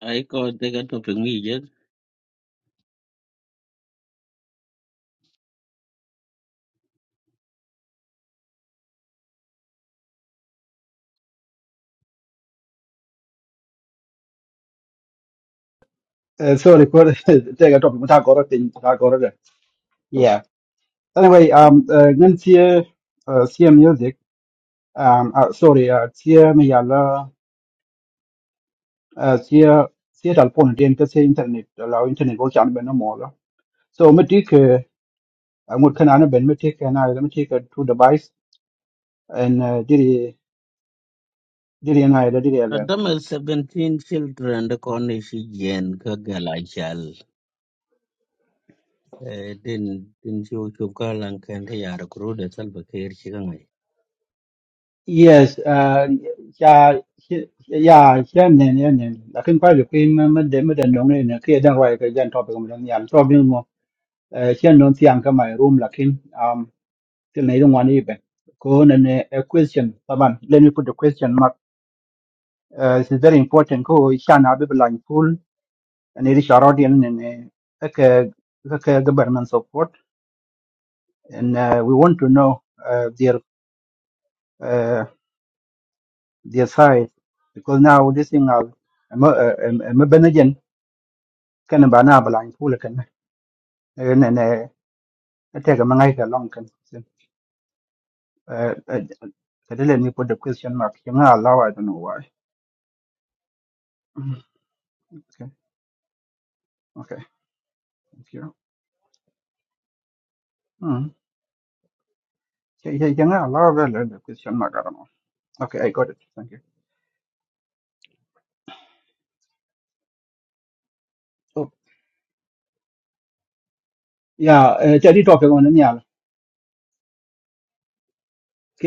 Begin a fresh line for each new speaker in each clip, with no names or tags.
I got they got to
Uh, sorry for take a topic. Muta koro ting, muta koro de. Yeah. Anyway, um, uh, ngan tia, uh, tia music. Um, uh, sorry, uh, tia me yala, uh, tia, tia tal pon dien ka tia internet, la internet wo chan ben mo la. So me tik, uh, ngut kan ana ben me tik ana me tik uh, two device and uh, diri diri ana da diri ala.
Adam Adam seventeen children the Cornish gen Kagala shall din din show Chukalan can they are crude as Albacare Chigangai.
Yes, uh, ya ya ya ne ne ne. Lakin kwa lu kuin me me de me de nong ne ne kia dang wai ka jan topic mo dan yan. Eh, don't see ka my room lakin um til na idong wani ibe ko na ne a question taban let me put the question mark uh, this is very important ko shan abi blan full and it is our audience and uh, ka ka government support and uh, we want to know uh, their uh, their side because now this thing are ma benagen kan ba na blan full kan eh, na ne take a mangai ka long kan Eh, eh, let me put the question mark you know, allow i don't know why ഉം. Okay. Okay. Thank you. Mm. Yeah, yeah, ഞങ്ങൾ അള്ളാഹുവല്ലേ Christian മകാരണോ okay ആയിക്കോട്ടെ thank you oh yeah ചെടി talk കൊണ്ടു ഞാൻ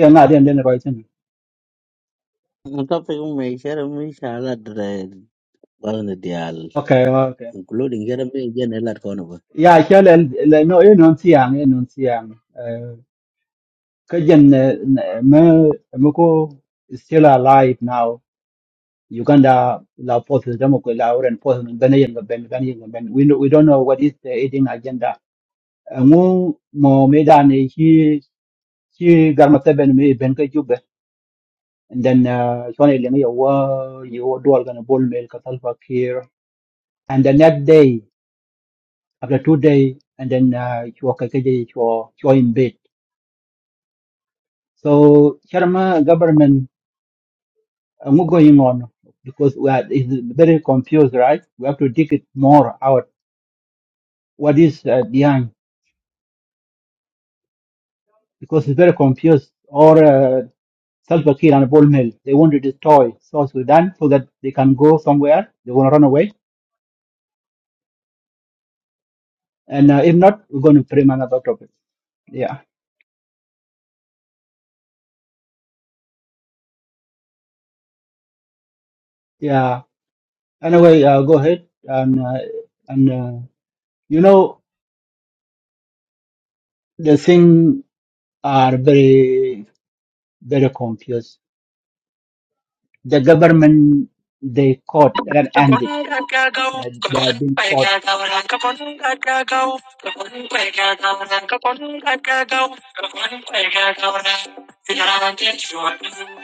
ഞാൻ ആദ്യം എൻ്റെ റോയിച്ചു
Topping may share me shall address one the dial,
okay okay
including Jeremy Janela Conova.
Yeah ശാല നോ ഏ നോൺ സിയാങ് ഏ നോൺ സിയാങ് കജൻ മെ മുക്കോ still alive now Uganda la forces demo ko la oren forces ben yen ben ben yen ben we don't- we don't know what is the aiding agenda Uh, ngu mo medani ci garma teben mi ben ka and then uh chone leng yo wa yo wa dual gonna bol mel ka here and the next day after two days, and then uh you ka ka je in bed so charma government uh, ngu going on because we are is very confused right we have to dig it more out what is uh, behind because it's very confused or uh, Salva Kiir and Bol Mel, they want to destroy South Sudan so that they can go somewhere. They want to run away And uh, if not, we're going to frame another topic. Yeah, yeah. Anyway, uh, go ahead and uh, and uh, you know the thing are very very confused. The government they caught and
The
ended.
morning I got go,
They,
the
they have
morning
been
I
caught.
got our ankaponing I got go, the morning I got our ankaponing I got go, the morning I got our.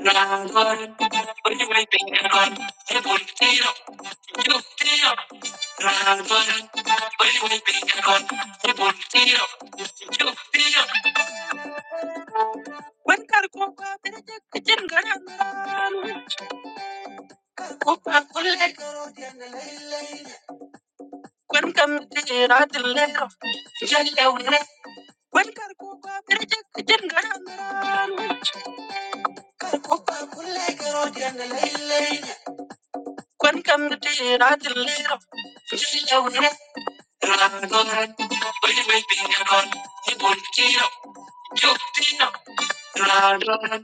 Run for it, I'm waving at the gun. You don't, you don't. Run for it, I'm waving at the gun. You don't, you don't. When Karuka met the chicken girl, Karuka couldn't get her on the line. When Karuka met the chicken girl, Karuka couldn't get her on the line. Quần cam cái gì ra chân lê rom, chúc chị yêu nè. Ra luôn hết, bởi vì mình bình an còn. Nên muốn chia đôi, chúc chị nè. Ra luôn hết,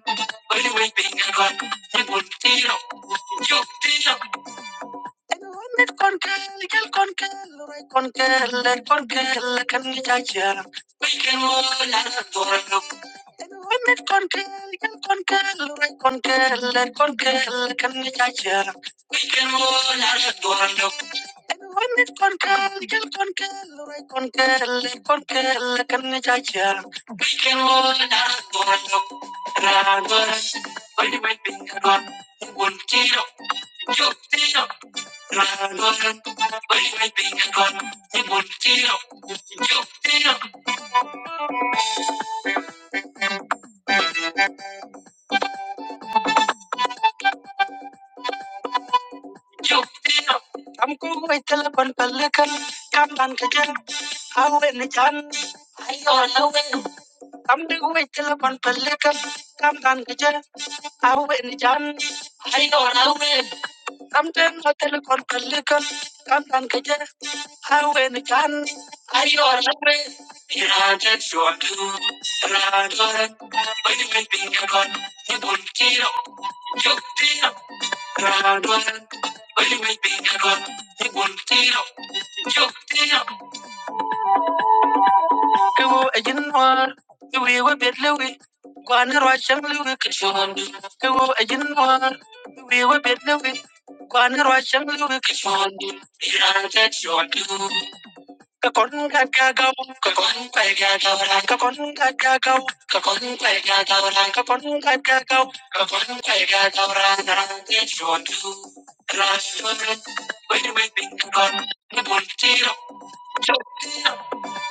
bởi vì mình bình an còn. Nên muốn chia đôi, chúc chị nè. Met con kel con kel roi con kel con kel kan ni chacha pai ken mo la torno met con kel kel con kel roi con kel con kel kan ni chacha pai ken mo la torno met con kel kel con kel roi con kel con kel kan ni chacha pai ken mo la torno ra gor pai mai pin ka gon un tiro yo tiro Na loi, bei bei ping an con, nhung bui chi ro, chi ro, chi ro. Tam cuoi ve chua lon pel con, cam dan ke chan, au ve nhe chan, hay toi lau ve. Tam du ve chua lon pel con, cam dan ke chan, au ve nhe chan, hay toi lau ve. Tamten hotel kon kalikan tamtan kaje hawen kan ayo lakre iradet shodu radoran bani bani pinkaron nibun kiro yuktiro radoran bani bani pinkaron nibun kiro Kubu ejin war, kubu yego bet lewi, gwana rwa chang lewi kishon. Kubu ejin war, kubu yego bet lewi, gwana rwa chang lewi kishon. Iran tet shon du. Kakon ka gagaw, kakon ka gagaw, kakon ka gagaw, kakon ka gagaw, kakon ka gagaw, kakon ka gagaw, iran tet shon du. Rastro, wait, wait, think about, nibul tiro,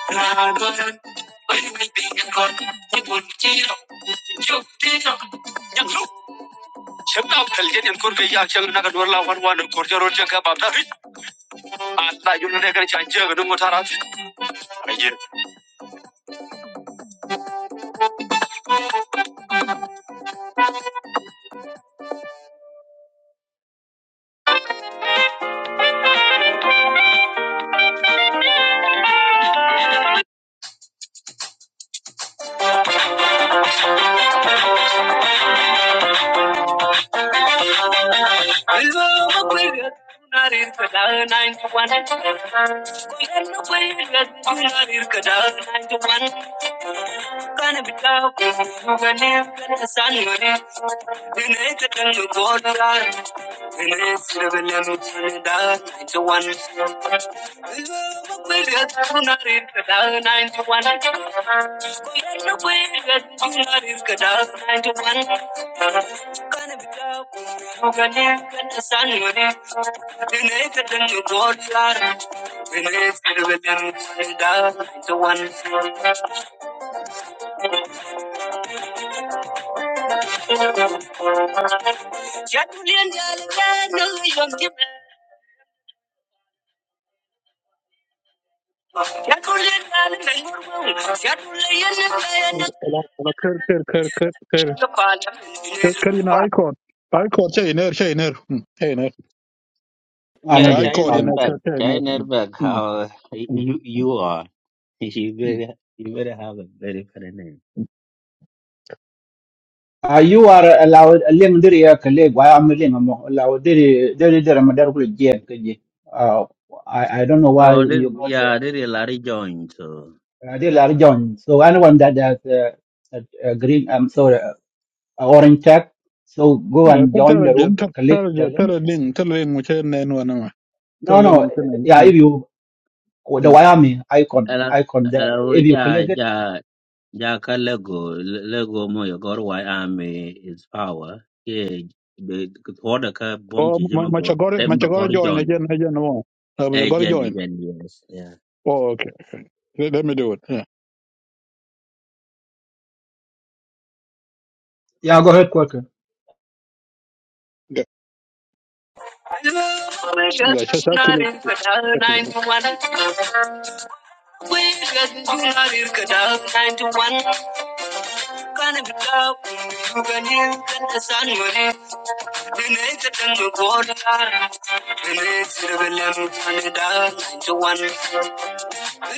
Hello, how can I help you? 911. Call an ambulance. 911. Kana bila kugani, kana sanuri. Dine tenu kona, dine sirvele mutanda. Ninety one. Kuya tunari kada ninety one. Kuya kuya tunari kada ninety one. Kana bila kugani, kana sanuri. Dine tenu kona, dine sirvele mutanda. Ninety one. Yeah,
Ola ola kır kır kır kır kır kır kır yine Aykor. Aykor şey iner şey iner. Hı, Şey iner.
I don't
Shahil
know.
Aykor
I
yine
don't know.
kır
Nirbhag.
şey iner.
Shahil
Hı,
Nirbhag,
hı,
how
hı,
you you are. You
hı.
better you better have a very funny name.
Uh, you are allowed a link there yeah, colleague why am a am allowed there there there I'm there with Jane, okay, Uh, I I don't know why
Oh this
you got
yeah, this is Larry Jones. So
Uh, dear Larry John, so anyone that has uh, a, a green, I'm sorry, a orange tag, so go
Ya,
and
Bu
join the
derece
room,
ter-
click the
derece
link.
terelin terelin muçen ne nu anama.
No,
Terelin
no,
muçen ne.
yeah,
hı,
if you, the
ya.
Wyoming icon,
hello
icon there,
hello
if you
yeah
click it,
yeah Jaka Lego Lego moyo gor why army is power ke be order ka bom
O
ji
ma-
jema
maça
bot
gore
tem
maça
do gor
gore join
join
again again o. Ha maça gore
agent
join.
agent yes yeah
Oh okay. Let, let me do it. Yeah.
yeah, go ahead, Quaker.
Yeah. Yeah, shut up. Let,
Thank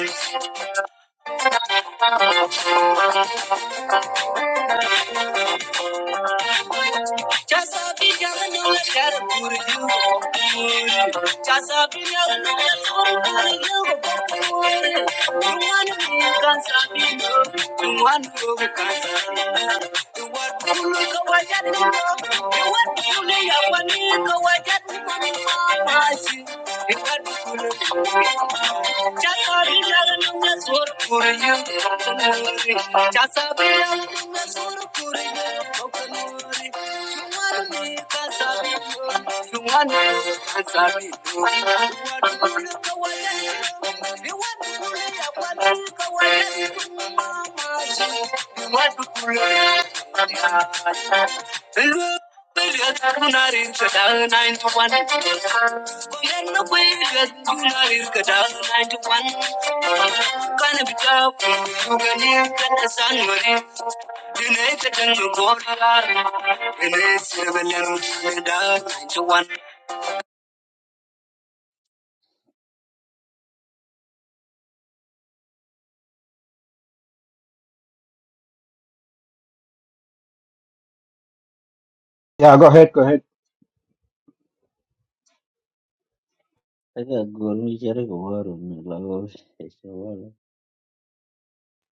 you. Just a bit you. wanna be a cancer. You want to look at what you want to lay up on you, go at that money. You got to look at Ya sabía que no la cara por you. Ya sabía que no la cara por you. Thank you. can hear the sun. I
Yeah, go ahead, go ahead.
got gold. Me share the water. Me love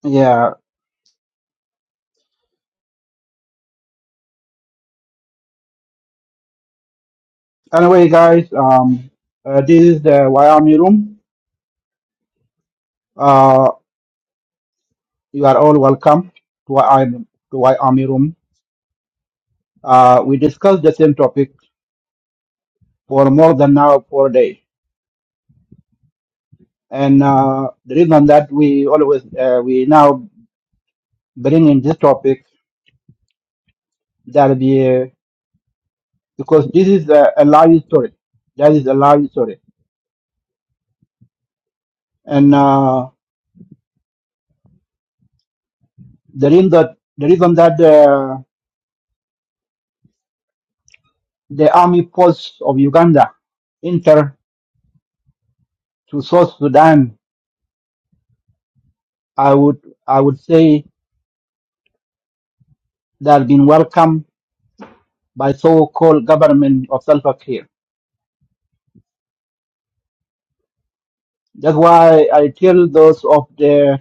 Yeah, anyway, guys, um, uh, this is the Wyoming room. Uh, you are all welcome to Wyoming, to Wyoming room. Uh, we discussed the same topic for more than now, four days. And uh, the reason that we always uh, we now bring in this topic that be uh, because this is a, a live story. That is a live story. And uh, the reason that the reason that uh, the army force of Uganda enter to South Sudan, I would I would say they have been welcomed by so-called government of Salva Kiir. That's why I tell those of the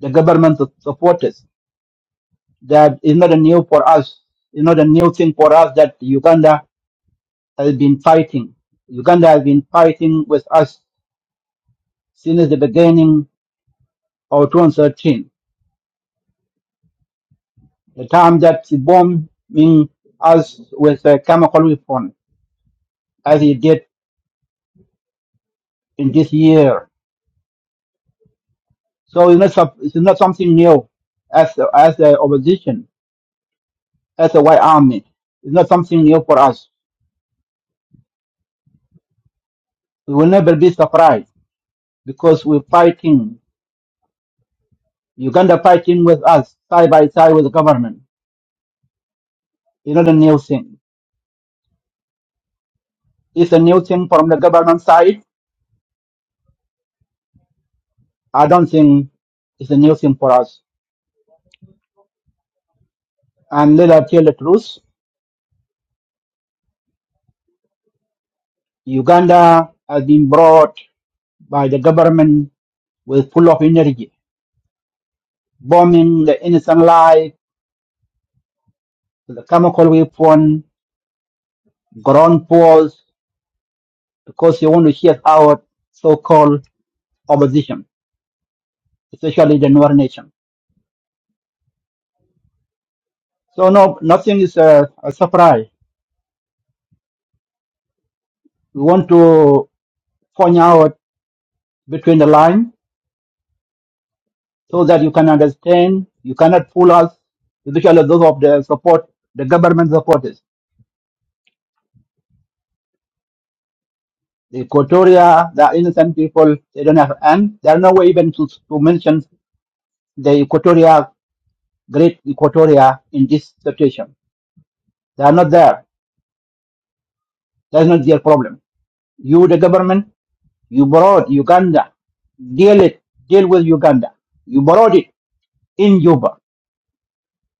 the government supporters that is not a new for us. It's not a new thing for us that Uganda has been fighting. Uganda has been fighting with us since the beginning of 2013, the time that he bombed us with a chemical weapon, as he did in this year. So it's not, sup- it's not something new as, as the opposition, as the white army. It's not something new for us. We will never be surprised because we're fighting Uganda fighting with us side by side with the government. It's not a new thing. It's a new thing from the government side. I don't think it's a new thing for us. And let us tell the truth. Uganda has been brought by the government with full of energy, bombing the innocent life, the chemical weapon, ground force, because they want to shut out so-called opposition, especially the Northern nation. So no, nothing is a, a surprise. We want to. point out between the line so that you can understand. You cannot fool us, especially those of the support, the government supporters. The Equatoria, the innocent people, they don't have, and there are no way even to, to mention the Equatoria, great Equatoria in this situation. They are not there. That's not their problem. You, the government, you borrowed Uganda, deal it, deal with Uganda. You borrowed it in Juba.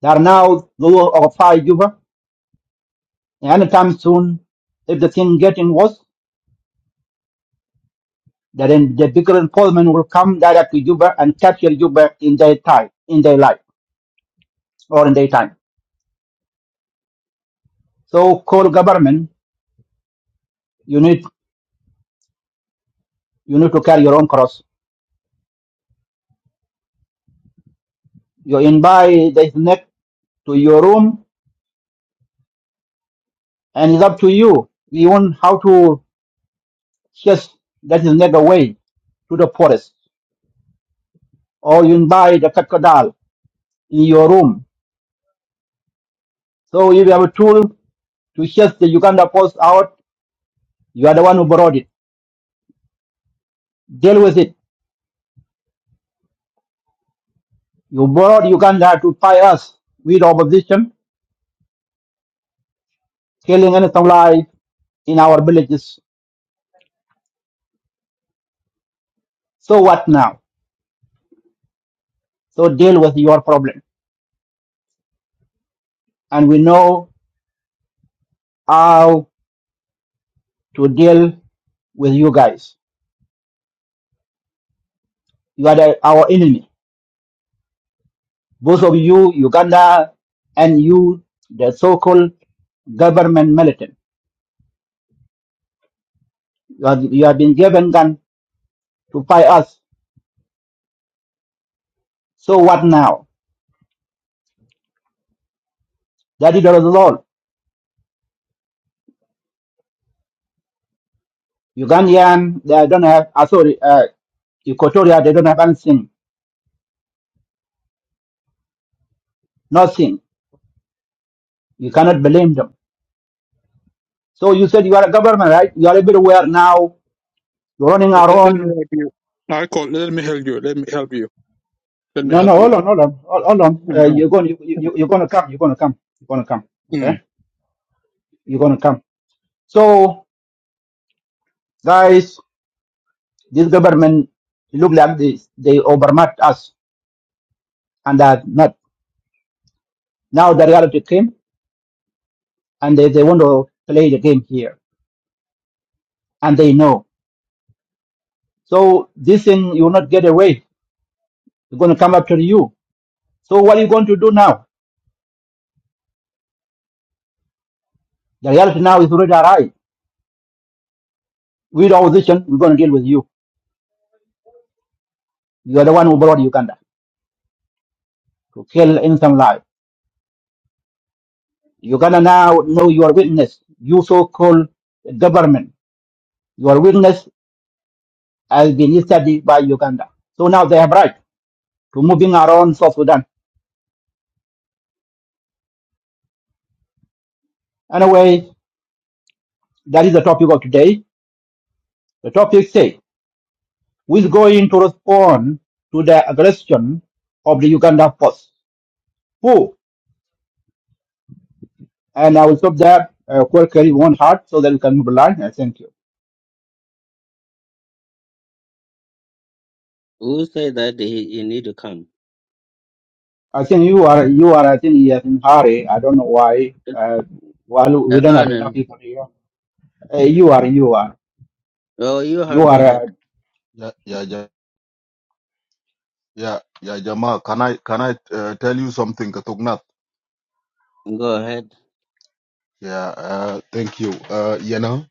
There are now those of five Juba. Anytime soon, if the thing getting worse, then the bigger enforcement will come direct to Juba and capture Juba in their time, in their life, or in their time. So call government, you need you need to carry your own cross. You invite the snake to your room, and it's up to you. You want how to chase that snake away to the forest, or you invite the crocodile in your room. So if you have a tool to chase the Uganda post out, you are the one who brought it. Deal with it You brought Uganda to tie us with opposition, killing innocent lives in our villages. So what now? So deal with your problem. And we know how to deal with you guys. You are the, our enemy. Both of you, Uganda, and you, the so-called government militant. You have, you have been given gun to fight us. So what now? That is the result. Ugandan, they don't have, uh, sorry, uh, Equatoria, they don't have anything, nothing. You cannot blame them. So you said you are a government, right? You are everywhere now. You're running around.
let, let me help you. Aykor let me help you. Let me help you. Let me
No, no,
help you.
hold on, hold on, hold hold on. Uh, you're
Hı,
going, you, you, you're going to come. You're going to come. You're going to come.
hı.
Okay, you're going to come. So guys, this government it look like they they overmatched us, and that not now the reality came, and they, they want to play the game here, and they know. So this thing you will not get away. It's going to come after you. So what are you going to do now? The reality now is already arrived. with opposition, we're going to deal with you. You are the one who brought Uganda to kill innocent lives. Uganda now know your weakness. You so-called government, your weakness has been studied by Uganda. So now they have right to moving around South Sudan. Anyway, that is the topic of today. The topic say, who's going to respond to the aggression of the Uganda force? Who? And I will stop there, uh, quickly, one heart, so that we can move along. And thank you.
Who say that he, he need to come?
I think you are you are I think you are in hurry. I don't know why. Uh, well, we
Hang
don't have
on.
enough
And,
people here. Uh, you are you are
oh, you
you
have go
are.
ahead.
uh,
Yeah, yeah, yeah, yeah, yeah, Jamal. Can I can I uh, tell you something, Katuknath?
Go ahead.
Yeah, uh, thank you. Uh, you know,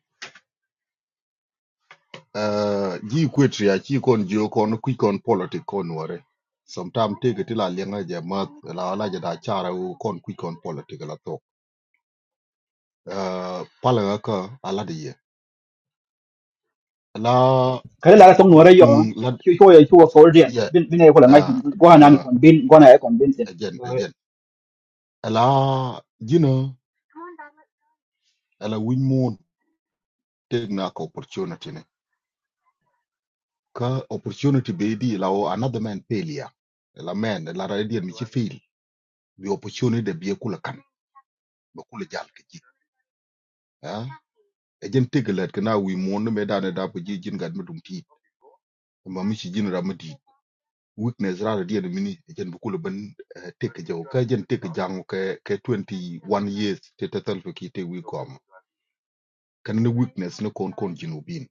uh, ji kwetri ya chi kon jio kon kui kon politic kon ware. Sometime take it la lenga Jamal la la jada chara u kon kui kon politic la talk. Uh, pala ka ala diye. La
Kare lara tong nuore yo.
mm la
Chu chu yo chu wo soldier.
yeah.
Bin bin ay ko
Uh,
langai. Go na ni
uh,
kon bin go na ay kon bin sin.
again again. La you know, la win more take na ka opportunity ne. ka opportunity be di la o another man failure la man la ra di mi ci fail bi opportunity de bi kula kan ba kula jal ke ci ah e jen tegelet ke na wi mon me da da ko ji jin gad medum ti e ma mi ci jin ra ma weakness ra di mi ni e jen bu kula ban tek jaw ka jen tek jangu ke ke 21 years te total ki te wi kom kan ne weakness ne kon kon jinu bin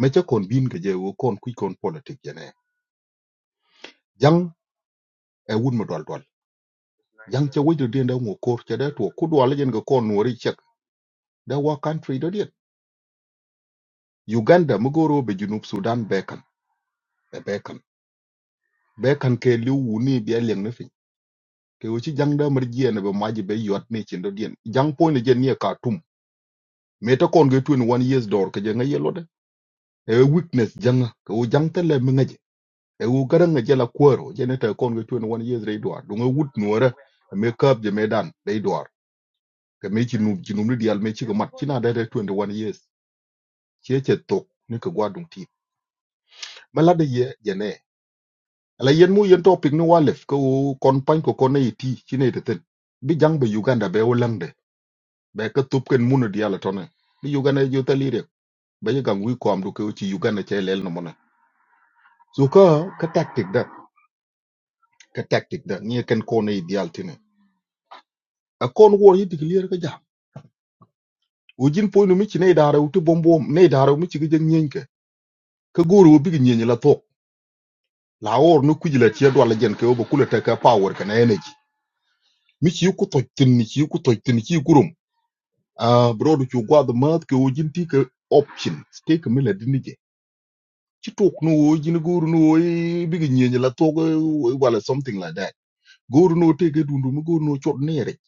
me ca kon bin ke je wo kon ku kon politic jene jang e wun ma dol dol jang che wajir dien da ngo kor che da to kudu wala jen ga kon wari chek da wa country da dien uganda mugoro be junub sudan bekan be bekan bekan ke liu wuni bi aleng na fin ke wuci jang da mar jien be maji be yot ne chin da dien jang po ne jen ye ka tum me ta kon ga tun years dor ke jen ye lode e weakness jang ke wo jang ta le mi ngaje e wo garan nga jela kwero jen ta kon ga tun years re dwar du nga wut nuora me kap je me dan re dwar ke me chinub chinub ni dial me chi ko mat china da da 21 years chế chế tục ni ke gwa dung ti ma de ye ye ala yen mu yen topic ni walef ko kon pan ko kon yi ti chine te bi jang be uganda be wolande be ka tup ken munu di ala tone bi uganda ju talire be ye gang wi ko du ke ci uganda che lel no mona so ka ka tactic da ka tactic da ni ken ko ne di al a kon wo yi diglier ka jam o jin no mi chine dara u bombom ne dara mi ci ge nyen ka goro bi ge nyen la tok la or no kujila che do la jen ke o ba ka power ka energy Mich yu ku toj tin, mich yu ku toj tin ci gurum. Ah, brodu ci gwad maat ke o jin ti ke option. Stay ke mila dini je. Ci tok no o jin guru no o bigi nyenye la tok wala something like that. Guru no te ke dundu mu guru no chot nere.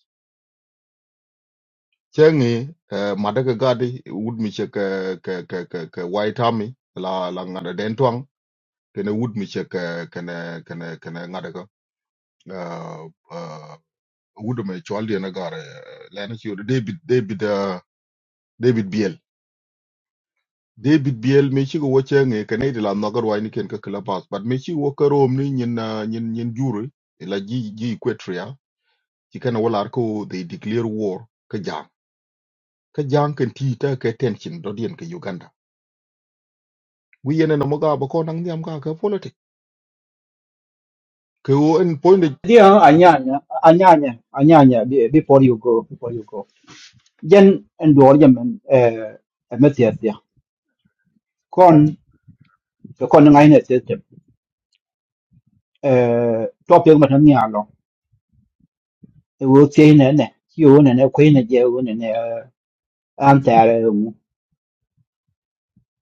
Chenge madaka gadi Wood. mi che ke ke ke ke ke white army la la ngada Dentuang. twang kene wud mi che ke kene kene kene ngada ka. Ah, ah, Wood. me chwal di na gare. Lena ci David David ah, David Bl. David Biel me chi go woche nge kane de la nogar wai ni ken ka clubhouse but me chi wo ka rom ni nyin ah, nyin nyin jure e la ji ji equatria chi kana wala ko they declare war ka jang ka jang ken ti ta ka tension do dien ka Uganda wi yene na moga ba ko nang niam ka ka politic ke wo en point de-
Dia anya anya anya anya anya anya be- before you go before you go. Jen endor jen men eh metias dia. Kon ko kon ngai ne system. Eh topic matan ni alo. Wo tie ne ne. Yo ne ne ko ne je wo ne ne. antare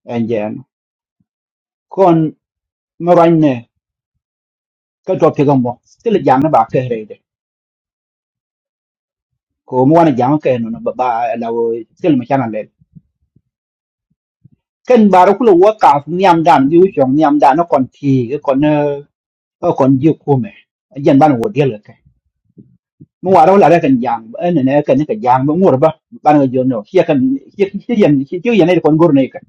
en jen kon moran ne ka to pe gombo kel jang na ba ke rede ko mo wana jang ke no na ba ba la wo kel ma chana le ken ba ro kulo wa ka nyam dan bi u chong nyam dan no kon ti ke kon ne o kon ji ku me jen ban wo de le ke mo wa ro la re ken jang en ne ken ne ke jang mo ngur ba ban ga jo no hie kan hie hie yen hie hie yen ne kon gur ne ke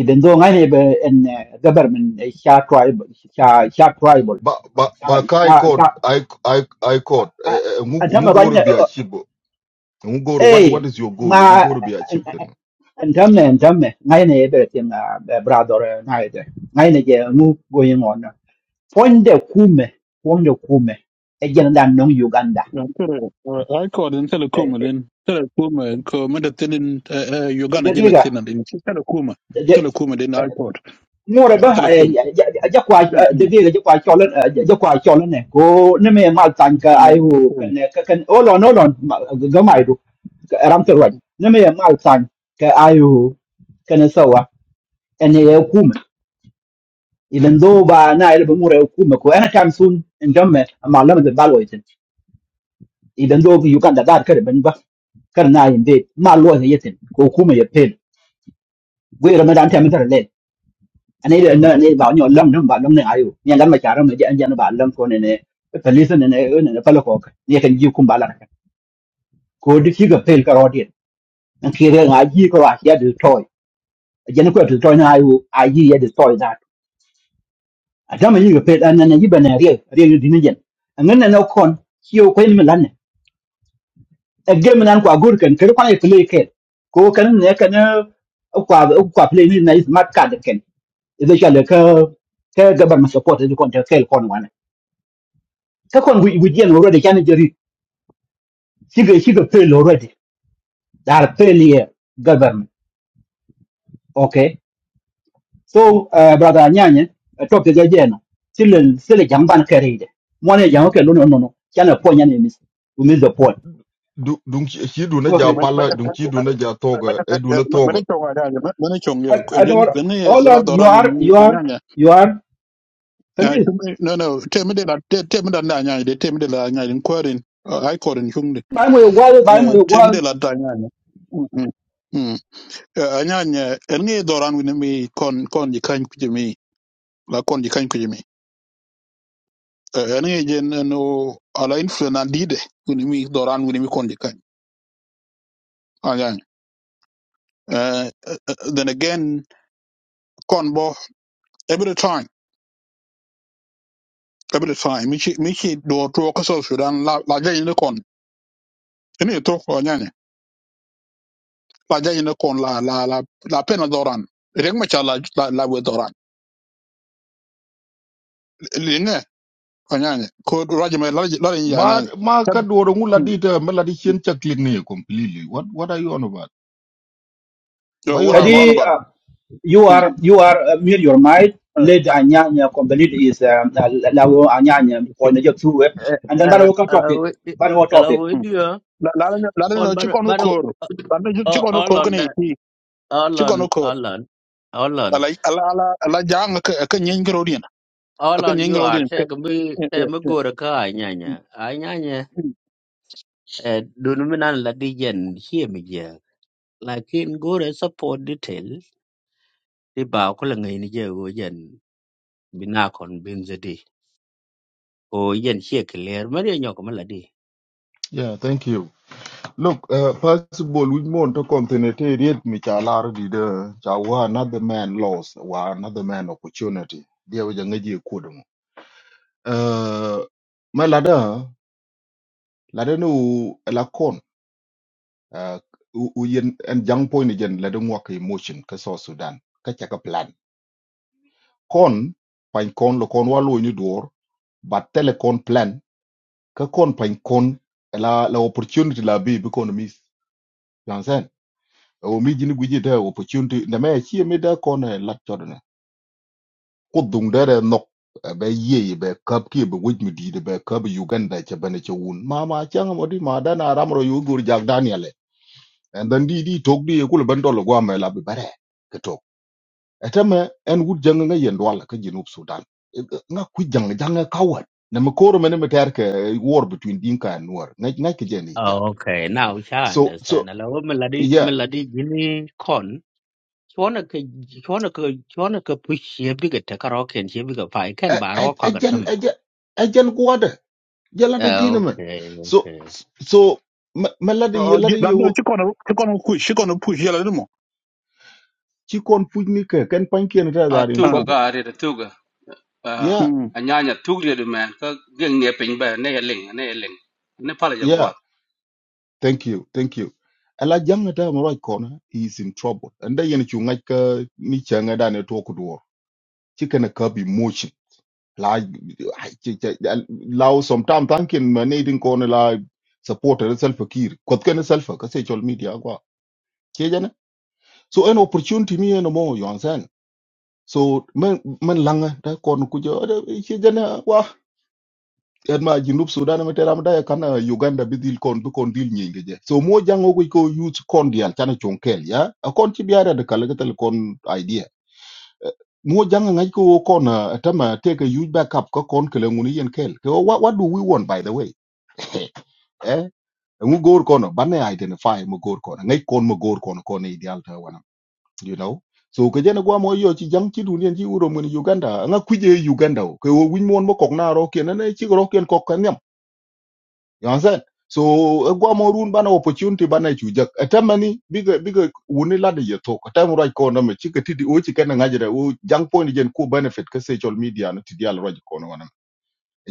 even though ngai ne be en government sha tribe sha sha tribal
ba ba ba kai code i i i code e, e, e, ngu ngu
Antame
go ro
kanye,
bi achibo ngu go what
eh,
what is your goal ngu
ma,
go ro bi achib ten
antame, antame, ngaine ebe tim brother naide, ngaine je ngu going on. Fonde kume, fonde kume, e jenda non Uganda.
Yeah, tere, uh, I call in Telekuma then. Telekuma, ko medatelin Uganda
Degiga,
genetin and in Telekuma. Telekuma then I called.
more
Yeah,
ba,
Telekuma.
jakwa,
Yeah, yeah,
degiga jakwa cholen,
yeah.
jakwa cholen ne, ko neme mal tanka
Yeah,
aihu,
Telekuma.
kan, kan olon, olon, gamaidu, ramterwaj, neme mal tanka aihu, ene ye kume even though ba na ele ba mura ye kume ko any time soon in jamme ma lama de balwa yeten even though you can da dar kare ban ba kar na yin de ma lo ye yeten ko kume ye pel we ra ma dan tam tar le ane ele na ne ba nyo lam nam ba lam ne ayo ni lam ma charam ne jan jan ba lam ko ne ne pelisa ne ne ne palo ko ka ye kan ji kum ba ka ko di ki ga pel ka rodin an kire ga ji ko a ya de toy jen ko to toy na ayo a ji ye de toy adama yiga pet anana yibana riya riya yu dinajen angana na kon kiyo ko yin milan ne agge milan ko agur kan kare kwana play ken ko kan ne kan kwa kwa play ni na smart card ken ido shale ka ka gabar ma support ido kon ta kel kon wana ka kon wi wi yen already kan jeri shiga shiga play already dar play ye government okay so uh, brother nyanya uh, topic ga jeno silen sile jamban kare ide mwana jamu ke luno no no kana ponya ni miss we miss the point
dung chi chi du na
go ahead
ja
No, men- men-
pala dung chi du na ja toga e du
men-
na
men-
toga
men- men- chong ada je, men- men- chong
And
je. Ko
I don't
jin-
want,
men- men-
oh
la
you
doran wil
are,
ni
you are,
anyanya.
you are,
Yeah,
Khalid.
chum- no, no, temi de la- te- temi de la anyanya de, temi de la anyanya, in kwarin, uh, I call in chum de.
Buy me a wall, buy
Uh,
me a
temi de
wall.
la da anyanya. Mm, mm, Eh, anyanya en ngi doran wini mi kon kon ji kany kuje mi la kon ji kany kuje mi Eh, en ngi jen eh, no ala influence na dide wini mi doran wini mi kon ji kany anyanya Eh, eh, eh, then again kon bo every time every time mi chi mi chi do to ko so sudan la la jeni ne kon ni to ko anyanya la jeni ne kon la la la la pena doran rek ma cha la la, la we doran li ne anyanya ko rajma la la anyanya
Ma ma kadworo ngula
Hmm.
dita melody chien chaklin ni completely. What what are you on about?
So
What are you
what
on
I'm on
about?
Kadi,
about.
uh, you
Hmm.
are, you are, uh, mute your mind. Let Anyanya complete is, um, uh, Lawo Anyanya, or the two, eh?
Eh,
and then
Hello,
Banawaka
hello,
topic,
with-
Banawa
hello,
topic.
with you. Call,
laadana ci
but,
kono
but oh,
kor laadana ci kono
all
kor
on
kene
that.
ti
All
ci kono
on,
kor
all on, all
ala
on,
ala ala ala jang ka ka nyen grodien
all
ka
on.
nyen
You are
grodien ka
say me, say me go to car. Anya, anya, Eh, do not mean that the jen. Hear me, yeah. lakin gore support detail ti ba ko la ngai ni je go yen bina kon bin zedi o yen che clear mari nyok meladi
Yeah, thank you. Look, uh, first of all, we want to continue to read me chalar di de chawa another man loss wa another man opportunity. Dia waja ngaji kudum. Uh, ma lada lada no la Uh, u u yen and young point again lada ngwa ka emotion ka so Sudan ka chaka plan. Kon pain kon lo kon walo ni dwor but telecon plan ka kon pañ kon la la opportunity la bi bi kon mis you understand o mi jini guji da opportunity na me chi mi da kon eh, lat chodne ko dung da re nok eh, be ye be kap ki be wuj mi di de be kap uganda che bane che un ma chang mo di ma da na ram ro yu gur jak daniel eh. and then di di tok di ko le ban dol go me la bi bare ke tok etame en wut jang nga yen wal ka jinub sudan Eh, eh, nga ku jang jang e ka wa na me koro me ne me ter ke eh, war between dinka and nuer nga nga ke jeni
Oh, okay. Now I
so so
understand. Hello, melody,
yeah
melody, gini con. Chwana ke, chwana ke, chwana ke push ye biga te karaoke and ye biga pa. Ikan baro kwa
ejen
gantam.
ejen ejen gwada jalada jina man
Okay,
so
okay.
so malada ye lada ye
laadana
wo
ci kono ci kono ku ci kono pu yela dum
ci kon fujni ke ken pankien ta
à
are in
thuốc cái
ah
trouble
cái đấy là thuốc à
yeah
mm
à nhà nhà thuốc rồi mà cái riêng nhà pin bè này là linh này là linh này phải là jaguar
yeah thank you thank you ala jangata mo right corner he is in trouble and da yen ci ngaj ka ni changa da ne to ko do ci kana ka bi motion la ai, ci ci law sometime tankin manadin corner la support self kir kot ken self ka se chol media gwa so an opportunity me en mo you understand so men men langa da kon ku jo da ci gana wa en ma jinub sudan ma teram da kan eh, uganda bi dil kon bi kon dil nyinge je so mo jango ko ko youth kon dial tan chonkel ya a kon ci biara de kala gatal kon idea Eh, mo janga ngai ko kon eh, tama take a youth backup ko kon kele nguni yen kel ko what, what do we want by the way eh ngu gor kono banne identify mo gor kono ngai kon mo gor kono kono ideal ta you know so ke jene gwa mo yo chi jang chi dunien chi uro mun uganda nga kuje uganda o, ke wo win mon mo kok na ro ken ne chi ro ken kok kan yam you understand so e gwa mo run bana opportunity bana chu jak atamani biga biga woni la de yeto ko tam ro ko na me chi ke tidi o chi ken nga jere o jang point jen ku benefit ke social media no tidi al ro ko no wana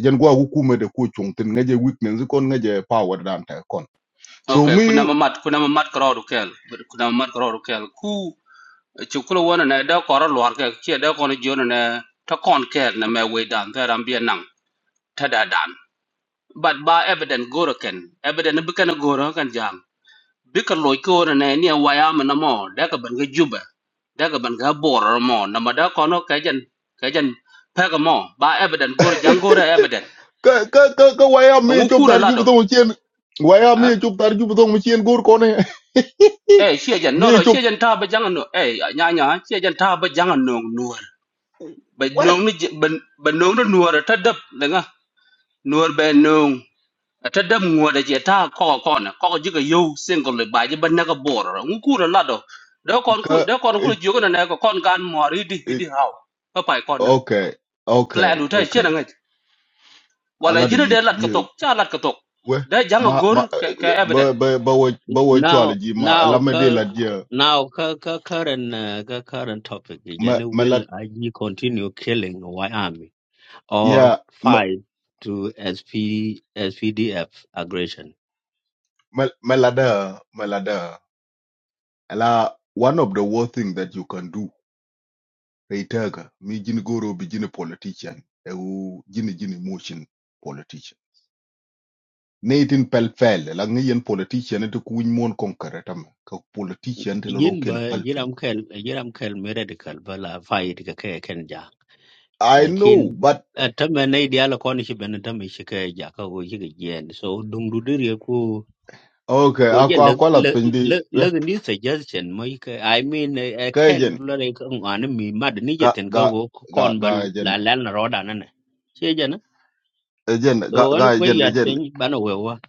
jen gwa ku kume de ku chung tin nga je weakness kon nga je power dan ta kon
ok
so mi
kuna mamat kuna mamat karo du kel kuna mamat karo du kel ku chukula wana na da koro lor ke che da kono jona na ta kon kel na me we dan ta ram bien nang ta da dan but ba evident goro ken evident bi ken goro kan jam bika loy ko ne ni wayam na mo da ka ban ga juba da ka ban ga bor mo na ma da kono ka jan ka jan pa ga mo ba evident gor jang gor evident
ka ka ka ka waya mi
ngu ku
chup tar
la
ju
do
bdo chen waya
ha
mi chup tar ju bdo chen gur kone
eh she jan no no
mi
she
chup
jan ta ba jang no eh nya nya she jan ta ba jang no nuor ba no
well
ni ba no no nuor ta dab da nga nuor ba no ata dam ngwada je ta ko ko na ko ji ga yo single le ba je ban na ga bor ngu ku la do da kon ku
ka
da kon ku
it,
ji ga na ko kon gan mo ri di di
it,
haw pa pai kon na
okay okay
plan du ta che na
okay
ngai wala
ala
ji
de
na
ji
de lat ka
di
tok cha lat ka tok
we
da jang
ma
gor
ma
ka ka
eh,
evident
ba ba ba wo ba wo chwala
Now,
ji ma ala
now,
me de
ka,
la ji
ka- now, ka, ka, current, uh, ka, current topic.
ma
Jene
ma la
will IG continue killing why army? or
ya ma
five to SP, SPDF aggression.
ma ma la da ma la da ala one of the worst thing that you can do reitaga mi jin goro bi jin politician e u jin jin motion politician ne itin pel yen politician to ku win mon konkere tam politician de ro
Jin
ken
ba
pal
jiram kel jiram kel medical bala fight ka ke ken ja
i know
lakin
but
eh, ta me ne dia la kon shi ben ta me shi ke ja ka go shi ke jen so dung du dir ko
okay
ko je
akwa
le
akwala
le
pin
le
di yeah,
le ni suggestion mo yi ke i mean a kel blare re ko mi mad ni je
ga
ten ka
ga
go
ga
kon
ga
bal
jen
la la na roda na ne she je na
eh, jen ga
so an
ga
ko
jen eh,
ya
jen
ten bana wewa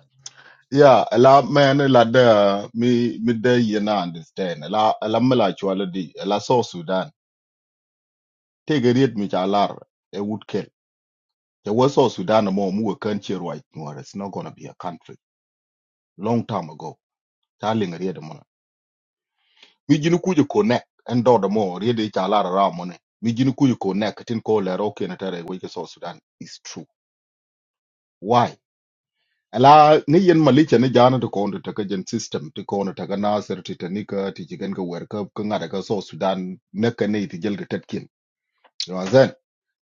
yeah a la man a la de mi mi de yena na understand a la a la mala chwala la so sudan te geriet mi cha lar e would kill there was so sudan mo mu kan che right no it's not gonna be a country long time ago ta ling mi jini kuji ko nek en dodo mo riede cha lara ra mo ne mi jini kuji ko nek tin ko le ro ke na tare we ke so sudan is true why ala ni yen malicha ni jana to ko to ka gen system to ko to ka nasir ti tanika ti jigen ka wer ka ka ngada ka so sudan ne ka ne ti jel ga tetkin yo zen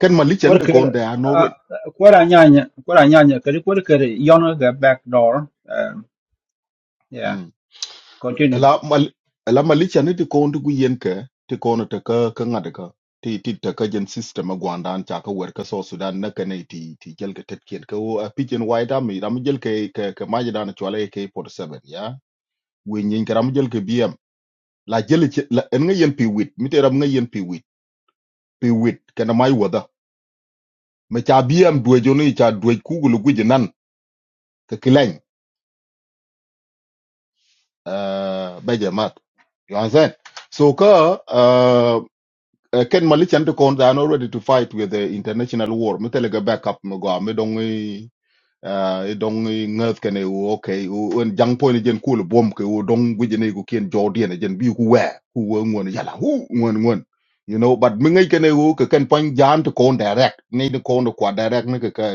ken malicha to ko
Quirker,
da no
uh,
road
Quaranyanya, Quaranyanya, Kadi Quirker, Yona, the back door. Um, yeah,
Hmm.
continue.
ela mal ela malicha ni ti kon ti yen ke ti kon te ka ka ngade ka ti ti te ka jen system a gwandan cha ka wer ka so sudan na ka ne ti ti jel ke tet kien ka wo a pi jen wai dam dam jel ke ke ke ma jada na chwale ke 47 ya we nyin ka ram jel ke bm la jel che la en nga yen pi wit mi te ram nga yen pi wit pi wit ka na mai wada me cha bm dwe jo ni cha dwe ku gulu gu nan ka kileng eh be je you understand so ka eh, uh, ken malichan to kon are not ready to fight with the international war Metelega ga backup mo go mi dong i uh, i dong i ngat kane u okay Oh, when en jang point jen kul bom ke u dong gujene ku kien jordian jen bi ku we ku we ngon yala hu ngon ngon you know but mi ngai kane u ke ken point jan to kon direct nei to kon to kwa direct ne ke ke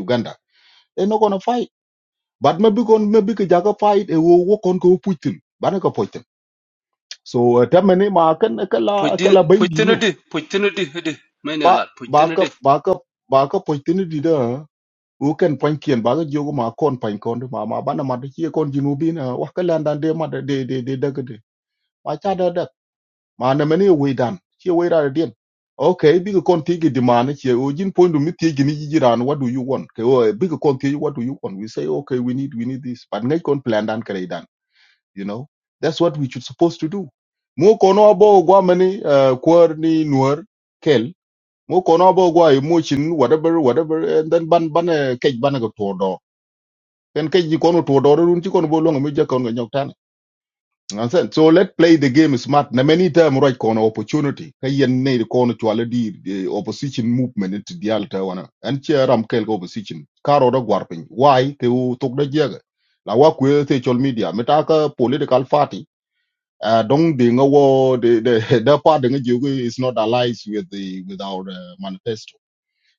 uganda they are not gonna fight but maybe kon maybe ke fight e u wo kon ko puitin bana ko so uh, tamani ma kan kala
pu di
kala
pu
bindi
tinu di pu tinu di di me ne
ba
lat pu
ba ka
tinu
ba ka ba ka po tin di da u ken pan kien ba ga jogo ma kon pan kon du ma ma ba na ma de chi kon jinu bi na wa ka lan dan de ma de de de de da ga de ma cha da da ma na me ni we dan chi we ra de okay big ga kon ti gi di ma na chi o jin pon du mi ti gi ni ji ran what do you want ke o bi kon ti what do you want we say okay we need we need this but ngai kon plan dan kare dan you know that's what we should supposed to do mo kono abo gwa mani uh, kwar ni nuer mu kono bo gwa emotion whatever whatever and then ban ban eh, cage ban go to do and cage ji kono to do run ji kono bo longa mi je kono nyok tan understand so let play the game smart na many time right kono opportunity ka yen ne kono chwala di the opposition movement it the alta wana and che ram kel go opposition karo do gwar pin why ke u tok da jega la wa ku social media metaka political party uh, don't the the the the part the is not allies with the with our uh, manifesto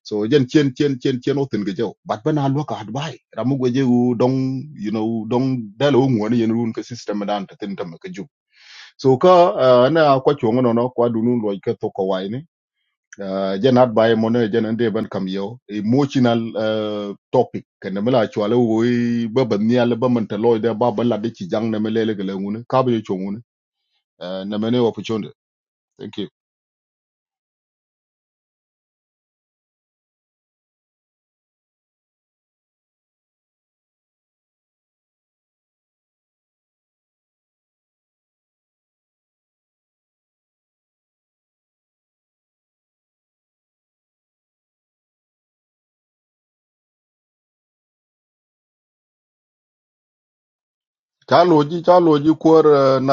so jen chen chen chen chen otin ge jaw bat bana lo ka hat bai ramu go je u dong you know dong dal o ngwan yen run ka system dan ta tin tam ka ju so ka ah, na kwa chongo no no kwa dunun lo ka to ko wai ni Ah, jen hat bai mo ne jen ande ban kam yo emotional ah, topic kan mala chwala wo i ba ban ni ala ba man ta lo de ba ba la de chi jang na mele le ngune ka ba yo chongo ne na mene opportunity thank you ka lo ji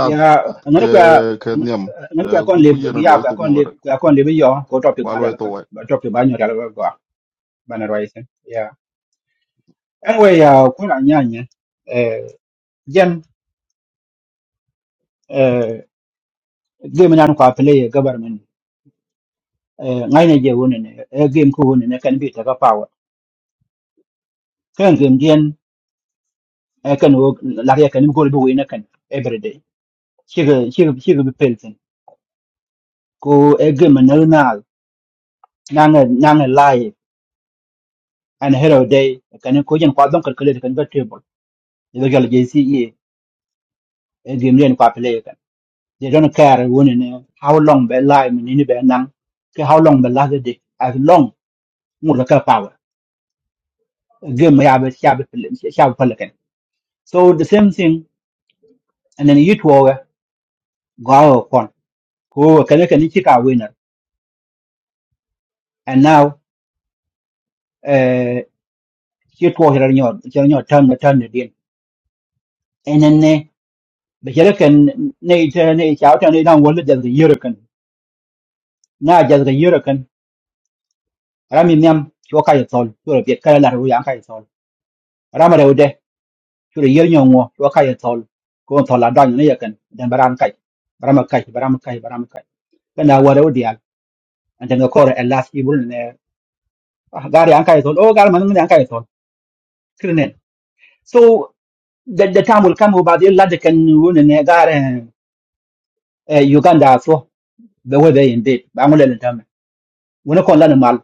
Yeah, another
ke
qua.
ke niam
Another qua con
ku
live,
yen lo
yeah, qua
ituk
con
no
live, qua con live, yo, go topic,
kwa lo itu
Badalaka,
wa
topic, Banyo, bana raisen yeah anyway uh, kula nyanya eh jen eh game nan kwa play government eh ngaine je woni ne eh game ko woni ne kan bi ta ka power kan game jen eh kan wo la ya kan gol bi woni kan every day chiga chiga chiga bi pelten ko eh game na na na na live and hello day kan ko jen kwa don kan kale kan ga table ne ga jal JCE eh game jen kwa play They don't care when in uh, how long they lie in any bad nang, ke how long they last the day, as long more the car power. Again, may have a shabby shabby pelican. So the same thing, and then you two are go upon who can can chick our winner. And now, uh, you two are in your here your turn, the turn again. And then uh, the Hurricane Nate Nate out and they don't want it as the Hurricane. Now just the Hurricane. Rami Miam, Yokai Sol, Europe, Kerala, Yankai Sol. Ramarode. chure yel nyongo wa ka ye tol ko tol la dan ne yakan dan baram kai baram kai baram kai baram kai kana wara odial and then ko a last ibul ne gari an kai tol o gar man ne an kai tol kirnen so the, the time will come about you lad can won ne gare Eh, uganda so the way they indeed ba ngule le tam wona kon lan mal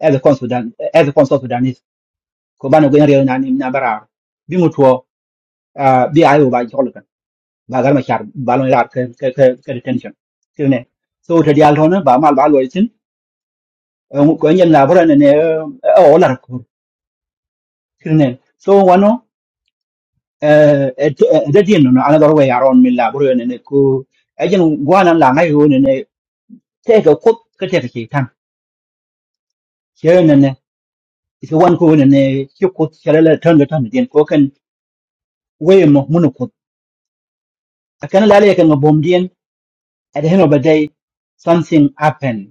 as a consultant as a consultant is ko ba no gari na ni na bara bi mutuo bi ayo ba bagar ma char balon rat ke ke ke ke detention kirne so te dial hono ba mal bal wai tin ko nyen na bora ne o la ko kirne so wano e de din no another way around mi la bora ne ko ajen gwana la ngai ho ne te ko ko ke te ke tan che ne ne iso wan ko ne ne ki ko chere la tan ga tan den ko kan way mo mun ko akana la le kan bom dien at the end of the day something happened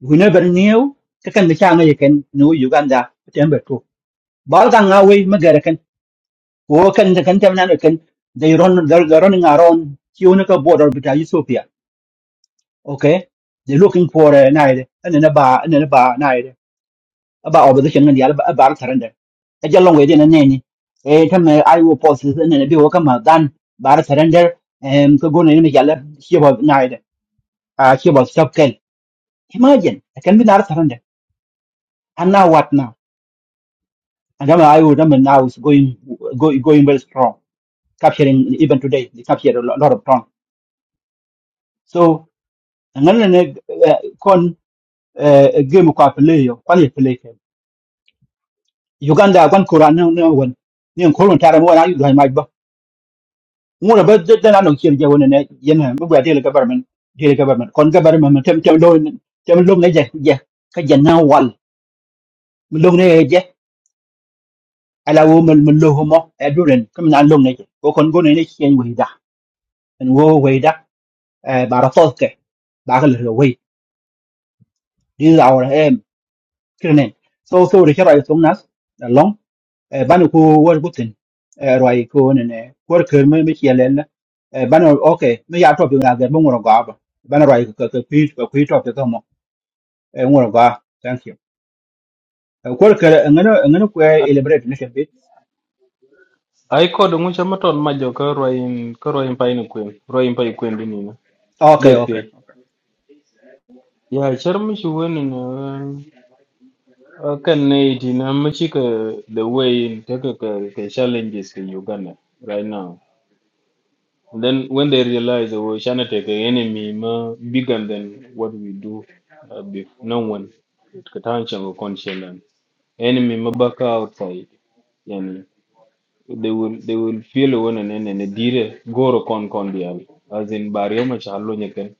we never knew ka kan cha nga yeken no uganda tembe to bal ga nga we ma gere ken ko kan kan tem na ken they run they're, they're running around kiuna ka border with ethiopia okay they are looking for a night. and then ba and then ba naide about over the shengan yal ba ba tarande a jalong we dina neni e tam i will post this and then a be welcome Done. dan surrender. And em ko gone ni yal she was night. ah she was stop ken imagine I can be not surrender and now what now And then I would remember now is going, go, going very strong, capturing even today, they captured a lo- lot, of tongue. So, and then uh, uh, con uh, a game of play, or quality play. Uganda, one Koran, no no one. Ni Koran Tara, one I like my book. More about the then I don't hear you in a yen, but we're dealing government, dealing government, con government, tem tem loan, tem loan, yeah, yeah, Kajan now one, Malone, yeah, Ala woman, Malohomo, Aduran, come on, long nature. Go con go in exchange with that. and wo way بعرفاتك بعقل الهوية these are our um, killer name so so the kira is long nas long banu ko wor gutin roi ko ne wor ker me me yelena banu okay me ya top na ga mo ga ba banu roi ko ko pi ko pi top to mo ngoro ga thank you wor ker ngano ngano ko elaborate ne shebe
Ai kod ng'ucha matol ma joka korwain paini kwem rwain pa ikwem di nina
okay
det
okay
piyech
okay
ya char mishi weni na ah, kan na iti na mishi ka the way in take ka ka ka challenges in Uganda right now and then when they realize that we shana take an enemy ma bigger than what we do uh, before no one it ka tan chango conscience enemy ma baka outside yani they will they will feel when and then and dire goro con condial as in barioma charlo nyeken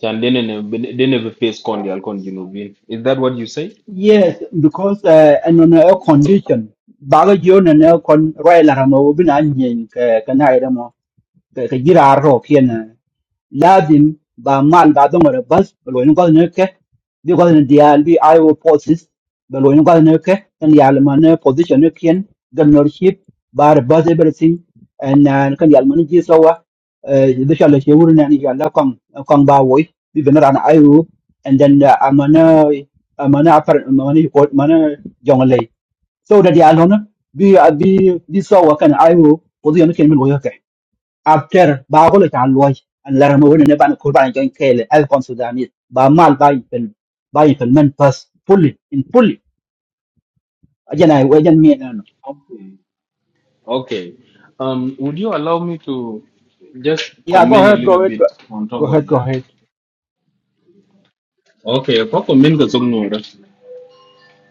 chan dene ne dene be face condial con jinubin is that what you say
yes because uh, and on a condition baga jona ne kon roi la mo bina nyen ka na ka jira ro pien lazim ba man ba dong ro bas ba lo ni ko ne ke bi ko i will forces ba lo ni ko ne ke kan position ne kien governorship ba bas everything and uh, kan ya man ji so wa de sha le che wur ne ni ya la kong kong i will and then uh, amana amana apar amana ko mana so da dia lo ne bi bi bi so wa kan i will position ne kien after ba ko le ta loy an la mo ne ban ko ban join kele al kon sudanit ba mal ba pel ba pel men pas fully in fully ajana I jan mi na no
okay okay um would you allow me to just
yeah go
comment a
ahead
little
go ahead go
bit on
go
top of
ahead go
that
ahead
okay ko comment ka song nora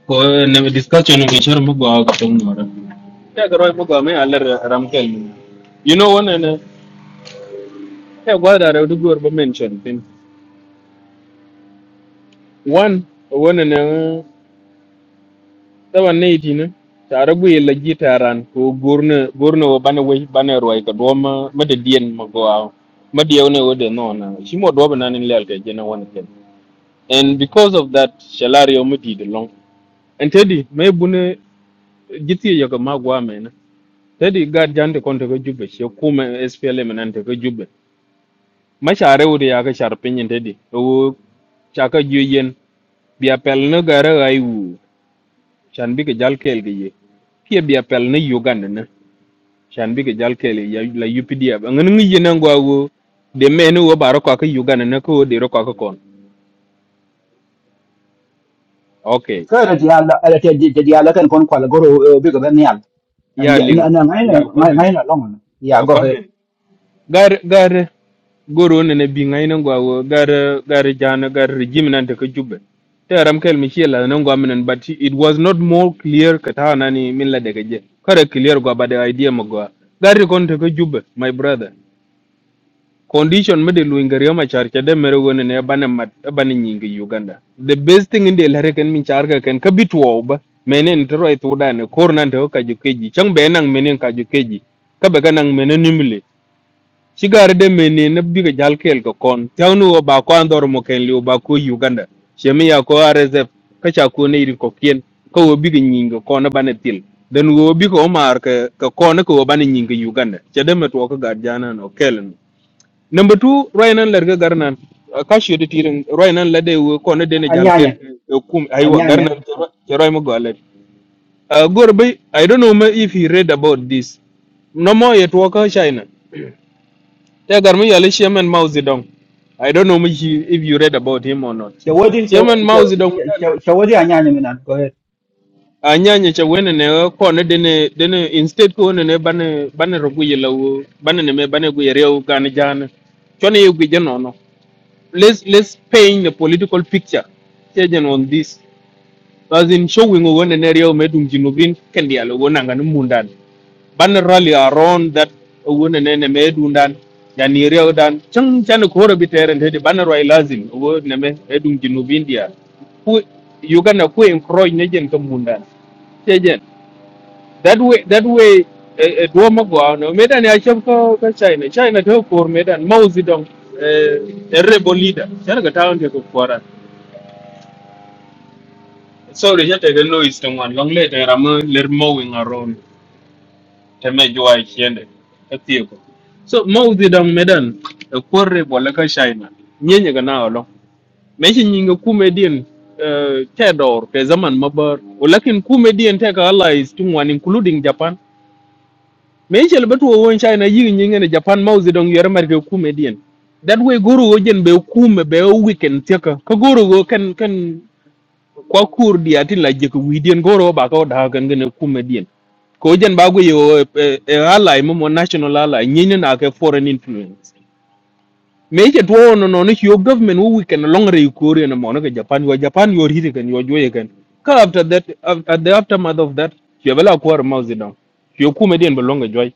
ko ne discussion ngi char mo go ka song nora ya garo mo go me alar ramkel you know one and eh, yeah, what are the good mention One, one and taban ne itine tare bwi la ji taran ko gurne gurne wo bana we bana roi ka do ma ma de dien ma go aw ma de ne wo de no na shi mo do bana nin lel ke je na wan ken and because of that shalario mu di de long and tedi me bune jiti yo ka ma gwa me na tedi ga jande kon to jubbe she kuma SPLM nan to jubbe ma share wo de ya ka shar pinyin tedi wo chaka juyen bia pel no gara ai wu chan bi ka jal kel ge ye kia bia pel ne Uganda shan bi ga jal kele ya la UPDF ngin ngi yena ngwago de menu wo baro ko ka Uganda na ko de ro ko ka kon okay
kare di ala ala te di di ala kan kon kwala goro bi go ben yal and
ya
yeah
ling
na na ngai na ngai na long yeah go ahead
akwabe gar gar goro ne ne bi ngai na ngwago gar gar jana gar jim nan ta ka jubbe te ram kel mi chiela na ngwa minen but it was not more clear ka ta na ni min la daga je kare clear gwa ba de idea mo gwa gar kon ta ka jubbe my brother condition mi de luinga riyo ma char chade mere wone ne bane mat bane nyinga Uganda. The best thing in the lare ken min char ka ken kabit wo ba menen tero ay tuda ne kor nan to ka jukeji chang be nang menen ka jukeji ka be nang menen nimle shigar de menen ne biga jal kel ko kon tawnu wo ba ko andor mo ken liu ba ko Uganda. Shemi ya ko RSF ka cha ko ne iri ko kien ka wo biga nyinga ko na bane til. Den wo biga omar ka ka ko ne ko wo bane nyinga Uganda. Chade metwo ka gar jana no kelen number 2 roinan lerga garnan uh, kashi de tirin roinan lade wo ko na dene jalkel
anyanya
uh, kum aywa garnan
anyanya
ke roi mo golet uh, gorbe i don't know ma if he read about this no more yet waka china te garmi yale chairman mao zedong i don't know ma he, if you read about him or not
te wodi
chairman mao zedong
te wodi anyanya mi na go ahead
a nyanya cha wene ne ko na dene dene instead ko ne ne bane bane rogu yelawo bane ne me bane gu yereu gan jan chone yugi jeno let's let's paint a political picture taken on this as in showing when an area medum jinubin kendi alo wona ngani mundan ban rally around that wona nene medundan yani area dan chang chan ko robi teren hedi ban rally lazim wo neme edum jinubin dia ku yugana ku encourage negen to mundan that way that way eh, eh, duomo go no medan ya chef ko ko china china to for medan mao zedong eh a rebel leader chana ga town ko kwara sorry ya te lo istem wan long le te ram ler mowing around te me jwa e chiende e tieko so mao zedong medan e kwor rebel ka china nyenye ga na olo me shi nyinga kume din eh tedor ke zaman mabar walakin kume din te ka allies tungwan including japan me chel betu won china yi nyinge ne japan ma uzi dong yere marke kume dien that way guru go jen be kume be o weekend tiaka ka guru go kan kan kwa kur di atin la jek wi dien goro ba ko da kan gene kume dien ko jen ba go yo e e ally mo mo national ally nyine na ke foreign influence me che to no no ne yo government wo weekend long re kore no mo no ke japan yo japan yo hiri kan yo joye kan ka after that after the aftermath of that yo bela kwar ma uzi dong yo kume dien be longa joy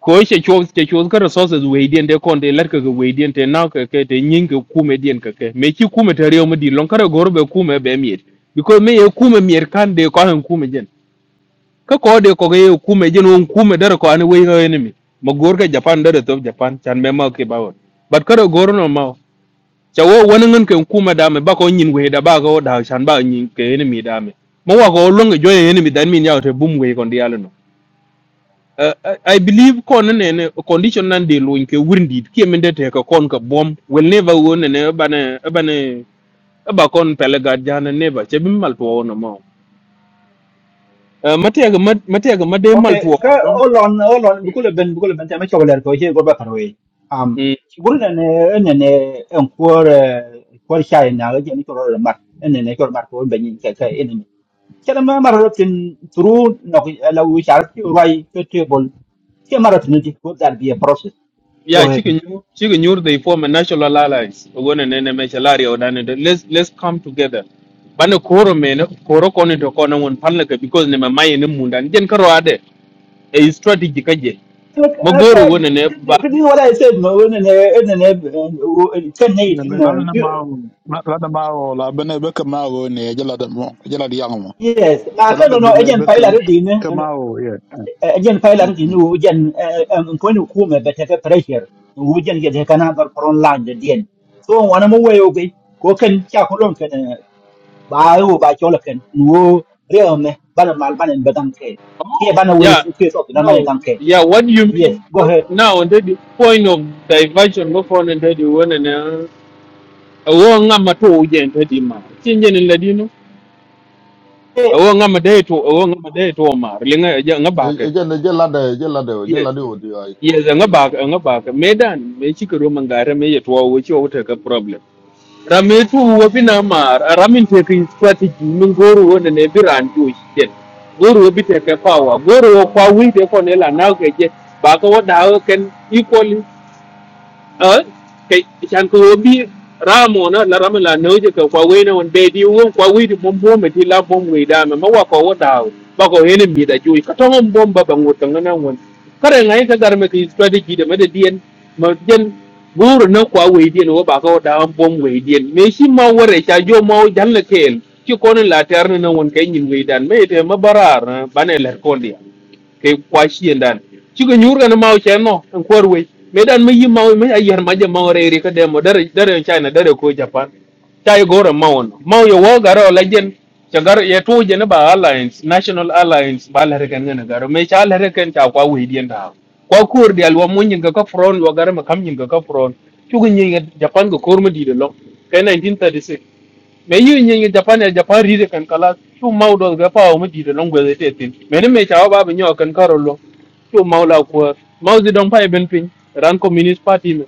ko che chuo che chuo ka resources we dien de kon de lar ka ga we dien te na ka ke te nyin ka kume dien ka ke me chi kume te reo medi lon kare gor be kume be miet because me ye kume mier kan de ko han kume jen ka ko de ko ge ye kume jen won kume dar ko an we ga enemy ma gor ka japan dar to japan chan me ma ke bawon but kare gor no ma cha wo won ngen ke kume da me ba ko nyin we da ba ko da chan ba nyin ke enemy da me ma wa ko lon ge jo enemy dan min ya te bum we kon di uh, I I believe kon nene condition nan de loin ke windit ki mende te ka kon ka bom will never won ne bane bane ba kon pele ga jana never che bim mal to wona ma uh, mate ga mate ga made mal to
Okay, ka
wona
hold on, hold on. Bukule ben, bukule ben. Tema chakula erko. Here go back away. Um,
mm.
guru na ne, ne ne, unkuar, kuar shai na gaji ni koro mar. Ne ne koro mar ko benyi ka ka ne ne. Kala ma mar rotin through no la u shar ti urai ke table. Ke mar rotin ti ko that be a process. Go
yeah
ahead.
chike nyu chike nyur they form a national alliance wona nene me chalari o dan let's let's come together bane koro mene koro koni to kona won palna ka because ne mamaye ne munda njen karo ade e strategy kaje
Look,
magoro
okay,
wona ne
this
ba
is what I said. No, ne ne, ne ne, ten eight.
laadana ma laadana ma o la bene be ka ma o ne jela da mo jela di yango mo
Yes, ma
so
ka
laada
no no.
bene
Again,
be ka
pile
ka ma o ye
Again, pilot, you
mm
know, we don't. I'm going to come. But if pressure, we don't get a can of the front line again. So when I'm away, okay. Cook can check alone. Can buy you buy chocolate. No real me. But my partner doesn't care. Here,
Oh,
but we
yeah.
we sort. My partner
No,
doesn't care.
yeah. What do you
Yes,
mean?
go ahead.
What now? And the point of diversion. Go for and the one and uh, I want to to again. Teddy ma. Change in Ladino. I
Hey,
want to day to. I want to day to oh, ma. Linga ya ngabaka.
Again, they just ladder, just ladder, just
Yes.
ladder. What do I call?
Yes, ngabaka ngabaka. Medan me chikuru mangara me yetwa wuchi wuta ka problem. rametu wabina mar aramin teki strategy min goro wona ne biran to shiten goro wabi teke power goro wo kwa wi de ko ne la na ke je ba ko da ken equally ờ cái chan ko bi ramo na là ramo là no je ko kwa we na on be di won kwa we di bom mà thì la bom người da ma ma wa ko đào da ba ko hene mi da ju ka to bom bom ba ba ngot na na won kare ngai ka gar me ki strategy da mà để dien mà jen buru nó kwa we dien nó ba ko đào bom we dien me shi ma wore cha jo ma jan la kel ki ko na la ter na won kai nyin we dan me te ma barar ba ne ler ko ke kwa shien dan ci ko nyur gan maw chen no en kor we me dan me yim maw me ayer ma je maw re re ri ka demo dare dare china dare ko japan chai goro maw no maw yo wo garo la jen chagar ye to je ne ba alliance national alliance ba la re kan ne garo me cha la re kan cha kwa we dien da kwa kur di alwa mun yin ga ka front wa garo ma kam yin ga ka front ci ko nyi japan go kor ma di de lo ke 1936 me yu nyi japan e japan ri de kan kala chu mau do ga pa o mu di de long gwe te tin me ne me cha ba bi nyo kan karo lo chu mau la ko mau zi dong pa e ben pin ran communist party me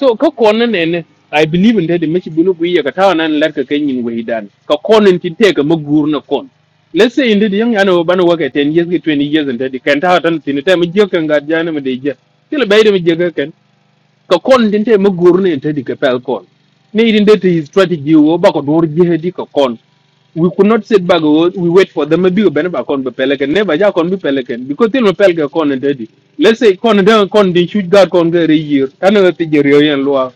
so ka ko ne ne ne i believe in de me chi bunu bu ye ka ta nan lar ka kan yin we dan ka ko ne tin te ka magur na kon let's say in de yang yana ban wa ka 10 years ki 20 years in de kan ta tan tin te me je kan ga jana me de je til bai de me je ka kon tin te ma gur ne te di ka pel kon ne idin de te strategy wo ba ko dur je di ka kon we could not sit back wo- we wait for them bi ben ba kon be peleken ne ba ja kon bi peleken because tin pel ka kon ne di let's say kon de kon di shoot guard kon ga re year ana ga te jer yo yen lwa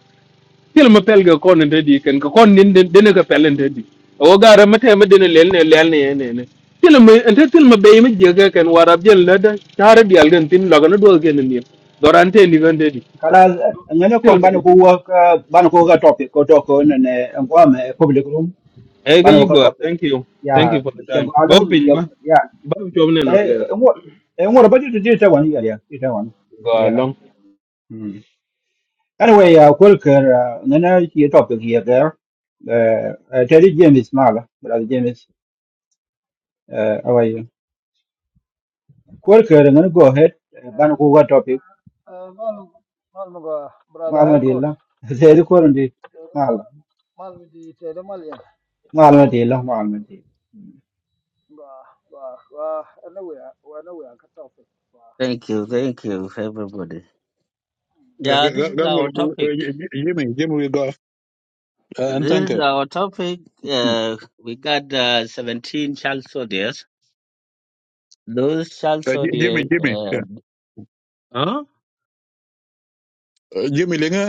til ma pel ka kon ne di ken ka kon din de ne ka pelen te di o ga ra mate ma de lel ne lel ne ne ne til ma ente til ma be ma je ga ken warab jel na da tar bi al gen tin la ga no do gen ni dorante ni gande
caras, any
Still
concern?
for the
But we
thing.
work. But we talk. We talk. We're going to go home.
Hey,
We
you go.
talk.
Thank you. Thank
Yeah,
you for the
show
time.
go
Bow
along.
pin ba.
Yeah.
Bow non
Eh,
ler.
and what and what about you? Did you try one? Yeah, yeah, you try one.
Go
Yeah.
along.
Hmm. Anyway, uh, Quilker, uh, nana here topic here there. Uh, uh, Terry James is mal, brother James. Uh, how are you? Quilker, I'm gonna go ahead.
Eh,
Ban ko ga topic.
eh, mal mal mga brother
Malum
high court
dilla. Zeri ko rundi.
Eh, mal
Mal.
mal mi di tele mal yan
Malum dilla, malum dilla.
ba ba ba ano ya wa ano ya ka topic ba
thank you thank you everybody Yeah, this is
garmul
our topic.
jimi jimi go an
This
tanke
is our topic. Uh, we got uh, 17 child soldiers. Those child
jimi
soldiers.
jimi
Uh, huh?
jimi lenga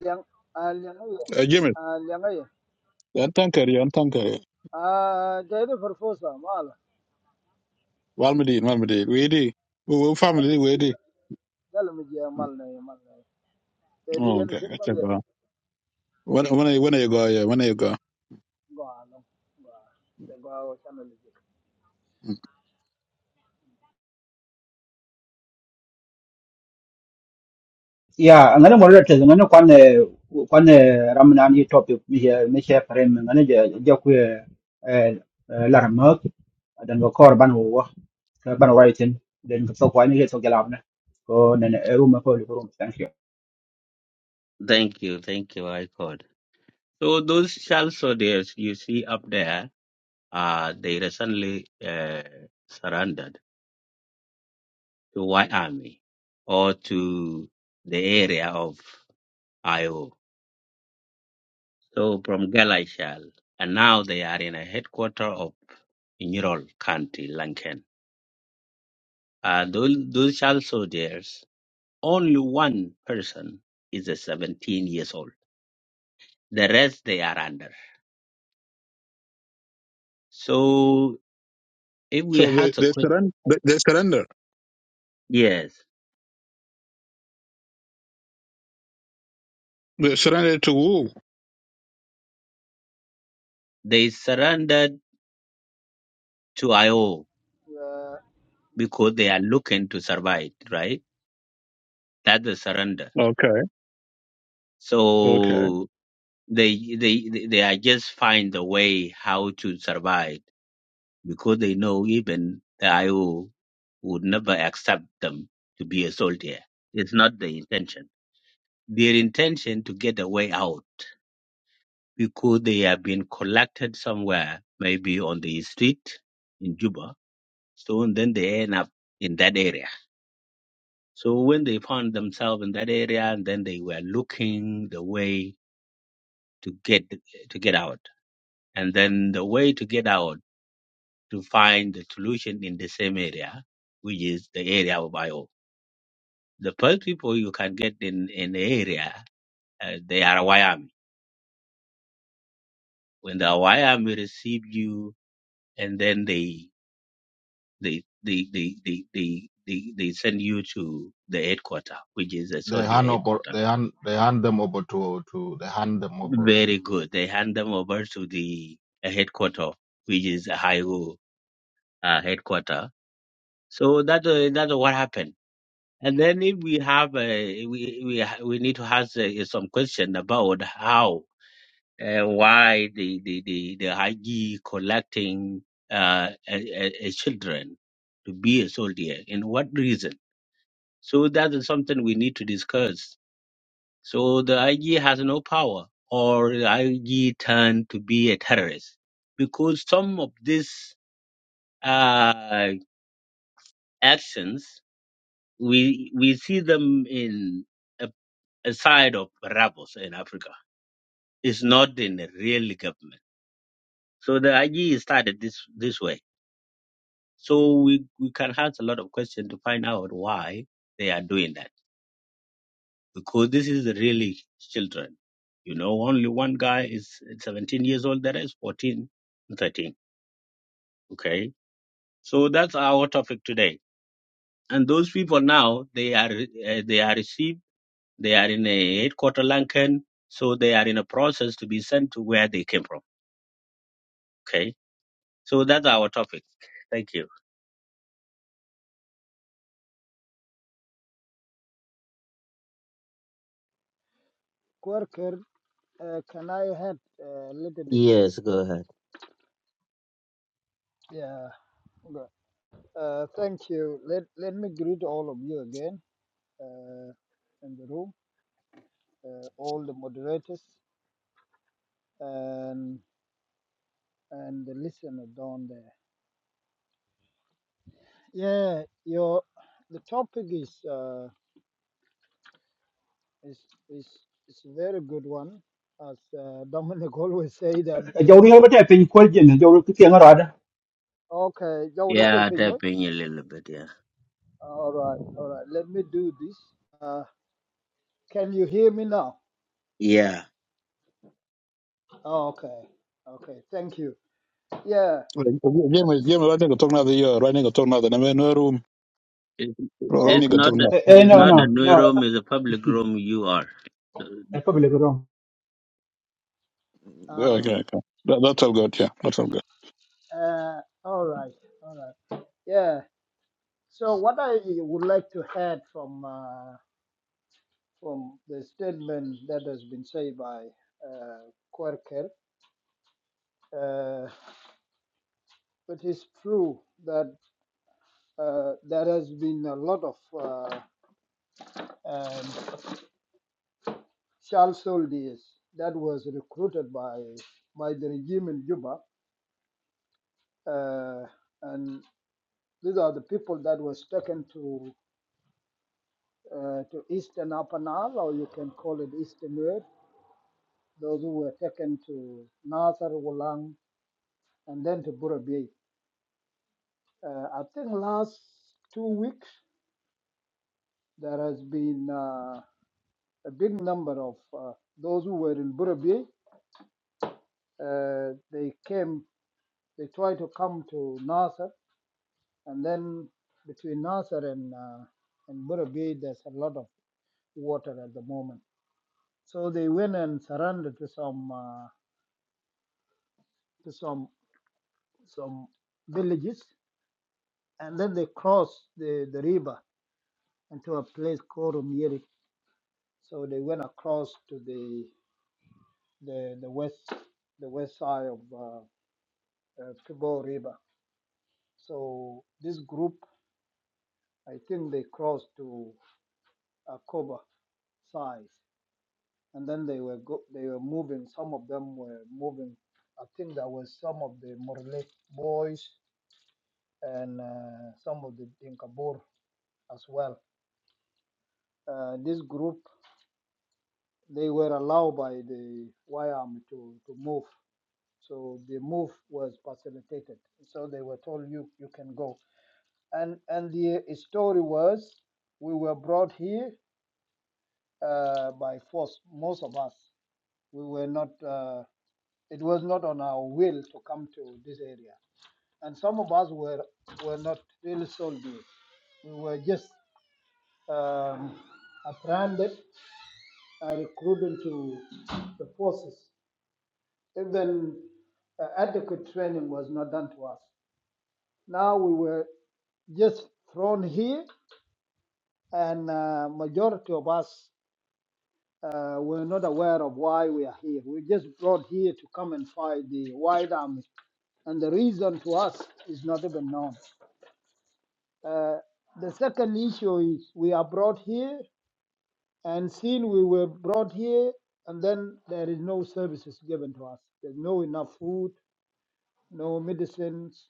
yang al yang ay
Eh, James,
al yang ay
yan tankar, yan tankar.
ah dai de farfosa mal
Walmadi, walmadi. Wedi, we we
dal
family,
mi di
wedi.
dal mi di mal na ya mal na te di
Oh,
yan
okay,
sin mal
gotcha.
ya
Go. When when I when I go, yeah, when I go.
ba alam ba te ba wa channel di
Yeah, ngana mo rete ngana kwan eh, kwan eh, ramnan yi topic me, me. mi share frame ngana je je ku eh, eh, larmak dan ko korban wo ban writing den so kwa ni so gelab na ko ne ne eru ma ko ko room. thank you
Thank you, thank you, I called. So those child soldiers you see up there, uh, they recently uh, surrendered to White Army or to the area of IO. So from Galashal, and now they are in a headquarter of Inural County, Lankan. Uh, those, those child soldiers, only one person is a 17 years old. The rest they are under. So if we
So they
had a
they
quick
surrender. They, they surrender.
yes,
They surrender to who?
they surrendered to IO
Eh,
because they are looking to survive, right? That's the surrender.
Okay, okay.
So they they they they are just find a way how to survive because they know even the IO would never accept them to be a soldier. It's not the intention. their intention to get a way out because they have been collected somewhere, maybe on the street in Juba. So and then they end up in that area. So when they found themselves in that area, and then they were looking the way to get to get out, and then the way to get out to find the solution in the same area, which is the area of Io. The first people you can get in in the area, uh, they are Wyoming. When the Wyoming receive you, and then they they they they they they they, they send you to the headquarter, which is the
They
soldier
hand over,
headquarter.
they hand, they hand them over to, to, they hand them over.
Very good. They hand them over to the uh, headquarter, which is a high uh, headquarter. So that uh, that's what happened. And then if we have uh, we we ha- we need to ask uh, some question about how uh, why the the the the IG collecting uh, a uh, children to be a soldier and what reason So that is something we need to discuss. So the IG has no power, or the IG turned to be a terrorist, because some of these uh, actions we we see them in a, a side of rebels in Africa. It's not in the real government. So the IG started this this way. So we we can ask a lot of questions to find out why they are doing that. because this is really children. You know, only one guy is 17 years old, the rest 14 and 13. Okay, so that's our topic today. And those people now they are uh, they are received. They are in a headquarter Lankan, so they are in a process to be sent to where they came from. Okay, so that's our topic. Thank you.
worker eh, can I help a little bit
Yes, go ahead.
yeah Uh, thank you. Let let me greet all of you again. uh, in the room, uh, all the moderators and and the listener down there. Yeah, your the topic is uh, is is is a very good one, as uh, Dominic always say that.
Eh, jawri yo bata pin ko jin jawri ki tiang rada
Okay, Joe, that's it,
Yeah,
Finman.
tapping a little bit. Yeah,
All right, all right. Let me do this. Uh, can you hear me now?
Yeah.
Okay, okay. Thank you. Yeah.
Like, James, James, right now go talk now the year. Right now go talk now the name no room.
it's,
Right now
it's
go
Okay.
not
talk
the
now.
e
it's
Mm,
no
not
no
mm.
the new
no
room. It's a public room. You are.
e ko bile ko rom
Yeah,
Uh,
Okay, okay. That, that's all good. Yeah, that's all good.
uh, all right, all right. Yeah. So what I would like to add from uh, from the statement that has been said by uh, Querker, uh, it is true that uh, there has been a lot of uh, um, child soldiers that was recruited by by the regime in Juba, uh, and these are the people that was taken to uh, to Eastern Upper Nile, or you can call it Eastern Nuer, those who were taken to Nasser, Wolang, and then to Burabay. Uh, I think last two weeks there has been uh, a big number of uh, those who were in Burabay. Uh, they came, they tried to come to Nasser, and then between Nasser and uh, and Burabay, there's a lot of water at the moment. So they went and surrendered to some uh, to some some villages, and then they crossed the, the river into a place called Umieri So they went across to the the, the west the west side of uh, uh, Kibo River. So this group, I think they crossed to Akoba side, and then they were go- they were moving. Some of them were moving. I think there was some of the Morle boys and uh, some of the Dinkabur as well. Uh, this group they were allowed by the YAM to to move So the move was facilitated. So they were told you you can go. And and the story was we were brought here uh, by force. Most of us we were not. Uh, it was not on our will to come to this area. And some of us were were not really soldiers. We were just um, apprehended and recruited to the forces. Even uh, adequate training was not done to us. Now we were just thrown here, and uh, majority of us uh, were not aware of why we are here. We just brought here to come and fight the white army, and the reason to us is not even known. Uh, the second issue is we are brought here, and since we were brought here, and then there is no services given to us. There's no enough food, no medicines,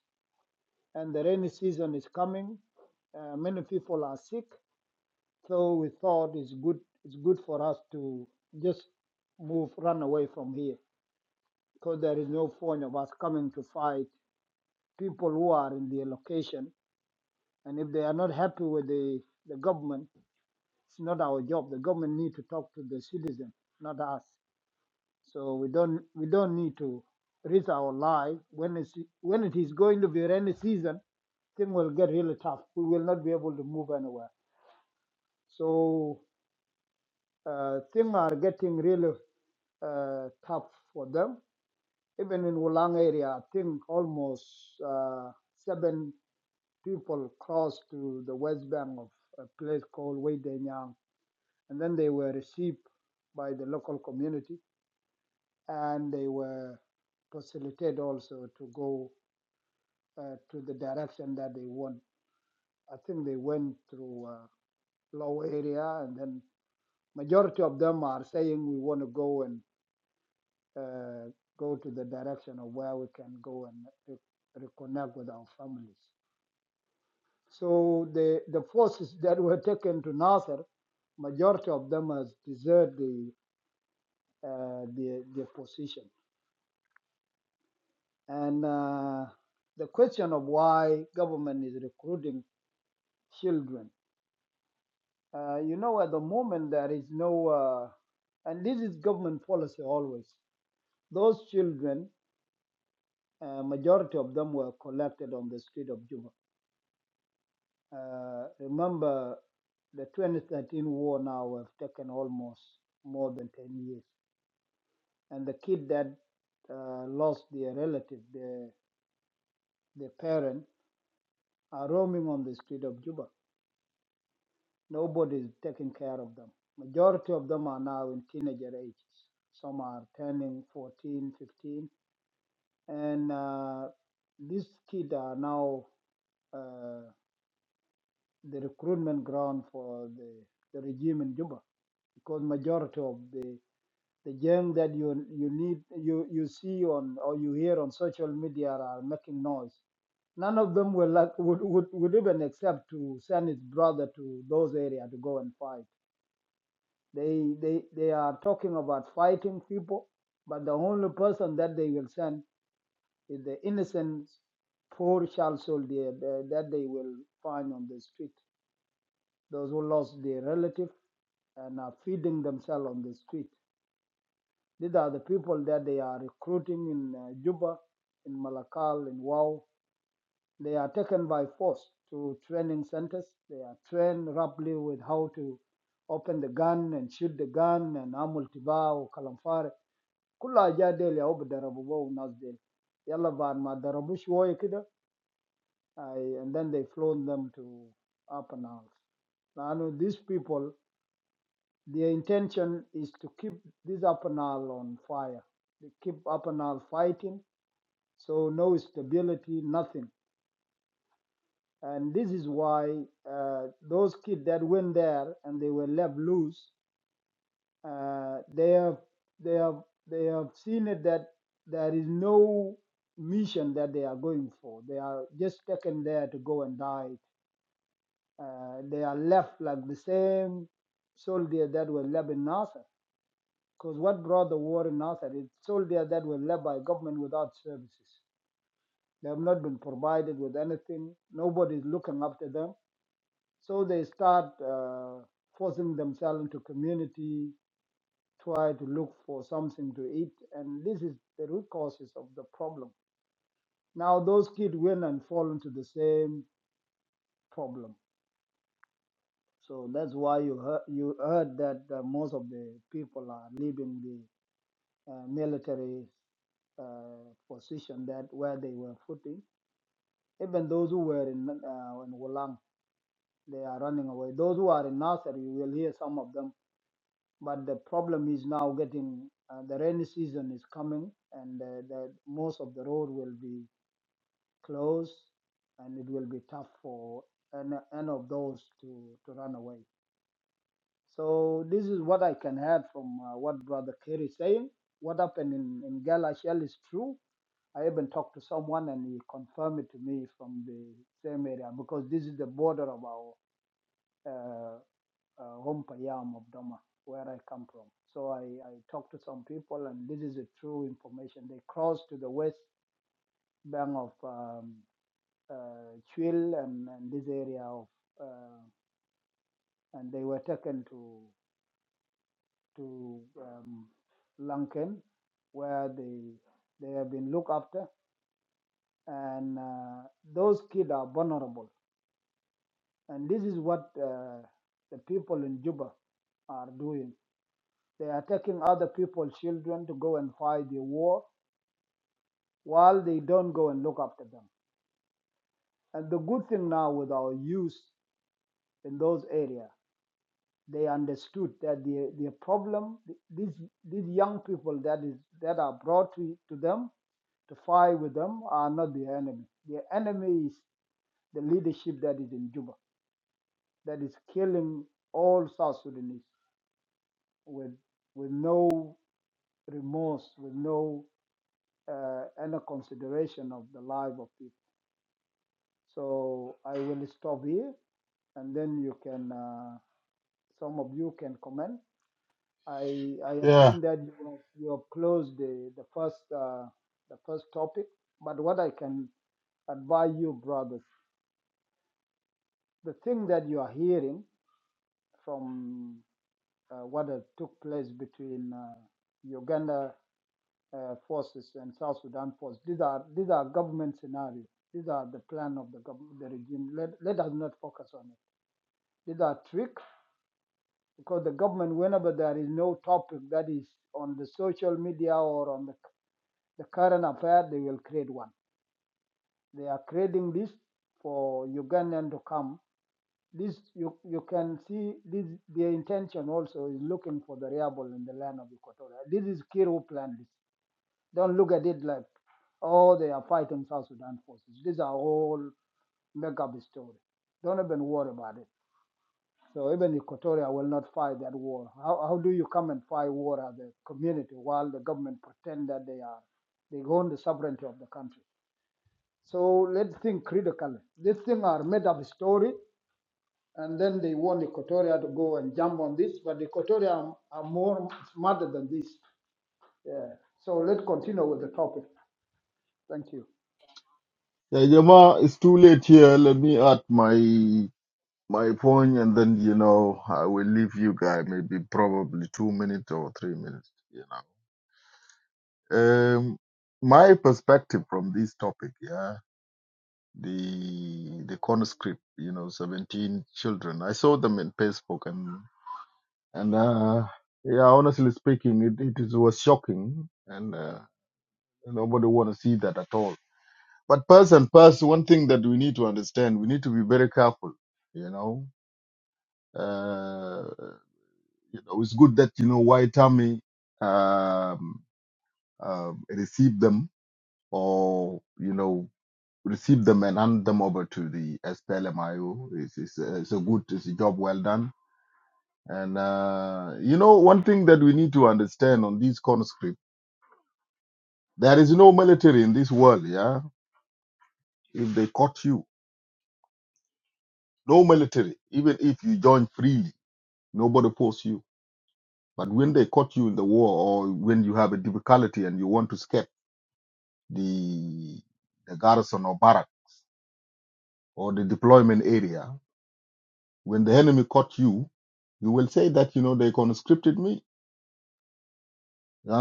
and the rainy season is coming. Uh, many people are sick, So we thought it's good it's good for us to just move, run away from here, because there is no point of us coming to fight people who are in their location. And if they are not happy with the, the government, it's not our job. The government need to talk to the citizen, not us. So we don't we don't need to risk our life when it's when it is going to be rainy season thing will get really tough. We will not be able to move anywhere. So uh, things are getting really uh, tough for them. Even in Wulang area, I think almost uh, seven people crossed to the west bank of a place called Weidenyang, and then they were received by the local community, and they were facilitated also to go uh, to the direction that they want. I think they went through uh, low area, and then majority of them are saying we want to go and uh, go to the direction of where we can go and re- reconnect with our families. So the, the forces that were taken to Nasser, majority of them has deserted the, uh, the, the position. And uh, the question of why government is recruiting children, uh, you know, at the moment there is no, uh, and this is government policy always. Those children, uh, majority of them were collected on the street of Juba Uh, remember, the 2013 war now have taken almost more than 10 years, and the kid that uh, lost their relative, their their parent, are roaming on the street of Juba. Nobody is taking care of them. Majority of them are now in teenager ages. Some are turning 14, 15, and uh, these kids are now. uh, the recruitment ground for the, the regime in Juba because majority of the the young that you you need you you see on or you hear on social media are making noise. None of them will like, would, would would even accept to send his brother to those areas to go and fight. They they they are talking about fighting people, but the only person that they will send is the innocent poor child soldier uh, that they will find on the street those who lost their relative and are feeding themselves on the street. These are the people that they are recruiting in uh, Juba, in Malakal, in Wau. They are taken by force to training centers. They are trained roughly with how to open the gun and shoot the gun and amul tiba or kalamfare. Kula jadel ya obu darabu wa unazdel. Yalla baad ma darabu shwoye kida. I- And then they flown them to Upper Nile. Now these people Their intention is to keep this Apanal on fire, they keep Apanal fighting, so no stability, nothing. And this is why uh, those kids that went there and they were left loose, uh, they have they have they have seen it that there is no mission that they are going for. They are just taken there to go and die. Uh, they are left like the same soldier that were left in Nasser. Because what brought the war in Nasser is soldiers that were led by government without services. They have not been provided with anything. Nobody is looking after them. So they start uh, forcing themselves into community, try to look for something to eat. And this is the root causes of the problem. Now those kids win and fall into the same problem. So that's why you heard, you heard that uh, most of the people are leaving the uh, military uh, position that where they were footing. Even those who were in uh, in Wulang, they are running away. Those who are in Nasser, you will hear some of them. But the problem is now getting uh, the rainy season is coming, and uh, the, most of the road will be closed, and it will be tough for any, any of those to, to run away. So this is what I can add from uh, what Brother Kerry is saying. What happened in, in Galatial is true I even talked to someone and he confirmed it to me from the same area because this is the border of our uh, uh, home Payam of Doma, where I come from. So I, I talked to some people and this is the true information. They crossed to the west bank of um, uh, Chil and, and this area of, uh, and they were taken to to um, Lankan where they they have been looked after and uh, those kids are vulnerable And this is what uh, the people in Juba are doing. They are taking other people's children to go and fight the war while they don't go and look after them. And the good thing now with our youth in those areas, they understood that the, the problem, these, these young people that, is, that are brought to, to them to fight with them are not the enemy. The enemy is the leadership that is in Juba, that is killing all South Sudanese with, with no remorse with no uh, any consideration of the life of people. So I will stop here, and then you can uh, some of you can comment. I I have
yeah
seen that you have, you have closed the the first uh, the first topic, but what I can advise you, brothers, the thing that you are hearing from uh, what had took place between uh, Uganda uh, forces and South Sudan force. These are these are government scenarios. These are the plan of the government, the regime. Let, let us not focus on it. These are tricks because the government, whenever there is no topic that is on the social media or on the, the current affair, they will create one. They are creating this for Ugandan to come. This you you can see this their intention also is looking for the rebel in the land of Equatoria. This is Kiru plan. This. Don't look at it like, oh, they are fighting South Sudan forces. These are all make-up story. Don't even worry about it. So even Equatoria will not fight that war. How, how do you come and fight war as a community while the government pretend that they are they own the sovereignty of the country? So let's think critically. These things are made up story, and then they want Equatoria to go and jump on this, but Equatoria are, are more smarter than this. Yeah. So let's continue with the topic. Thank you.
yeah jama it's too late here let me add my my point and then you know i will leave you guys maybe probably 2 minutes or 3 minutes you know um my perspective from this topic yeah the the conscript you know 17 children i saw them in facebook and and uh yeah honestly speaking it, it is, was shocking and uh, nobody want to see that at all but person person one thing that we need to understand we need to be very careful you know uh you know it's good that you know white army um uh, received them or you know receive them and hand them over to the SPLMIO. It's, it's, a, it's a good, it's a job well done. And uh, you know, one thing that we need to understand on these conscript, there is no military in this world. Yeah, if they caught you, no military. Even if you join freely, nobody force you. But when they caught you in the war, or when you have a difficulty and you want to escape the the garrison or barrack or the deployment area, when the enemy caught you, you will say that you know they conscripted me You know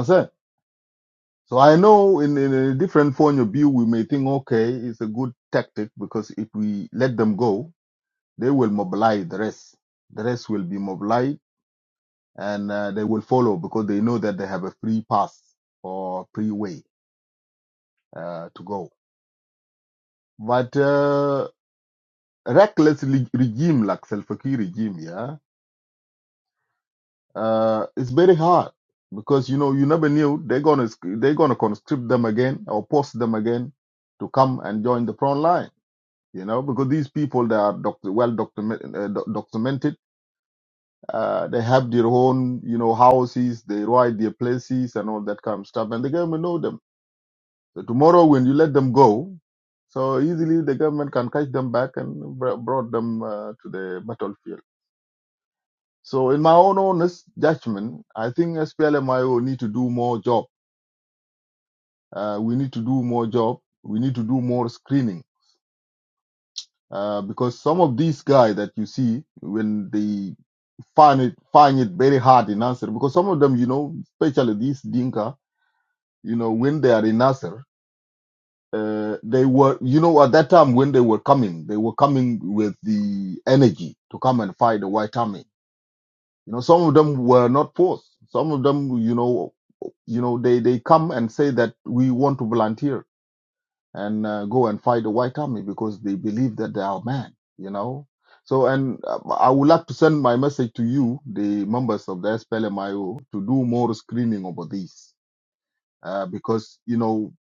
So I know in, in a different point of view, we may think, okay, it's a good tactic because if we let them go, they will mobilize the rest. The rest will be mobilized and uh, they will follow because they know that they have a free pass or free way uh, to go. But uh, reckless le- regime like Salva Kiir regime, yeah, uh, it's very hard because you know you never knew they're gonna sc- they're gonna conscript them again or post them again to come and join the front line you know, because these people they are doc- well document- uh, doc- documented. Uh, they have their own, you know, houses. They ride their places and all that kind of stuff. And the government know them. So tomorrow, when you let them go, so easily the government can catch them back and br- brought them uh, to the battlefield. So, in my own honest judgment, I think SPLMIO need to do more job. Uh, we need to do more job. We need to do more screening uh, because some of these guys that you see when they find it find it very hard in Nasser because some of them you know especially these Dinka you know when they are in Nasser uh, they were you know at that time when they were coming they were coming with the energy to come and fight the white army you know some of them were not forced some of them you know you know they they come and say that we want to volunteer and uh, go and fight the white army because they believe that they are man, you know. So, and uh, I would like to send my message to you, the members of the SPLMIO, to do more screening over this, uh, because you know,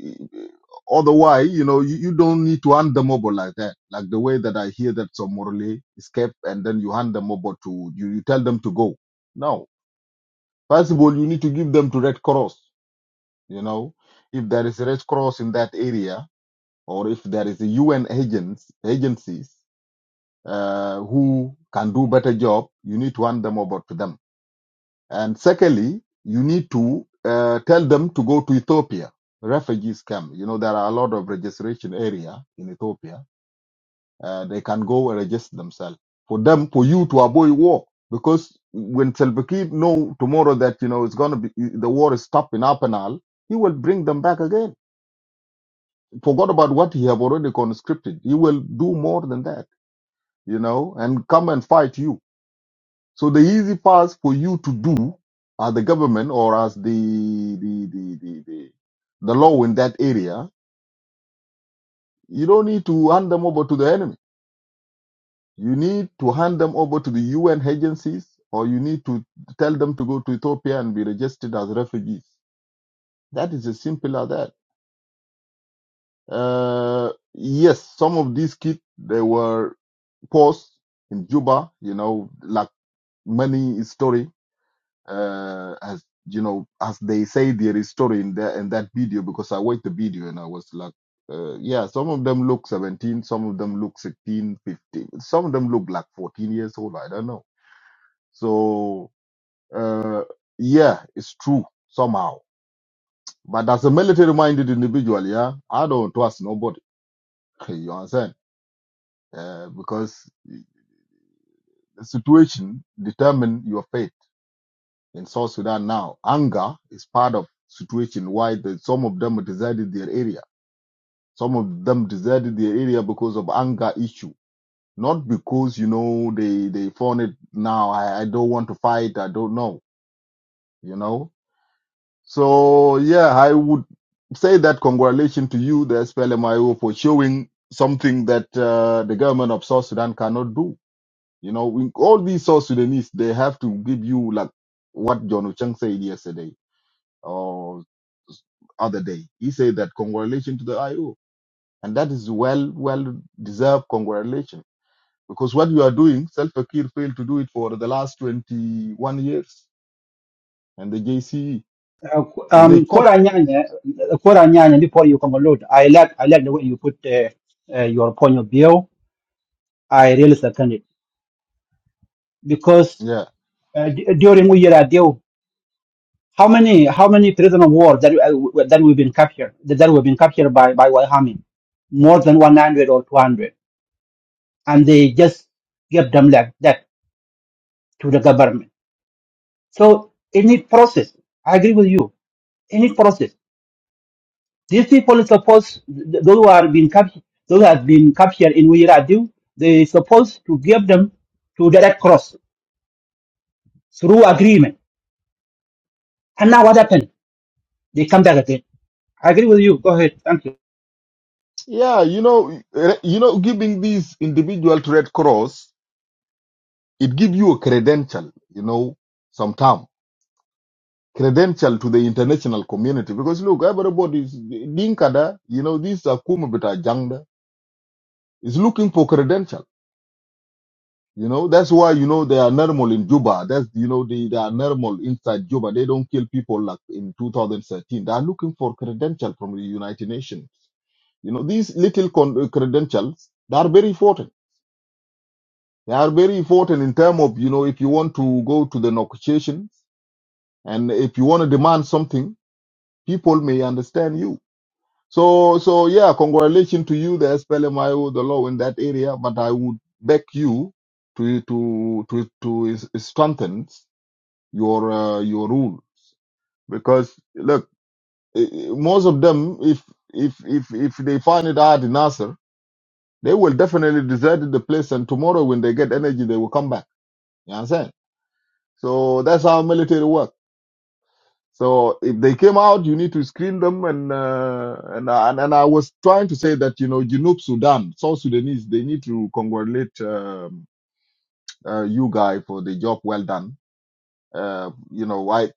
eh, eh, otherwise, you know, you, you don't need to hand them over like that, like the way that I hear that some Morley escape and then you hand them over to you, you tell them to go. No, first of all, you need to give them to Red Cross, you know, if there is a Red Cross in that area or if there is a UN agents, agencies uh, who can do better job, you need to hand them over to them. And secondly, you need to uh, tell them to go to Ethiopia, refugees camp. You know, there are a lot of registration area in Ethiopia. Uh, they can go and register themselves for them, for you to avoid war. Because when Salva Kiir know tomorrow that, you know, it's going to be, the war is stopped in Apenal, he will bring them back again. Forgot about what he have already conscripted. He will do more than that you know, and come and fight you. So the easy path for you to do as the government or as the the the the, the, the law in that area, you don't need to hand them over to the enemy. You need to hand them over to the UN agencies, or you need to tell them to go to Ethiopia and be registered as refugees. That is as simple as that. Uh, yes, some of these kids they were forced in Juba, you know, like many story uh, as you know, as they say their story in that in that video, because I watched the video and I was like, uh, yeah, some of them look 17, some of them look 16, 15, some of them look like 14 years old. I don't know. So uh, yeah, it's true somehow. But as a military-minded individual, yeah, I don't trust nobody. You understand? Uh, because the situation determine your fate. in South Sudan now. Anger is part of situation why the, some of them deserted their area. Some of them deserted their area because of anger issue. Not because, you know, they, they found it now. I, I don't want to fight. I don't know, you know. So yeah, I would say that congratulations to you, the SPLMIO, for showing something that uh, the government of South Sudan cannot do. You know, we, all these South Sudanese, they have to give you like what John Ocheng said yesterday or s- other day. He said that congratulations to the IO. And that is well, well deserved congratulations. Because what you are doing, Self-Fakir failed to do it for the last 21 years. And the JCE, if
um
they caught,
kora nyanya kora nyanya before you conclude i like i like the way you put uh, uh, your point of view i really second it because
yeah.
uh, d- during we are deal how many how many prisoner of war that uh, that we've been captured that that we've been captured by by Wahami more than 100 or 200 and they just give them like that to the government. So any process, I agree with you. Any process. These people is supposed th- those who are being captured, those who have been captured in Wiradu, they supposed to give them to the Red Cross through agreement. And now what happened? They come back again. I agree with you. Go ahead. Thank you.
Yeah, you know, eh, you know, giving these individual to Red Cross, it gives you a credential, you know, sometime credential to the international community. Because look, everybody is, Dinkada, you know, these are Kumabita Jangda, is looking for credential You know, that's why, you know, they are normal in Juba. That's, you know, they, they are normal inside Juba. They don't kill people like in 2013. They are looking for credential from the United Nations. You know, these little con- uh, credentials, they are very important. They are very important in terms of, you know, if you want to go to the negotiations and if you want to demand something, people may understand you. So, so yeah, congratulations to you, the SPLMIO, the law in that area. But I would beg you to, to, to, to strengthen your uh, your rules because look eh, eh, most of them if if if if they find it hard in Nasser they will definitely desert the place and tomorrow when they get energy they will come back you understand so that's how military work so if they came out you need to screen them and uh, and, uh, and and I was trying to say that you know Junub Sudan South Sudanese they need to congratulate um, uh, you guy for the job well done Uh, you know, I,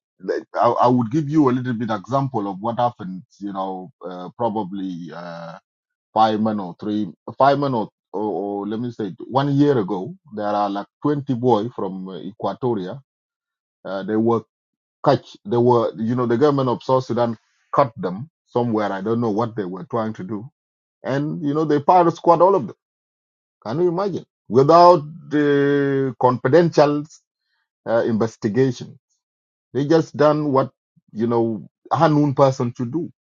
I I would give you a little bit example of what happened. You know, uh, probably uh, five months or three, five months or, or, or let me say one year ago, there are like twenty boy from uh, Equatoria. Uh, they were catch. They were, you know, the government of South Sudan cut them somewhere. I don't know what they were trying to do, and you know, they fired squad all of them. Can you imagine? Without the confidential uh, investigation They just done what you know a Hanun person should do.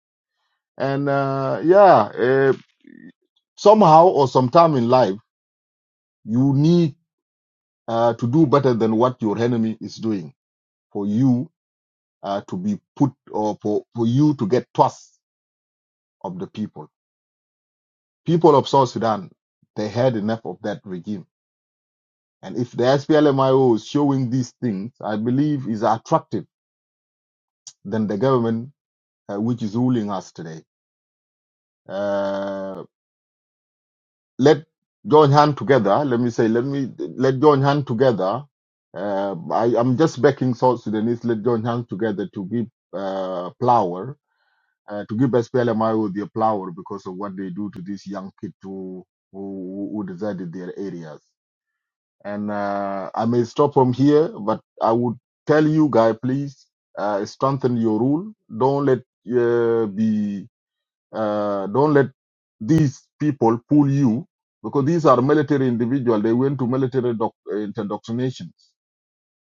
And uh, yeah, uh, somehow or sometime in life, you need uh, to do better than what your enemy is doing for you uh, to be put or for, for you to get trust of the people. People of South Sudan, they had enough of that regime. And if the SPLMIO is showing these things, I believe is attractive than the government uh, which is ruling us today. Uh, let join hand together. Let me say, let me let join hand together. Uh, I, I'm just backing South Sudanese. Let join hand together to give uh, flower, uh, to give SPLMIO their flower because of what they do to these young kids who who, who deserted their areas. And uh, I may stop from here, but I would tell you, guy, please uh, strengthen your rule. Don't let uh, be uh, don't let these people pull you because these are military individuals. They went to military doc- indoctrinations.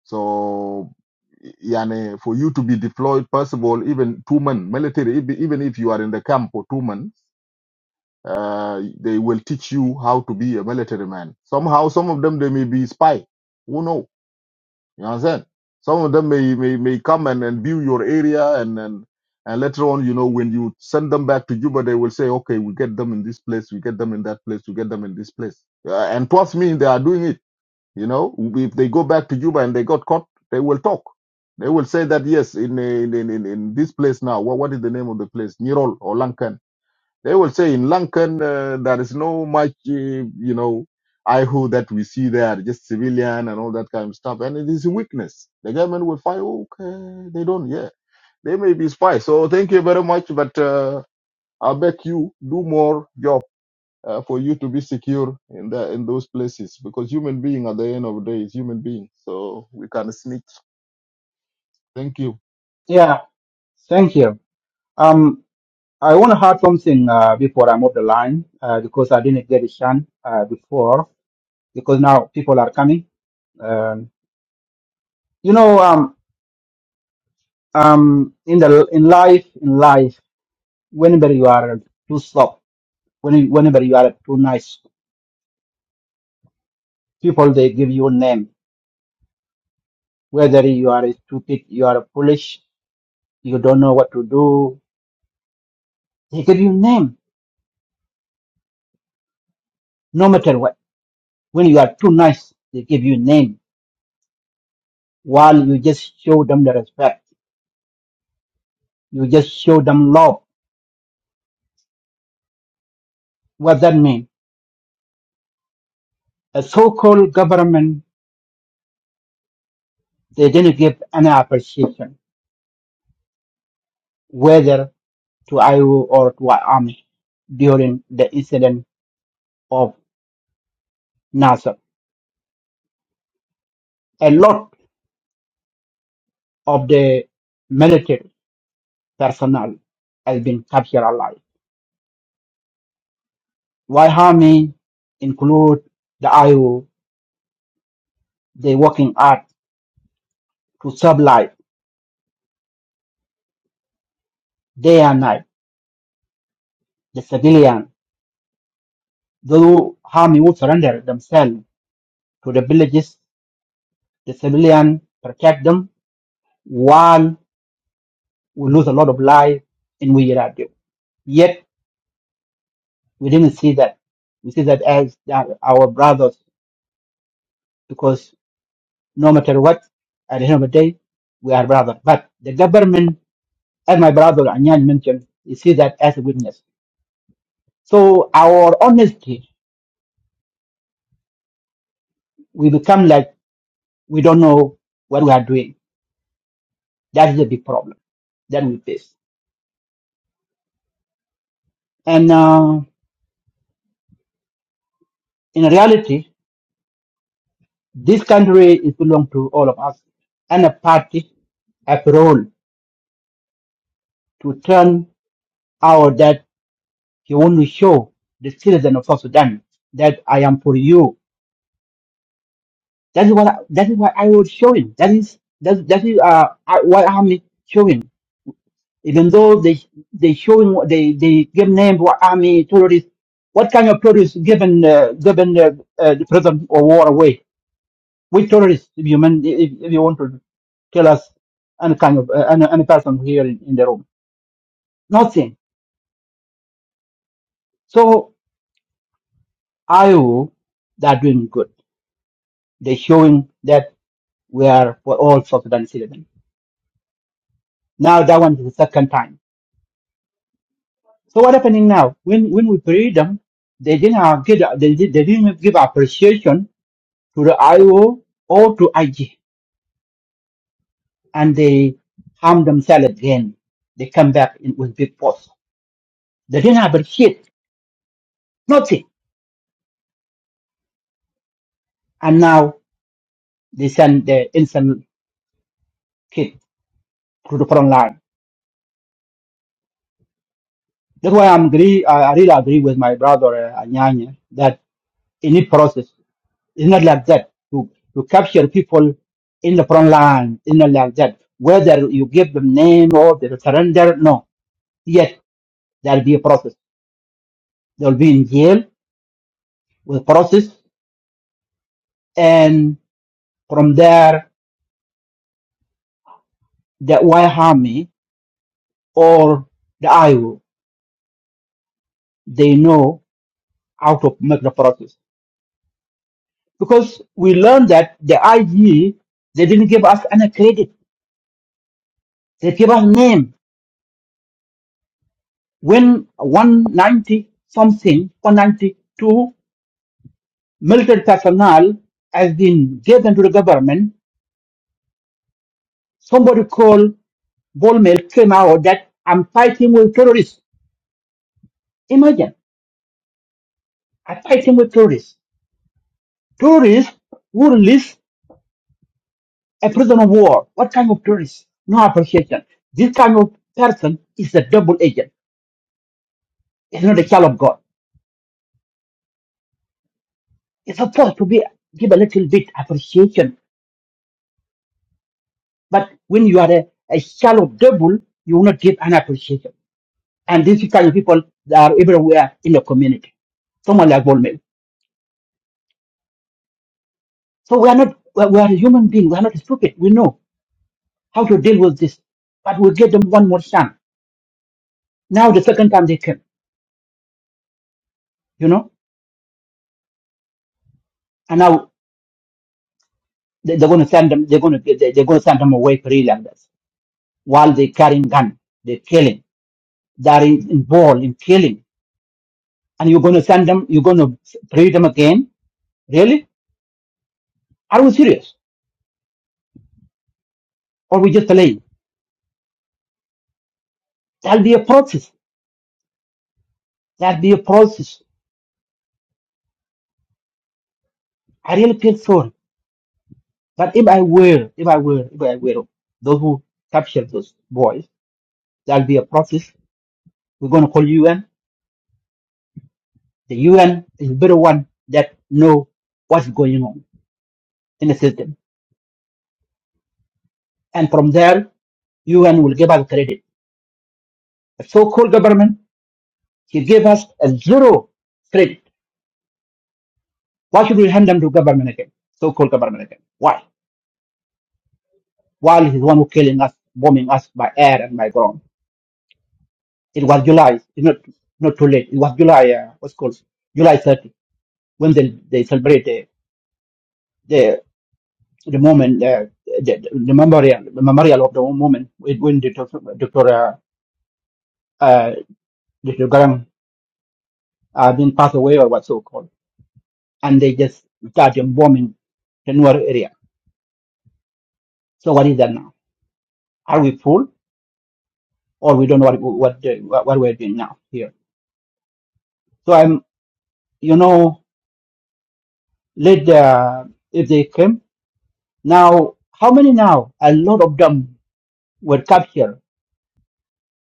So, yani, for you to be deployed, first of all, even two months, military, ev- even if you are in the camp for two months, uh, they will teach you how to be a military man. Somehow, some of them, they may be spy. Who knows? You understand? Some of them may may, may come and, and view your area and, and and later on, you know, when you send them back to Juba, they will say, okay, we get them in this place, we get them in that place, we get them in this place. Uh, and trust me, they are doing it. You know, if they go back to Juba and they got caught, they will talk. They will say that yes, in in in, in in this place now. What what is the name of the place? Nirol or Lankan they will say in Lankan uh, there is no much, uh, you know, I who that we see there, just civilian and all that kind of stuff. And it is a weakness. The government will fight. Okay, they don't. Yeah, they may be spies. So thank you very much, but. Uh, I beg you, do more job uh, for you to be secure in the, in those places because human being at the end of the day is human being. So we can snitch. Thank you.
Yeah, thank you. Um, I want to add something uh, before I move the line uh, because I didn't get a chance uh, before because now people are coming. You know, um, um, in the in life, in life, whenever you are too soft, when you- whenever you are too nice, people they give you a name. Whether you are stupid, you are foolish, you don't know what to do, they give you name. No matter what, when you are too nice, they give you name. While you just show them the respect, you just show them love. What that mean? A so-called government, they didn't give any appreciation. Whether. to Iowa or to army during the incident of Nasser. A lot of the military personnel has been captured alive. Why army include the IO, they working hard to save life day and night. The civilian, though army would surrender themselves to the villages, the civilian protect them while we lose a lot of life in Wiradio. Yet We didn't see that. We see that as that our brothers because no matter what, at the end of the day, we are brothers. But the government, as my brother Anyan mentioned, you see that as a witness. So our honesty, we become like we don't know what we are doing. That is the big problem that we face. And uh, in reality, this country is belong to all of us, and a party have a role to turn out that. He want to show the citizen of South Sudan that I am for you. That is what I, that is what I was showing thats That is that that is uh I- what army showing. Even though they they showing what they they give name what army terrorists. What kind of terrorists given uh, given uh, uh, the prison or war away? Which terrorists? If you mean, if, if you want to tell us any kind of uh, any, any person here in, in the room, nothing. So I are doing good. They showing that. we are for all South Sudan citizens. Now that one is the second time. So what happening now? When when we pray them, they didn't have, get they, did, they didn't give appreciation to the IO or to IG, and they harm themselves again. They come back in, with big force. They didn't appreciate nothing, and now they send the innocent kid to the front line. That's why I'm agree. I I really agree with my brother uh, Anyanya that in this process. It's not like that. To, to capture people in the front line, it's not like that. Whether you give them name or they surrender, no. Yet there'll be a process. They'll be in jail with process, and from there, the White Army or the IO, they know how to make the process. Because we learned that the IG, they didn't give us any credit. They gave us name. When 190 something, 192 Military personnel has been given to the government. Somebody called Bolmel came out that I'm fighting with terrorists. Imagine, I'm fighting with terrorists. Terrorists who release a prisoner of war. What kind of terrorists? No appreciation. This kind of person is a double agent. It's not a child of God. It's supposed to be give a little bit appreciation. But when you are a, a child of devil, you will not give an appreciation. And these kind of people are everywhere in the community. Someone like Bolmel. So we are not, we we are human beings. We are not stupid. We know how to deal with this. But we give them one more chance. Now the second time they came, you know, and now they, they're going to send them, they're going to, they, they're going to send them away free like this while they carrying gun. They're killing. They are in- involved in killing. And you're going to send them, you're going to free them again? Really? Are we serious? Or we just playing? There'll be a process. There'll be a process. I really feel sorry But if I were, if I were, if I were those who captured those boys, there'll be a process. We're going to call UN. The UN is better one that know what's going on in the system. And from there, UN will give us credit. The so-called government, he gave us a zero credit. Why should we hand them to government again? So-called government again. Why? While he's the one who killing us, bombing us by air and by ground. It was July. It's not, not too late. It was July, uh, what's it called July 30. when they, they celebrate the, the, the moment, uh, the, the memorial, the memorial of the moment when when the Dr. Dr. Uh, uh, Dr. Garang uh, been passed away or what so called, and they just started bombing the Nuer area. So what is that now? Are we full or we don't know what what the- what, what we're doing now here? So I'm, you know, let the, if they came now, how many now? A lot of them were captured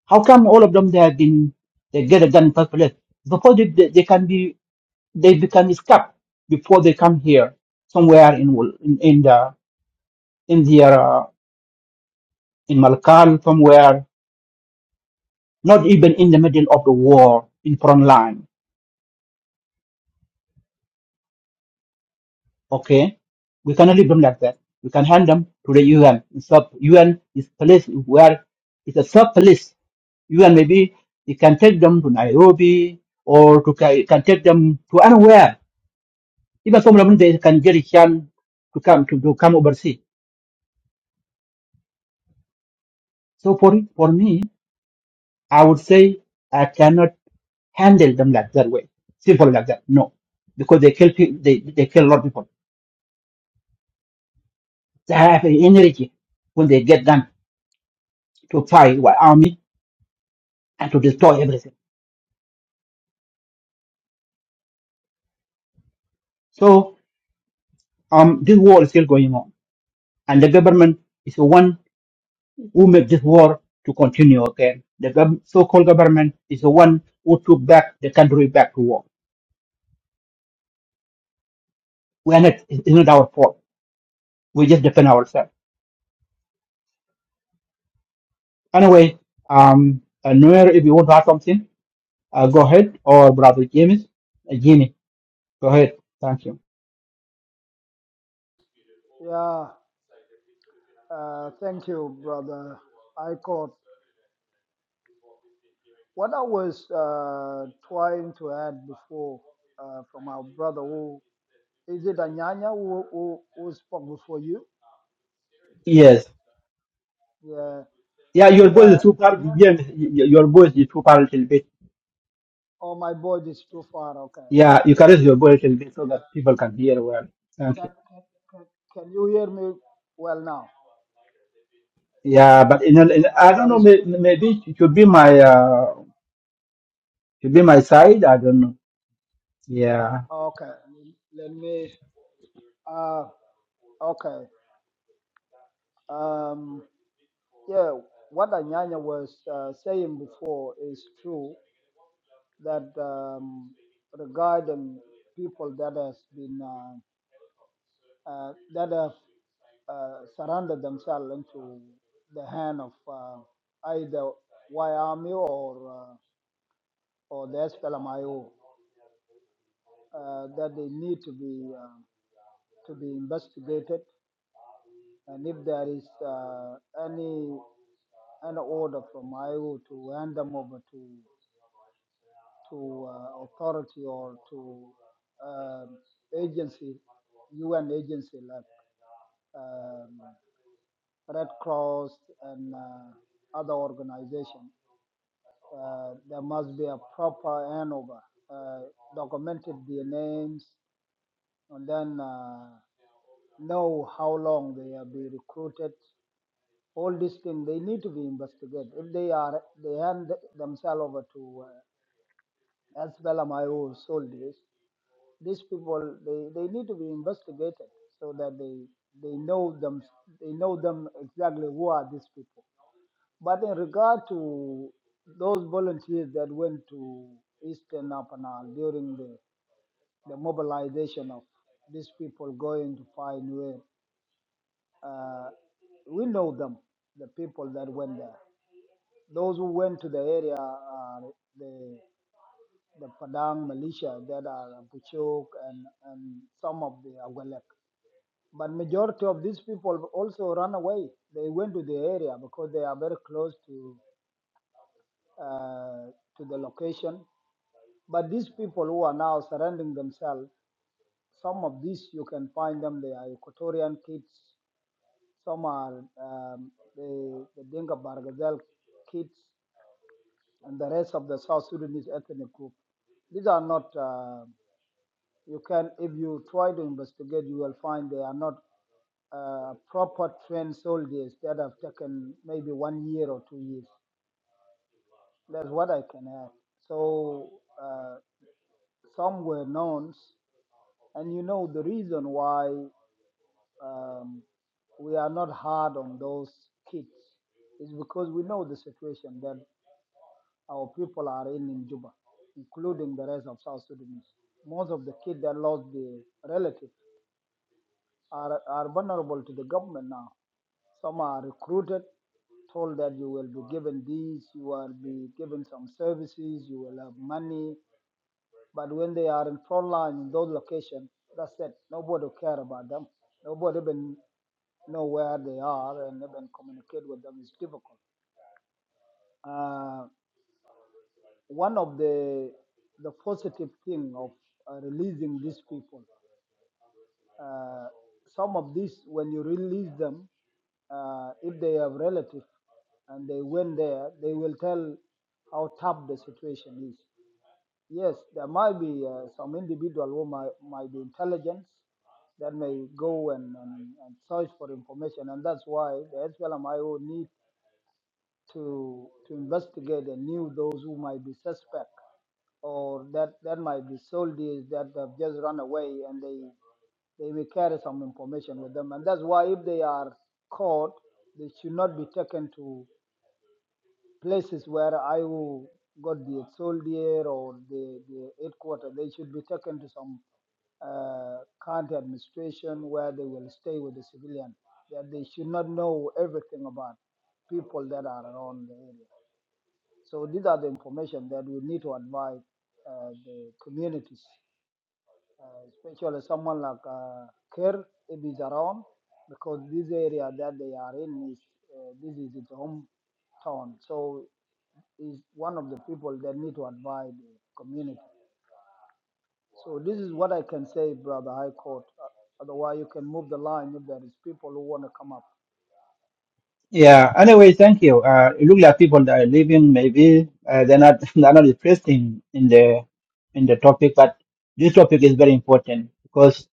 How come all of them they have been they get a gun in first place? Before they, they, they can be they become escaped before they come here somewhere in Wal- in, in the in their uh, in Malakal somewhere, not even in the middle of the war in front line. Okay, we cannot leave them like that. We can hand them to the UN. Sub UN is place where it's a sub police. UN maybe it can take them to Nairobi or to ca- it can take them to anywhere Even some of they can get a chance to come to, to come overseas. So for for me, I would say I cannot handle them like that way, simple like that. No, because they kill people, they they kill a lot of people. They have an energy when they get done to fight with army and to destroy everything. So um, this war is still going on, and the government is the one who made this war to continue again. The gov- so-called government is the one who took back the country back to war. We are not, it's not our fault we just defend ourselves. Anyway, um, uh, Noor, if you want to add something, uh, go ahead. Or brother James, uh, Jimmy, go ahead. Thank you.
Yeah. Uh, thank you, brother. I caught what I was uh, trying to add before uh, from our brother who is it Anyanya who, who, who spoke before you?
Yes.
Yeah,
Yeah, your voice
yeah,
is super.
Anyanya.
James, y- y- your voice is super a little bit.
Oh, my voice is too far. Okay,
Yeah, you can raise your voice a little bit so that people can hear well. Thank
can,
you.
can, can, can you hear me well now,
Yeah, but in, in, I don't
or
know.
is
May,
still too
maybe it should be my uh, should be my side. I don't know. Yeah.
far? Okay, let me. Uh, okay. Um, yeah, what Anyanya was uh, saying before is true. that um, regarding people that has been uh, uh, that have uh, surrendered themselves into the hand of uh, either Y Army or uh, or the SPLMIO, uh, that they need to be uh, to be investigated, and if there is uh, any an order from IO to hand them over to to uh, authority or to um, agency, UN agency like um, Red Cross and uh, other organizations, uh, there must be a proper handover, uh, documented their names, and then uh, know how long they have been recruited. All these things they need to be investigated. If they are they hand themselves over to uh, as well am I who sold these people they, they need to be investigated so that they they know them they know them exactly who are these people. But in regard to those volunteers that went to Eastern Apanal during the, the mobilization of these people going to find where uh, we know them, the people that went there. Those who went to the area are the the Padang militia that are Buchok and, and some of the Awalek. But majority of these people also run away. They went to the area because they are very close to uh, to the location. But these people who are now surrounding themselves, some of these you can find them. They are Equatorian kids. Some are um, the, the Dinka Bargazel kids, and the rest of the South Sudanese ethnic group. These are not. Uh, You can, if you try to investigate, you will find they are not uh, proper trained soldiers that have taken maybe one year or two years. That's what I can add. So uh, some were knowns, and you know the reason why um, we are not hard on those kids is because we know the situation that our people are in in Juba, including the rest of South Sudanese. Most of the kids that lost their relatives are, are vulnerable to the government now. Some are recruited, told that you will be given these, you will be given some services, you will have money. But when they are in front line in those locations, that's it. Nobody care about them. Nobody even know where they are and even communicate with them is difficult. Uh, one of the the positive thing of uh, releasing these people Uh, some of these, when you release them, uh, if they have relatives and they went there, they will tell how tough the situation is. Yes, there might be uh, some individual who might, might be intelligent that may go and, and, and search for information, and that's why the SLMIO need to to investigate and knew those who might be suspect or that that might be soldiers that have just run away and they they will carry some information with them and that's why if they are caught they should not be taken to places where I will got the soldier or the the headquarters they should be taken to some uh, county administration where they will stay with the civilian that they should not know everything about people that are around the area so these are the information that we need to advise uh, the communities, uh, especially someone like uh, Kerr if he's around, because this area that they are in is uh, this is his hometown. So he's one of the people that need to advise the community. So this is what I can say, brother High Court. Uh, otherwise, you can move the line if there is people who want to come up.
Yeah. Anyway, thank you. Uh, it look like people that are leaving, maybe uh, they're not they're not interested in, in the in the topic, but this topic is very important because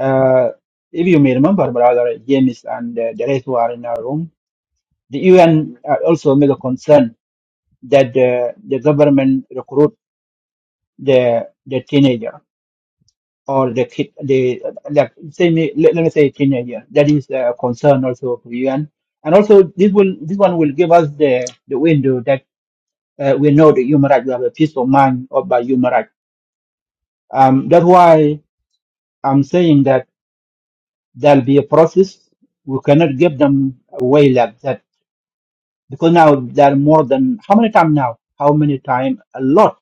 uh, if you may remember, brother James and uh, the rest who are in our room, the UN uh, also made a concern that the, the government recruit the the teenager or the kid, the like say me let, let me say teenager. That is a concern also for UN and also this will this one will give us the the window that. uh, we know the human right. We have a peace of mind about human right. Um, that's why I'm saying that there'll be a process. We cannot give them away like that because now there are more than how many times now? How many times? A lot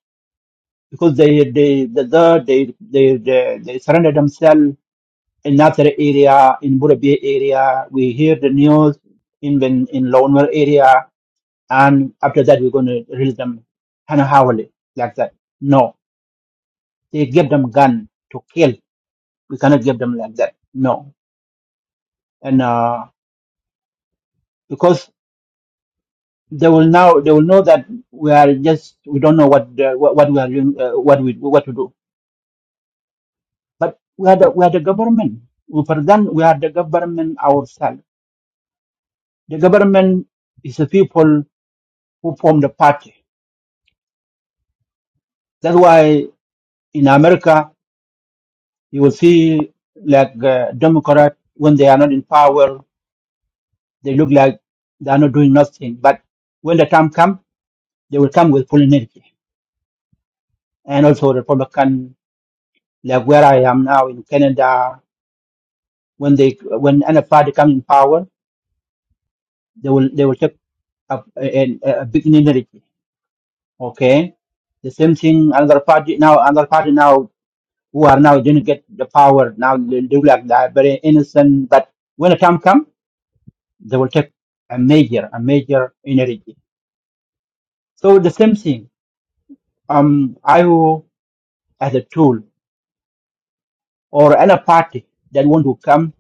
because they they the the- they they they, they surrender themselves in another area in Burabia area. We hear the news in in, in Lower area, and after that we're going to release them kind of like that. No, they give them gun to kill we cannot give them like that. No, and uh, because they will now they will know that we are just we don't know what the, what, what we are doing, uh, what we what to do. But we are the, we are the government. We present we are the government ourselves. The government is the people who form the party. That's why in America you will see like uh, Democrat when they are not in power, they look like they are not doing nothing. But when the time comes, they will come with full energy and also Republican like where I am now in Canada, when they when any party come in power, they will they will take up a, a, a big minority. Okay, the same thing another party now another party now who are now didn't get the power now they do like that very innocent. But when the time come, they will take a major a major minority. So the same thing. Um, I will as a tool. or any party that want to come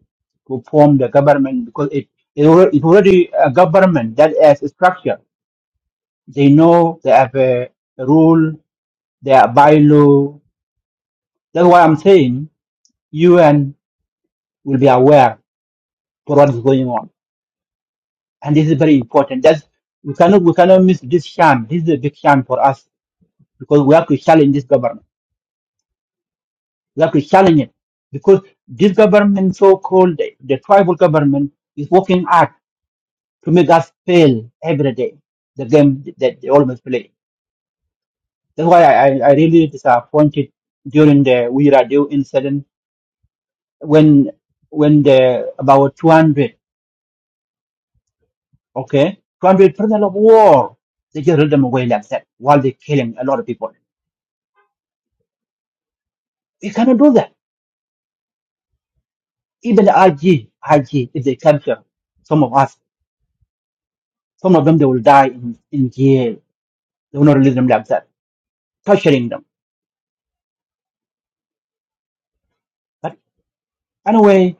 to form the government because it it alre- it already a government that has a structure. They know they have a rule, they are bylaw. That's why I'm saying UN will be aware for what is going on, and this is very important. That's we cannot we cannot miss this sham. This is a big sham for us because we have to challenge this government. We have to challenge it because this government, so called the, the tribal government, is working hard to make us fail every day, the game that they always play. That's why I, I I really disappointed during the Wira incident when when the about 200, okay, 200 prisoners of war, they just let them away like that while they're killing a lot of people. We cannot do that. Even the IG, IG, if they capture some of us, some of them, they will die in, in jail. They will not release them like that, torturing them. But anyway,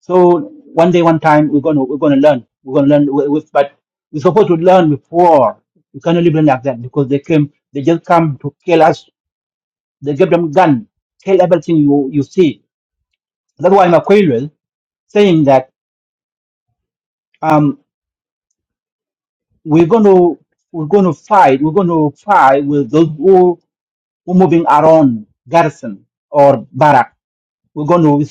So one day, one time, we're gonna we're gonna learn. We're gonna learn. With, with, but we're supposed to learn before. We cannot live like that because they came. They just come to kill us. They give them gun, kill everything you you see. That's why Makwelwe saying that um we're gonna we're gonna fight. We're gonna fight with those who who moving around garrison or barrack. We're gonna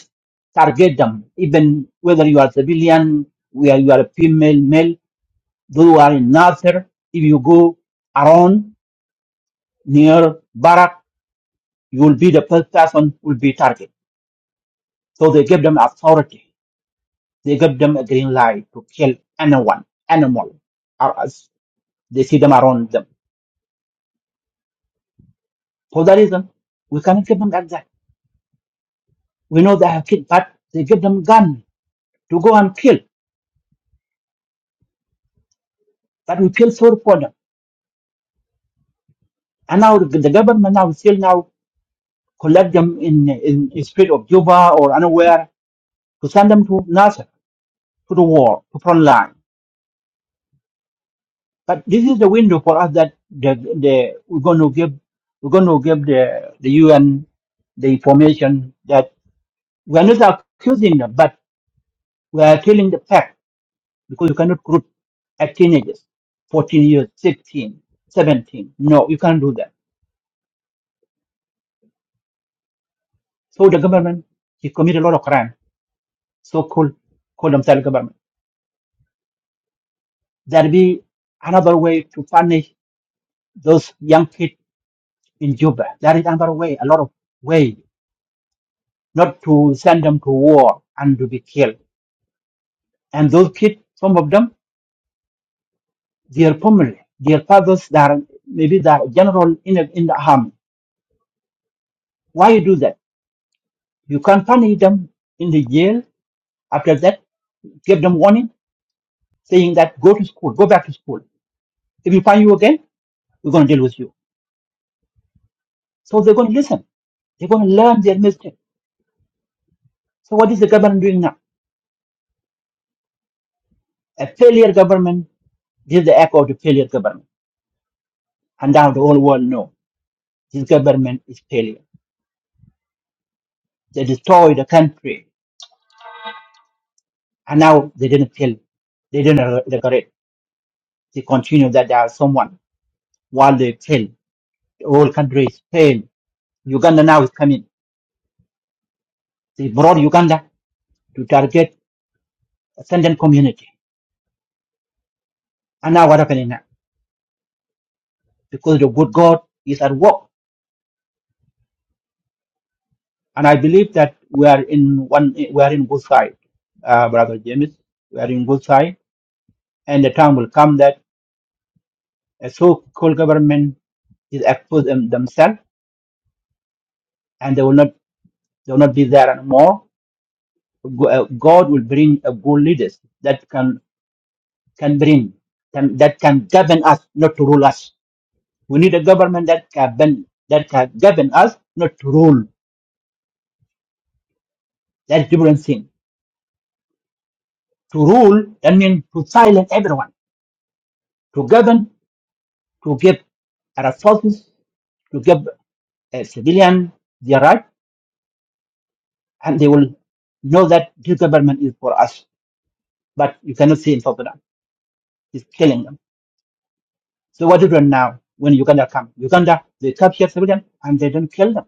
target them, even whether you are civilian, where you are female, male. Those who are in Nasser, if you go around near Barak, you will be the first person who will be targeted. So they give them authority. They give them a green light to kill anyone, animal, or as they see them around them. For that reason, we cannot give them like that. We know they have killed, but they give them gun to go and kill. But we feel sorry for them. And now the the government now still now collect them in in, in street of Juba or anywhere to send them to Nasser to the war to front line But this is the window for us that the, the we're going to give we're going to give the the UN the information that we are not accusing them, but we are telling the fact because you cannot group at teenagers, 14 years, 16, 17. No, you can't do that. So the government he committed a lot of crime. So called call themselves government. There be another way to punish those young kids in Juba. There is another way, a lot of way. not to send them to war and to be killed. And those kids, some of them, their family, their fathers, they are maybe they are general in, the- in the army. Why you do that? You can punish them in the jail. After that, give them warning, saying that go to school, go back to school. If we find you again, we're going to deal with you. So they're going to listen. They're going to learn their mistake. So what is the government doing now? A failure government this is the echo of the failure government. And now the whole world know this government is failure. They destroy the country And now they didn't kill, they didn't decorate. They continue that they are someone while they fail. The whole country is Uganda now is coming. They brought Uganda to target ascendant community. And now what happening now? Because the good God is at work. And I believe that we are in one, we are in good side, uh, Brother James. We are in good side. And the time will come that a so-called government is expose them, themselves and they will not, they will not be there anymore Go- uh, God will bring uh, good leaders that can can bring can that can govern us, not to rule us. We need a government that can govern, that can govern us, not to rule. That's different thing. To rule that means to silence everyone. To govern, to give our forces, to give uh, civilian their right, and they will know that this government is for us. But you cannot see in South Sudan. It's killing them. So what do you do now when Uganda come? Uganda, they capture civilians and they don't kill them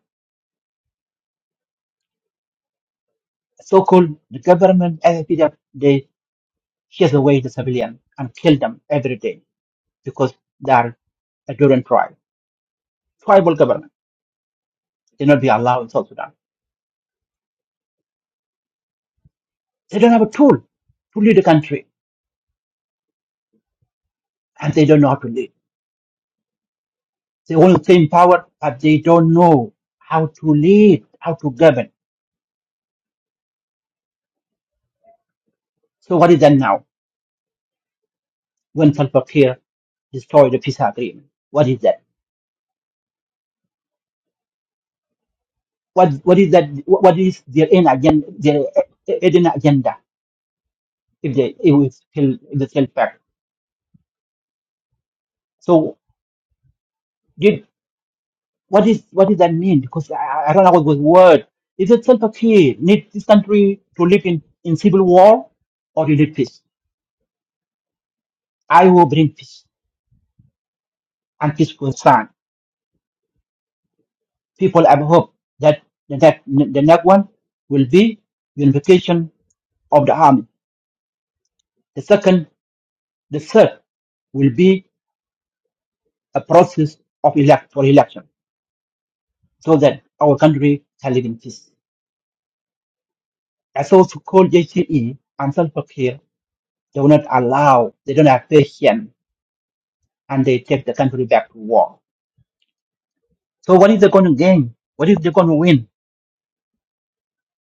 so-called the government FFPDF, they chase away the civilian and kill them every day because they are a different tribe, tribal government. They not be allowed in South Sudan. They don't have a tool to lead the country, and they don't know how to lead. They only claim power, but they don't know how to lead, how to govern. So what is that now? When Salva Kiir destroyed the peace agreement, what is that? What what is that? What is their end agenda? Their hidden agenda? If they if we still if they fail back. So did what is what does that mean? Because I, I don't know what was word. Is it Salva Kiir need this country to live in, in civil war or in peace? I will bring peace and peace will stand. People have hope that the next, the next one will be unification of the army. The second, the third will be a process of elect for election so that our country can live in peace. I also call JCE and self They will not allow, they don't have patience, and they take the country back to war. So what is they going to gain? What is they going to win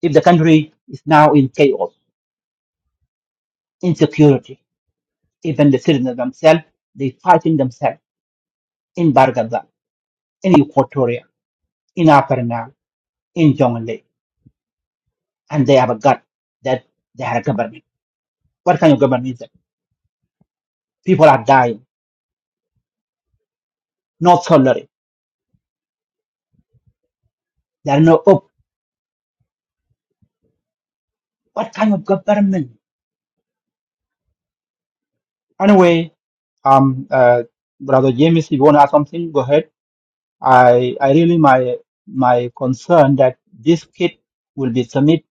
if the country is now in chaos, insecurity? Even the citizens themselves, they fighting themselves in Bargaza, in Equatoria, in Upper Nile, in Jonglei, and they have a gut that they are a government. What kind of government is that? People are dying, no salary, there are no hope. What kind of government? Anyway, um, uh, Brother James, if you want to ask something, go ahead. I I really my my concern that this kit will be submitted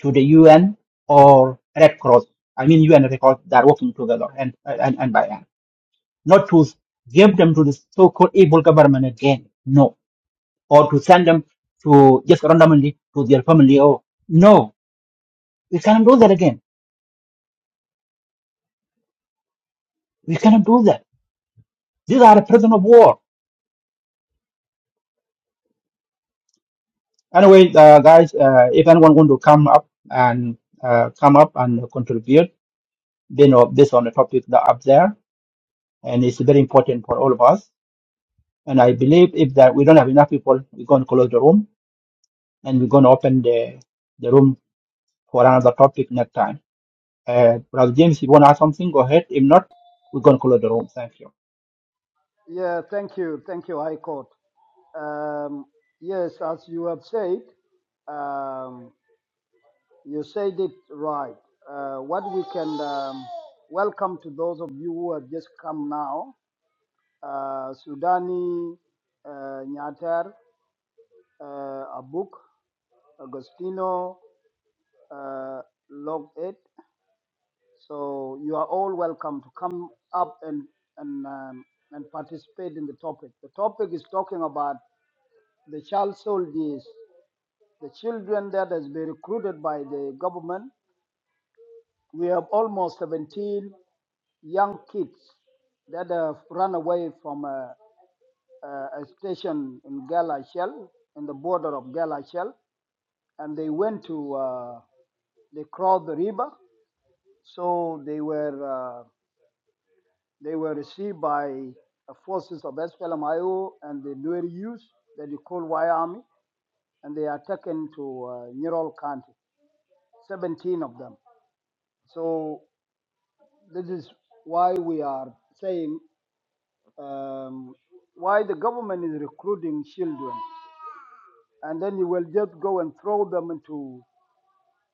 to the UN or Red Cross. I mean UN and Red Cross they are working together and and, and by hand. Not to give them to the so-called evil government again, no. Or to send them to just randomly to their family. Oh no, we cannot do that again. We cannot do that. These are a prisoner of war. Anyway, uh, guys, uh, if anyone want to come up and uh, come up and contribute they know this on the topic that up there, and it's very important for all of us. And I believe if that we don't have enough people, we're going to close the room and we're going to open the the room for another topic next time. Uh, Brother James, you want to add something? Go ahead. If not, we're going to close the room. Thank you.
Yeah, thank you, thank you, High Court. Um, yes, as you have said. Um, You said it right. Uh, what we can um, welcome to those of you who have just come now, uh, Sudani, uh, Nyatar, uh, Abuk, Agostino, uh, Log 8. So you are all welcome to come up and, and, um, and participate in the topic. The topic is talking about the child soldiers, the children that has been recruited by the government. We have almost 17 young kids that have run away from a, a, a station in Galashel, in the border of Galashel, and they went to, uh, they crossed the river. So they were, uh, they were received by the forces of SPLMIO and the Nuer youth that you call Y Army, and they are taken to uh, Neural County, 17 of them. So this is why we are saying um, why the government is recruiting children, and then you will just go and throw them into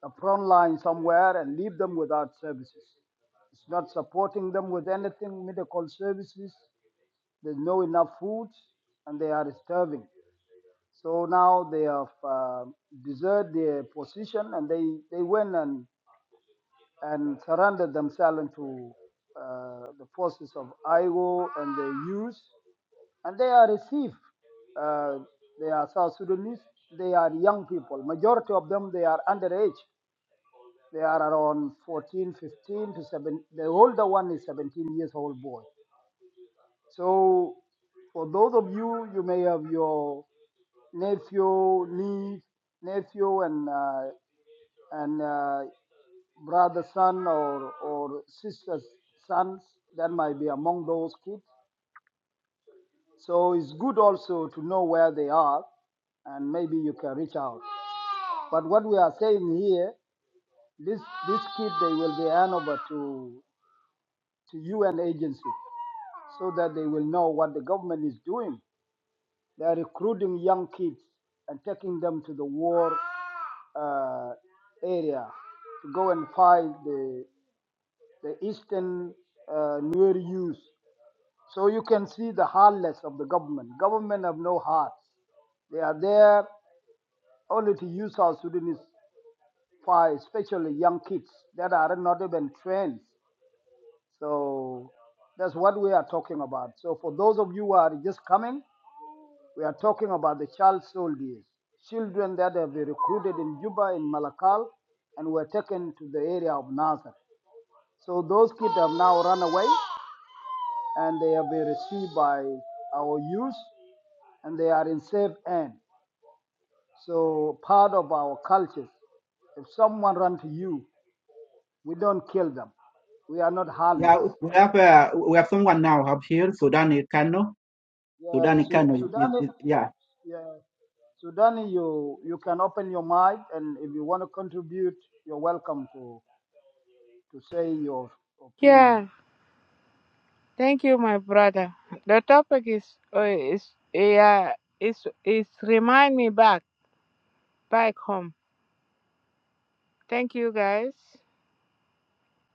the front line somewhere and leave them without services. It's not supporting them with anything, medical services. There's no enough food, and they are starving. So now they have uh, deserted their position, and they, they went and, and surrendered themselves into uh, the forces of IO and the youth and they are received. Uh, they are South Sudanese. They are young people. Majority of them they are underage. They are around 14, 15 to 17. The older one is 17 years old boy. So for those of you, you may have your nephew, niece, nephew, and uh, and uh, brother, son, or or sister's sons that might be among those kids. So it's good also to know where they are and maybe you can reach out. But what we are saying here, this this kid they will be hand over to to UN agency so that they will know what the government is doing. They are recruiting young kids and taking them to the war uh, area to go and fight the the eastern uh, Nuer youth. So you can see the heartless of the government. Government have no heart. They are there only to use South Sudanese for especially young kids that are not even trained. So that's what we are talking about. So for those of you who are just coming, we are talking about the child soldiers, children that have been recruited in Juba, in Malakal, and were taken to the area of Nazar. So those kids have now run away and they have been received by our youth and they are in safe hand. So part of our culture if someone runs to you We don't kill them. We are not
Yeah,
harmless.
we have uh, we have someone now up here, Sudan Kano.
Yeah,
Sudan
Su-
Kano, is-
Sudan,
is- yeah.
yeah, Sudan, you you can open your mind, and if you want to contribute, you're welcome to to say your opinion.
Yeah, thank you, my brother. The topic is uh, is yeah is is remind me back back home. Thank you, guys.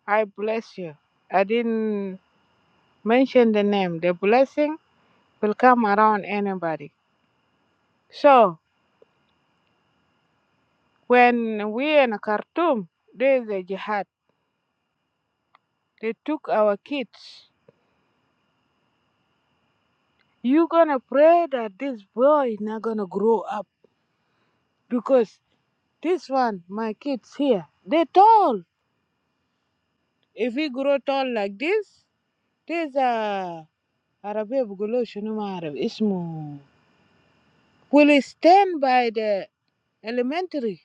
I bless you. I didn't mention the name. The blessing will come around anybody. So when we in Khartoum, there's a jihad. They took our kids. You gonna pray that this boy not gonna grow up because this one, my kids here, they tall. If he grow tall like this, there's a Arabia بيقولوا شنو ما أعرف اسمه will he stand by the elementary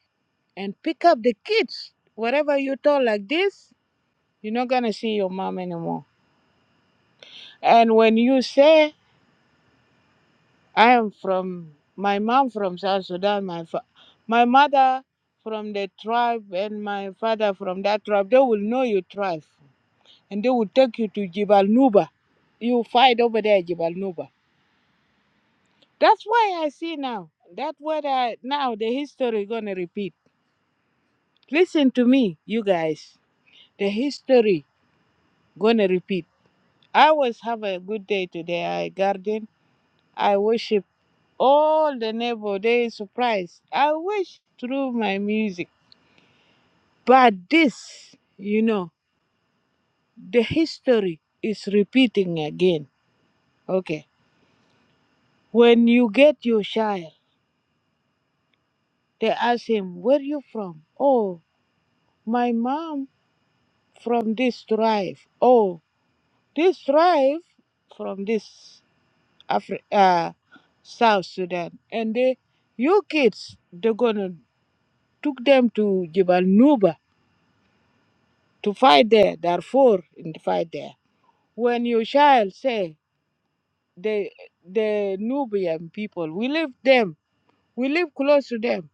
and pick up the kids. Wherever you tall like this, you're not gonna see your mom anymore. And when you say, I am from my mom from South Sudan, my fa- my mother from the tribe and my father from that tribe, they will know your tribe and they will take you to Jibal Nuba. You fight over there, Jibal Nuba. That's why I see now. That what I now the history gonna repeat. Listen to me, you guys. The history gonna repeat. I was have a good day today. I garden. I worship all the neighbor. They surprised. I wish through my music. But this, you know, the history is repeating again. Okay. When you get your child, they ask him, "Where you from?" Oh, my mom from this tribe. Oh, this tribe from this Afri- uh, South Sudan. And they, you kids, they're gonna took them to Jibal Nuba to fight there. There are four in the fight there. When your child say the the Nubian people, we live them, we live close to them.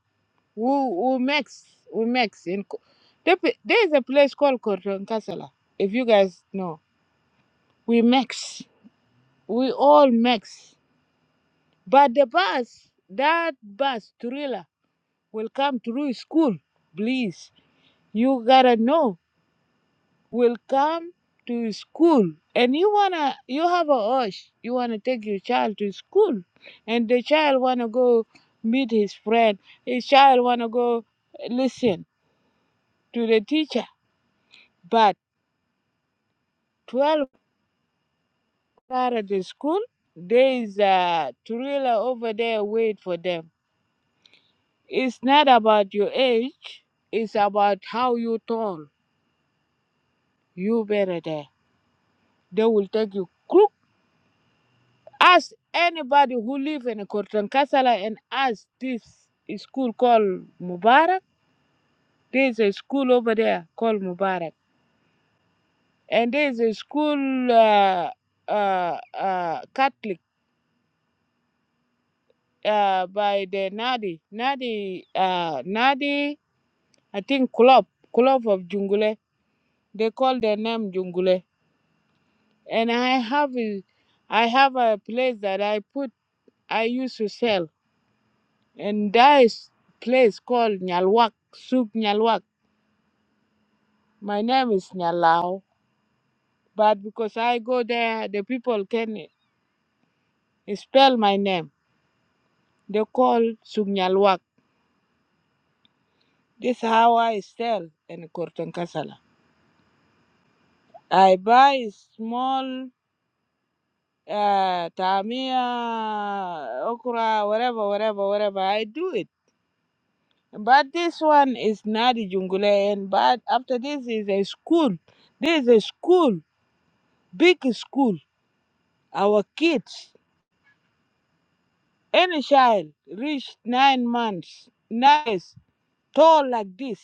We we mix, we mix in. Ko- There, pe- there is a place called Korton Kasala. If you guys know, we mix. We all mix. But the bus, that bus trailer will come through school. Please, you gotta know, will come to school. And you wanna, you have a urge. You wanna take your child to school. And the child wanna go meet his friend. His child wanna go listen to the teacher. But 12 out of the school, there is a trailer over there wait for them It's not about your age, it's about how you tall. You better there. They will take you crook. Ask anybody who live in Kortankasala and ask this school called Mubarak. There's a school over there called Mubarak. And there's a school uh, uh, uh, Catholic uh, by the Nadi. Nadi, uh, Nadi, I think Club, Club of Jungule. They call their name Jungule. and I have a, I have a place that I put I used to sell, and that is place called Nyalwak Soup Nyalwak. My name is Nyalao, but because I go there, the people can spell my name. They call Soup Nyalwak. This is how I sell in Korton Kasala. I buy small. Uh, tamia, okra, whatever, whatever, whatever. I do it. But this one is not a jungle and but after this is a school. This is a school, big school. Our kids, any child reach nine months, nice, tall like this.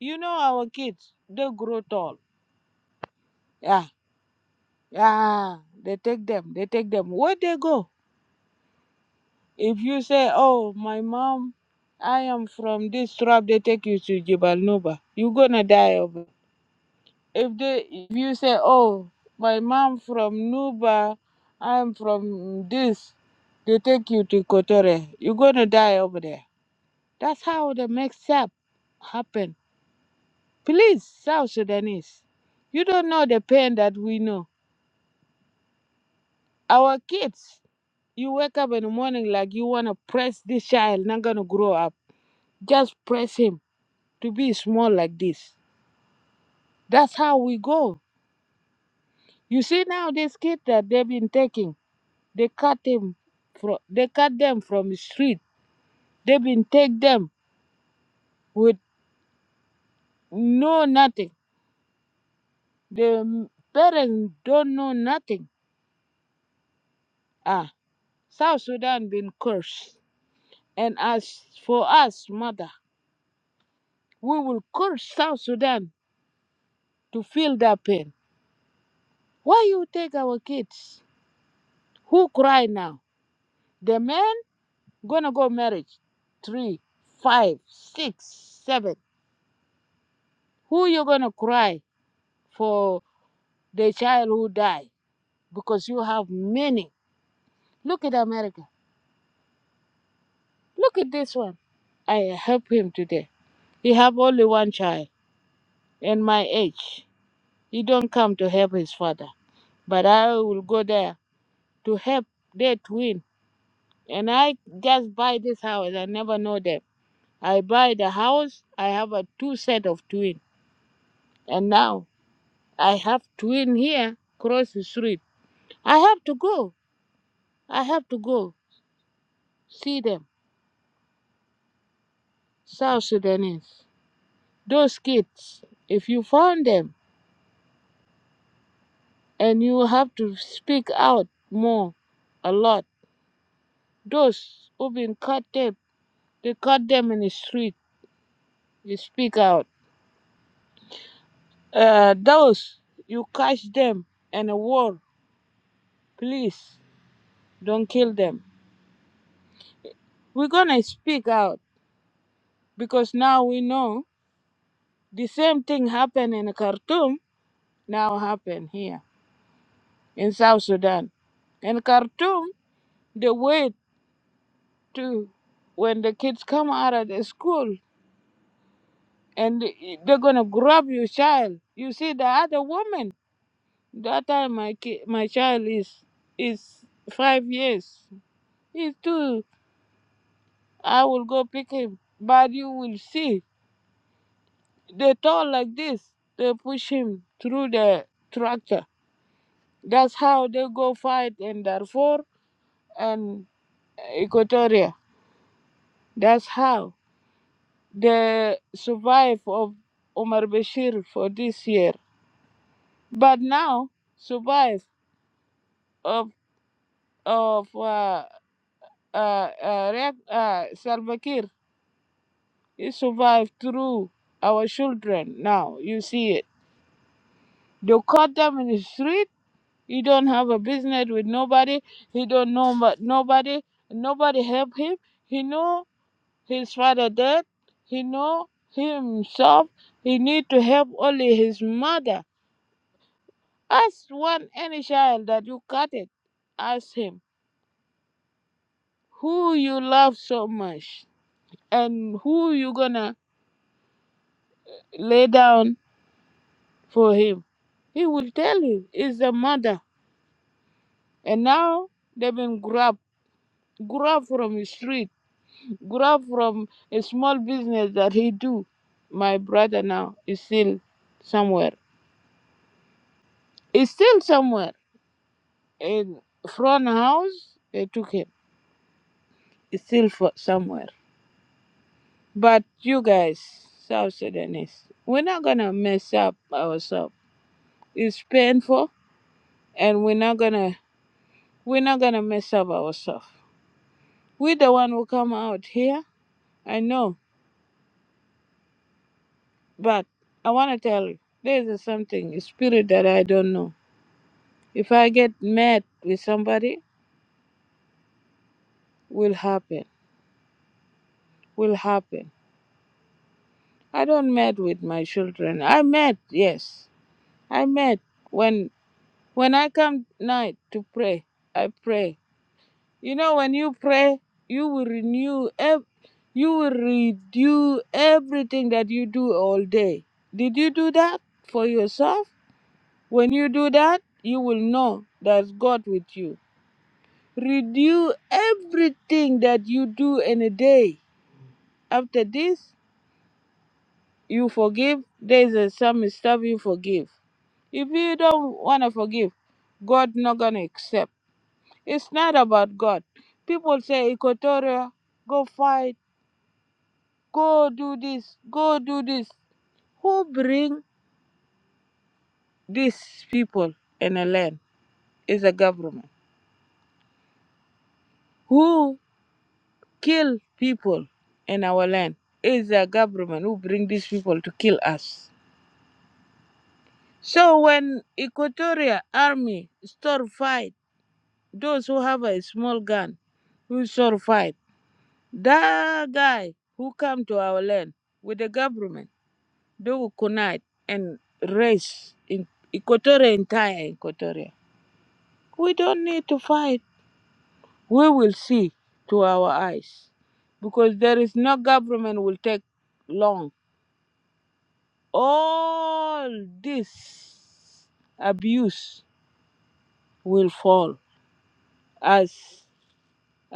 You know our kids, they grow tall. Yeah, yeah. They take them, they take them. Where they go? If you say, oh, my mom, I am from this tribe, they take you to Jibal Nuba. you gonna die over if they if you say oh my mom from nuba i'm from this they take you to kotore you're gonna die over there that's how the mix up happen please south sudanese you don't know the pain that we know our kids you wake up in the morning like you want to press this child not gonna grow up just press him to be small like this that's how we go you see now this kid that they've been taking They cut him from they cut them from the street. They been take them with no nothing. The parents don't know nothing. Ah, South Sudan been cursed. And as for us, mother, we will curse South Sudan to feel that pain. Why you take our kids? Who cry now? The men gonna go marriage. Three, five, six, seven. Who you gonna cry for the child who died? because you have many. Look at America. Look at this one. I help him today. He have only one child and my age. He don't come to help his father. But I will go there to help their twin. And I just buy this house. I never know them. I buy the house. I have a two set of twin. And now I have twin here cross the street. I have to go. I have to go see them. South Sudanese. Those kids, if you found them and you have to speak out more, a lot. Those who've been cut tape, they cut them in the street. You speak out. Uh, those you catch them in a war, please don't kill them. We're gonna speak out because now we know the same thing happened in Khartoum now happen here in South Sudan. In Khartoum, they wait to when the kids come out of the school and they're gonna grab your child. You see the other woman. That time my ki- my child is is five years. He's two. I will go pick him. But you will see they tall like this. They push him through the tractor. That's how they go fight in Darfur and Equatoria. That's how they survive of Omar Bashir for this year. But now, survive of of uh, uh, uh, Riek- uh, Salva Kiir, he survived through our children. Now you see it. They caught them in the street. He don't have a business with nobody. He don't know but nobody. Nobody help him. He know his father dead. He know himself. He need to help only his mother. Ask one any child that you cut it, ask him. who you love so much and who you gonna lay down for him. He will tell you it's the mother. And now they've been grabbed, grabbed from the street, grabbed from a small business that he do. My brother now is still somewhere. He's still somewhere in front house. They took him. He's still for somewhere. But you guys, South Sudanese, we're not gonna mess up ourselves. It's painful and we're not gonna we're not gonna mess up ourselves. We the one who come out here. I know, but I wanna tell you, there is something a spirit that I don't know. If I get mad with somebody, will happen. Will happen. I don't mad with my children. I mad, yes. I mad when when I come night to pray. I pray. You know, when you pray, you will renew, ev- you will redo everything that you do all day. Did you do that for yourself? When you do that, you will know that God with you. Redo everything that you do in a day. After this, you forgive. There's a some stuff you forgive. If you don't want to forgive, God not gonna accept. It's not about God. People say Equatoria, go fight Go do this, go do this. Who bring these people in a land is a government. Who kill people in our land is a government who bring these people to kill us. So when Equatorial Army start fight, those who have a small gun, who start fight, that guy who come to our land with the government, they will connect and race in Equatorial entire Equatoria. We don't need to fight. We will see to our eyes because there is no government will take long. All this abuse will fall as uh,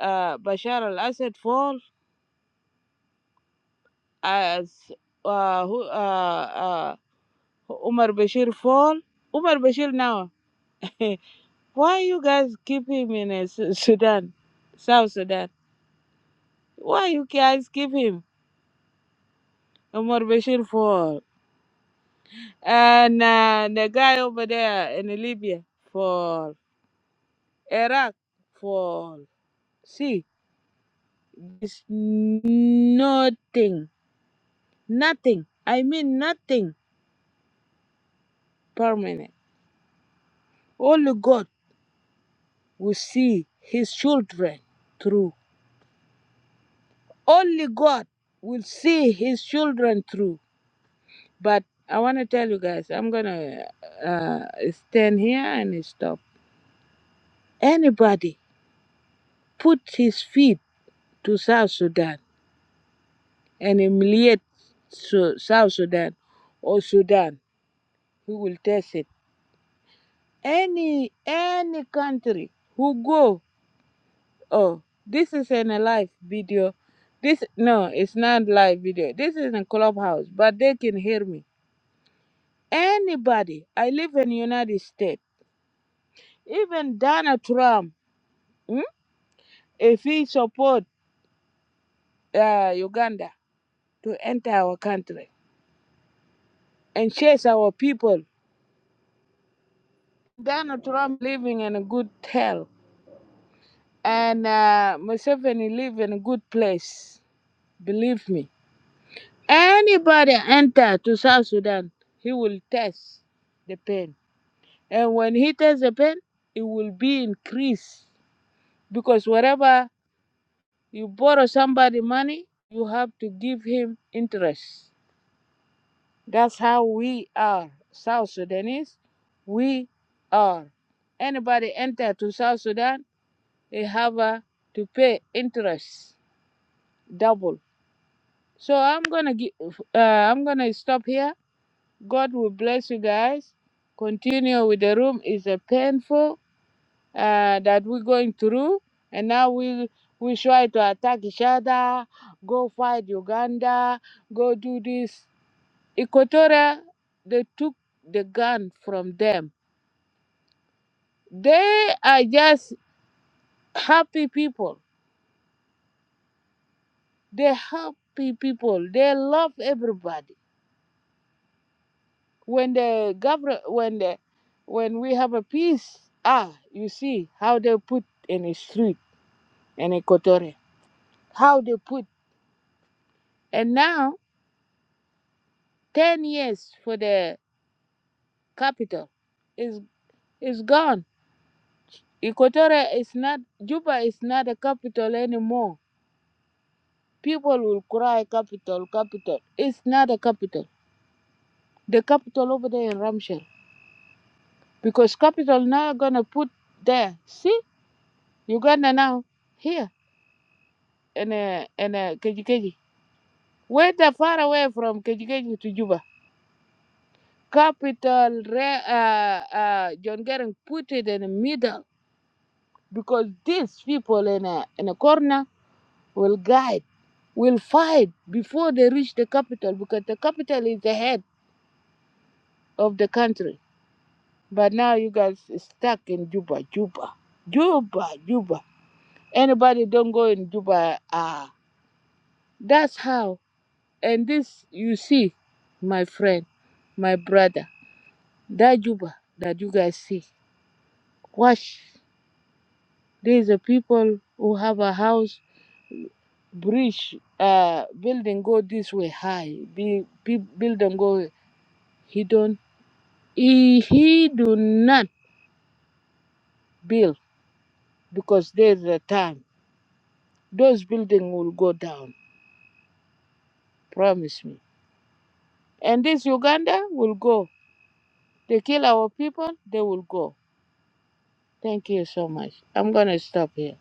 uh, Bashar al-Assad fall, as uh, who- uh, uh, Umar Bashir fall. Umar Bashir now. Why you guys keep him in uh, Su- Sudan, South Sudan? Why you guys keep him? Omar Bashir for and uh, the guy over there in Libya for Iraq for see it's nothing nothing I mean nothing permanent only God will see his children through only God will see his children through but I want to tell you guys I'm gonna uh, stand here and stop anybody put his feet to South Sudan and humiliate Su- South Sudan or Sudan, who will test it. Any any country who go, oh, this is in a live video. This no, it's not live video. This is in a clubhouse, but they can hear me. Anybody, I live in United States. Even Donald Trump, hmm, if he support uh, Uganda to enter our country and chase our people, Donald Trump living in a good hell and uh, Museveni live in a good place. Believe me. Anybody enter to South Sudan, he will test the pain, and when he tests the pain, it will be increased because wherever you borrow somebody money, you have to give him interest. That's how we are South Sudanese. We are. Anybody enter to South Sudan, they have uh, to pay interest double So I'm gonna gi- uh, I'm gonna stop here. God will bless you guys. Continue with the room. It's a painful uh, that we're going through, and now we we try to attack each other. Go fight Uganda. Go do this. Equatorial, they took the gun from them. They are just happy people. They happy people. They love everybody when the government when the when we have a peace ah you see how they put in a street in equatoria how they put and now 10 years for the capital is is gone equatoria is not juba is not a capital anymore people will cry capital capital it's not a capital the capital over there in ramshell because capital now gonna put there see uganda now here in a in a KGKG. Whether far away from Kejikeji to Juba, capital re- uh, uh, John Garang put it in the middle because these people in a, in a corner will guide, will fight before they reach the capital because the capital is the head of the country. But now you guys stuck in Juba, Juba, Juba, Juba. Anybody don't go in Juba. Ah, that's how. And this you see, my friend, my brother. That Juba that you guys see, watch. There's a people who have a house, bridge, uh, building go this way high, be, be building go. He don't. He, he do not build because there's a time those building will go down. Promise me. And this Uganda will go. They kill our people. They will go. Thank you so much. I'm gonna stop here.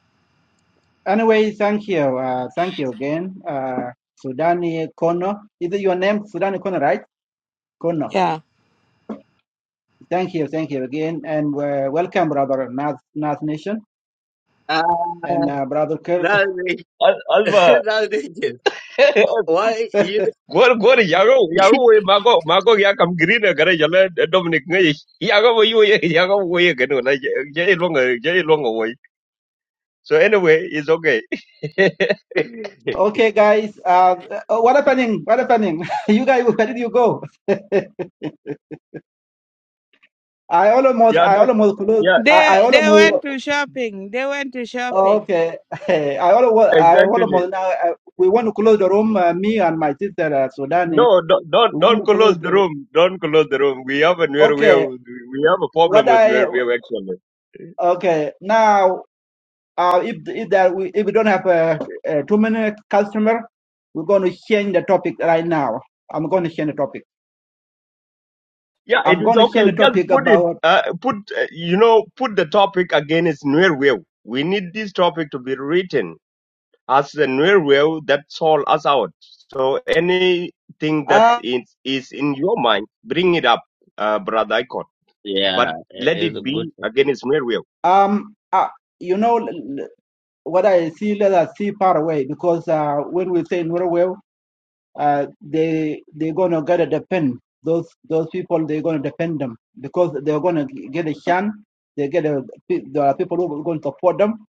Anyway, thank you, uh, thank you again, uh, Sudan Kono. Is it your name, Sudan Kono, right? Kono.
Yeah.
Thank you, thank you again, and uh, welcome, brother North North Nation
Ah,
and uh, brother Kerr.
now they,
Al- Alba,
now they just, why you?
gor gor yago yago
don't-
we mago mago ya kam green gare jala Dominic ngai yago we yo yago we ye na je long je long we so anyway it's okay
Okay, guys, uh, uh, what happening? What happening? you guys, where did you go? I almost,
yeah
I
that,
almost close.
yeah
I, I
They they went
almost.
to shopping. They went to shopping.
Okay, I almost, I
exactly
almost now. I, we want to close the room. Uh, me and my sister uh, Sudani.
no don't don't
We want
don't
to
close
close
the
the room.
room don't close the room we have a new we
Okay,
have- we have a problem
what
with
I
new we have actually
okay now. Uh, if if that we, if we don't have uh, uh, too many customer, we're going to change the topic right now. I'm going to change the topic.
yeah it
I'm
is
going to
okay
change the
just
topic
put it
about
uh, put uh, you know put the topic again. against new we need this topic to be written as the will that sold us out. So anything that
uh,
is, is in your mind, bring it up, uh, brother Icon.
yeah,
But
i-
let
it's a
it
good
be
topic.
against mere will.
um uh, you know l- l- what I see. Let us see far away because uh, when we say Norwell, uh, they they're going to get a depend those those people. They're going to depend them because they're going to get a chance. They get a pe- there are people who are going to support them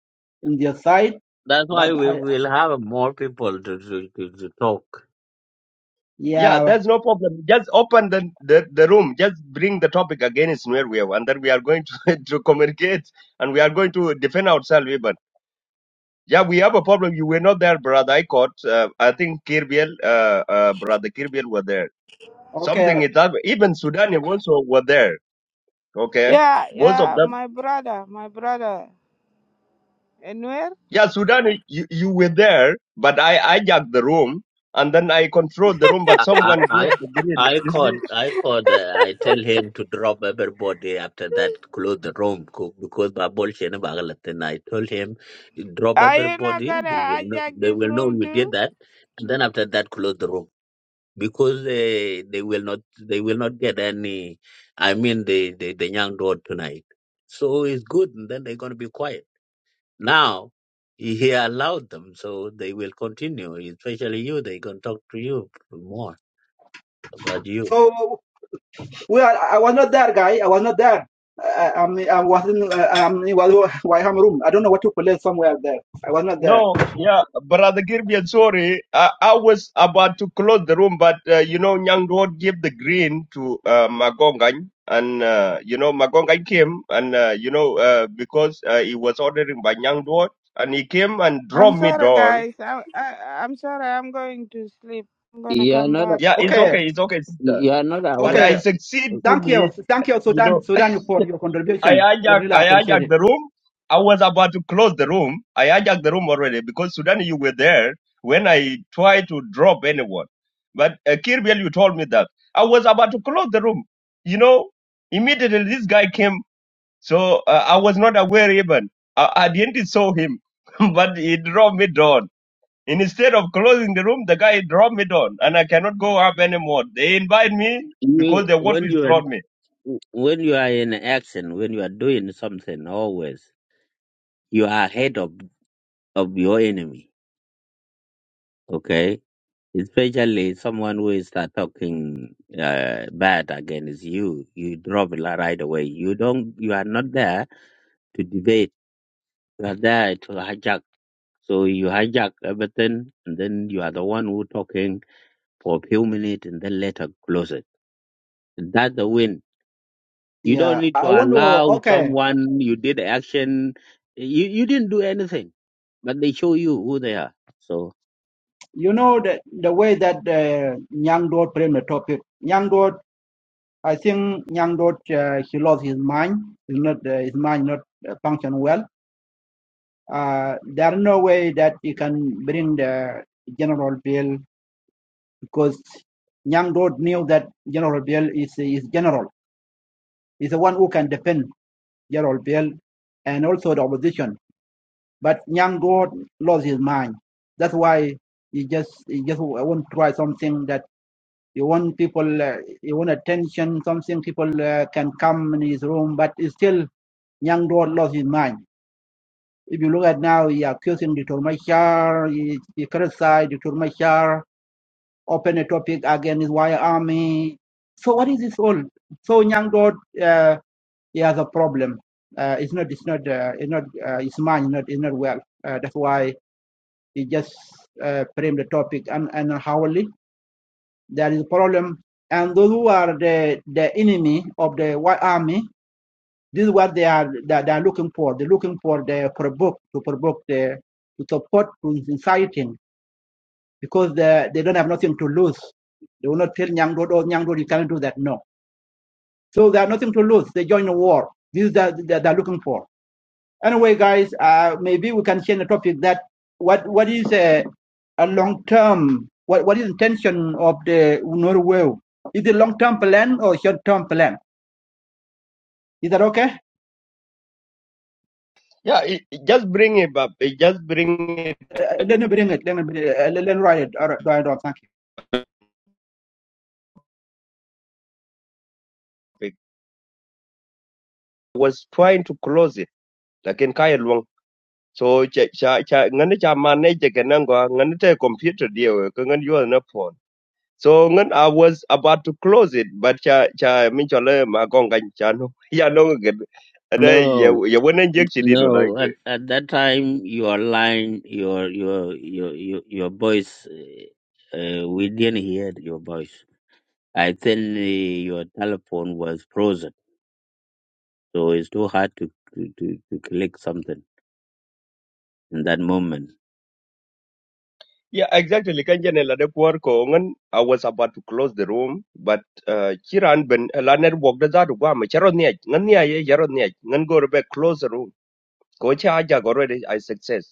in their side.
That's why
But
we
I,
will have more people to to, to, to talk.
Yeah,
yeah,
there's no problem. Just open the, the, the room. Just bring the topic against mere will, and then we are going to, to communicate and we are going to defend ourselves even. Yeah, we have a problem. You were not there, brother Icon. Uh, I think Kirbiel, uh, uh, brother Kirbiel were there. Something
okay.
is up. Even Sudani also were there. Okay
Yeah,
both of
yeah,
them
my brother, my brother. Anywhere?
Yeah, Sudan, you, you were there, but I hijacked the room and then I controlled the room, but
I I
someone gave
I
the green.
I
You see,
called I called uh, I tell him to drop everybody after that close the room co- because my bullshit and bagalat. And I told him drop
Are you not
everybody.
gonna
They will know,
hijack
they
this
will know
room
you
too?
did that. And then after that close the room. because they they will not they will not get any i mean the the, the young road tonight so it's good and then they're going to be quiet now he he allowed them so they will continue especially you they can talk to you more about you
So Well, I was not there, guy. I was not there. I, I, am I was in uh, I'm in Wal- room. I don't know what to play somewhere there. I was not there.
no, yeah, Brother Girbian, sorry. I, I was about to close the room, but uh, you know, Nyang Dod gave the green to uh, Magongany. And, uh, you know, Magongany came and, uh, you know, uh, because uh, he was ordering by Nyang Dod and he came and
I'm
dropped me
sorry,
down.
guys. I, I, I'm sorry. I'm going to sleep. I'm gonna
You are
come
not. a-
back
Yeah, it's
Okay,
when.
okay, it's okay, sister.
You are not
But
aware.
I
okay. Thank
successfully,
you, thank you,
you know.
Sudan, Sudan, for your
I
contribution. We
hijacked,
really
I
appreciate
hijacked
it.
the room. I was about to close the room. I hijacked the room already because Sudan, you were there when I tried to drop anyone. But uh, Kirbyel, you told me that I was about to close the room. You know, immediately this guy came, so uh, I was not aware even. I, I didn't saw him, but he dropped me down. And Instead of closing the room, the guy dropped me down, and I cannot go up anymore. They invite me
You
because they want to
when you are
insult me.
when you are in action, when you are doing something, always you are ahead of of your enemy. Okay. especially someone who is start talking uh, bad against you, you drop it right away. You don't, you are not there to debate. You are there to hijack. So you hijack everything, and then you are the one who talking for a few minutes, and then later close it. That's the win. You don't
Yeah,
need to
I want to.
allow
Okay,
someone you did action. You you didn't do anything, but they show you who they are. So.
you know the the way that uh, Nyang Dot framed the topic. Nyang Dot, I think Nyang Dot, uh, he lost his mind. He's not uh, his mind not uh, function well. Uh, there are no way that you can bring the general bill because Nyang Dod knew that General Biel is his general, is the one who can defend General Biel and also the opposition. But Nyang Dod lost his mind. That's why he just he just won't try something that he want people uh, he want attention, something people uh, can come in his room. But it's still Nyang Dod lost his mind. If you look at now, he accusing Dr. Machar, he, he criticized Dr. Machar, open a topic again is why army. So what is this all? So young God, uh, he has a problem. Uh, it's not, it's not, uh, it's not, uh, his mind is not, is not well. Uh, that's why he just uh, framed the topic and and hourly there is a problem. And those who are the the enemy of the white army, this is what they are that they are looking for. They're looking for the provoke to provoke the to support to inciting because they, they don't have nothing to lose. They will not tell Nyang Road, oh, Nyang Road, you can't do that. No. So they have nothing to lose. They join the war. This is that that they're looking for. Anyway, guys, uh, maybe we can change the topic that what, what is a, a long term, what, what is intention of the Norway? Is it long term plan or short term plan? Is that okay?
Yeah, it, it just bring him up. It just bring
Uh, let me bring it. Let me, bring it, uh, let, let me write it. All right, all right, all right,
topic. I was trying to close it lakin kaya luang so cha cha cha ngani cha manage ke nangwa ngani te computer deal ko ngani yo na phone so ngan i was about to close it but cha cha min chole ma gonga cha ya no ge ada ya
no.
ya wona injection did like
No, at, at that time your line, your your your your, your voice, uh, uh, we didn't hear your voice. I think uh, your telephone was frozen, so it's too hard to to, to, to click something in that moment.
yeah exactly Like jene la de kwor ko ngan i was about to close the room but uh, chiran ben la network da za du gwa ma charo ne ngan ne ye charo ne ngan go be close the room ko cha ja go already i success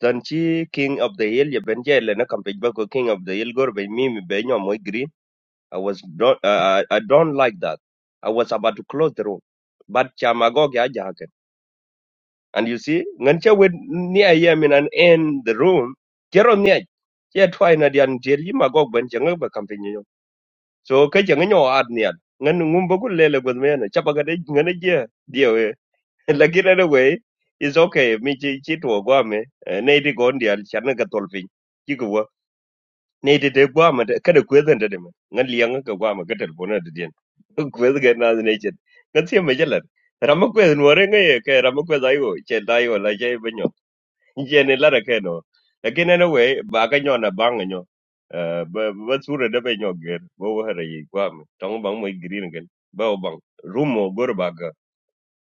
Than chi King of the Hill ya ben jay le na kam pej ba ko King of the Hill gor be mi mi be nyo moy green. I was don't uh, I I don't like that. I was about to close the room. But chamagog ya jahaken. And you see, ngan che wed ni a yem in an end the room. Kero ni a che twai na dian tier yi magog ben che ngak ba kam nyo. So ke che ngan yo ad ni ad. Ngan ngum ba ku lele gwad me na. Chapa ka de ngan a Lakini anyway, it's okay. Mi chi chi tuo guame. Nei di gon dial chana ka tolping. Chi kuwa. Nei di te guame. Kada kwezan te dema. Ngan liang ka guame ka telefona te dien. Kwezan ka na nei chen. Ngan siya me jalan. Rama kwezan ware ngay ka rama kwezan ayo. Che da ayo la che banyo. Che ne lara ka no. Lakini anyway, baka nyo na bang nyo. Eh, Ba ba sura da ba nyo ger. Ba wahara yi guame. Tong bang mo yi green gan. Ba o bang. Rumo gor